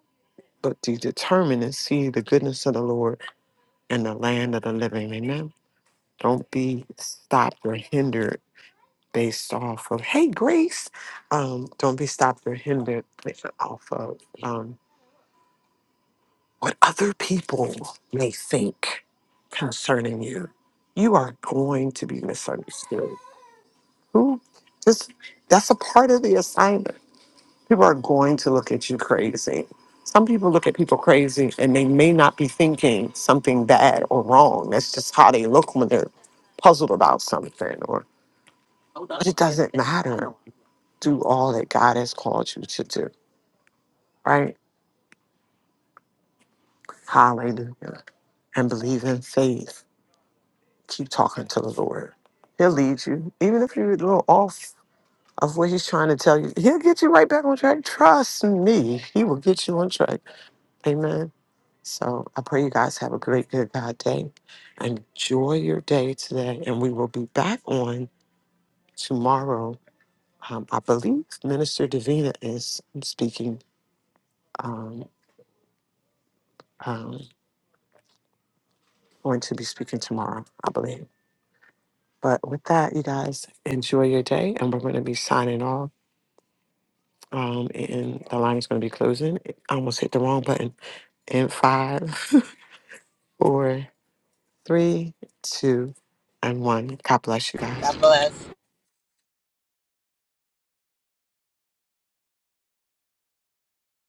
Speaker 5: But be determined and see the goodness of the Lord and the land of the living. Amen. Don't be stopped or hindered based off of hey grace um don't be stopped or hindered based off of um what other people may think concerning you you are going to be misunderstood who just that's a part of the assignment people are going to look at you crazy some people look at people crazy and they may not be thinking something bad or wrong that's just how they look when they're puzzled about something or but it doesn't matter do all that God has called you to do, right? Hallelujah. And believe in faith. Keep talking to the Lord. He'll lead you. Even if you're a little off of what he's trying to tell you, he'll get you right back on track. Trust me, he will get you on track. Amen. So I pray you guys have a great, good God day. Enjoy your day today. And we will be back on tomorrow. Um, I believe Minister Davina is speaking. Um, um, going to be speaking tomorrow, I believe. But with that, you guys enjoy your day, and we're going to be signing off. Um, and the line is going to be closing. I almost hit the wrong button. In five, four, three, two, and one. God bless you guys.
Speaker 3: God bless.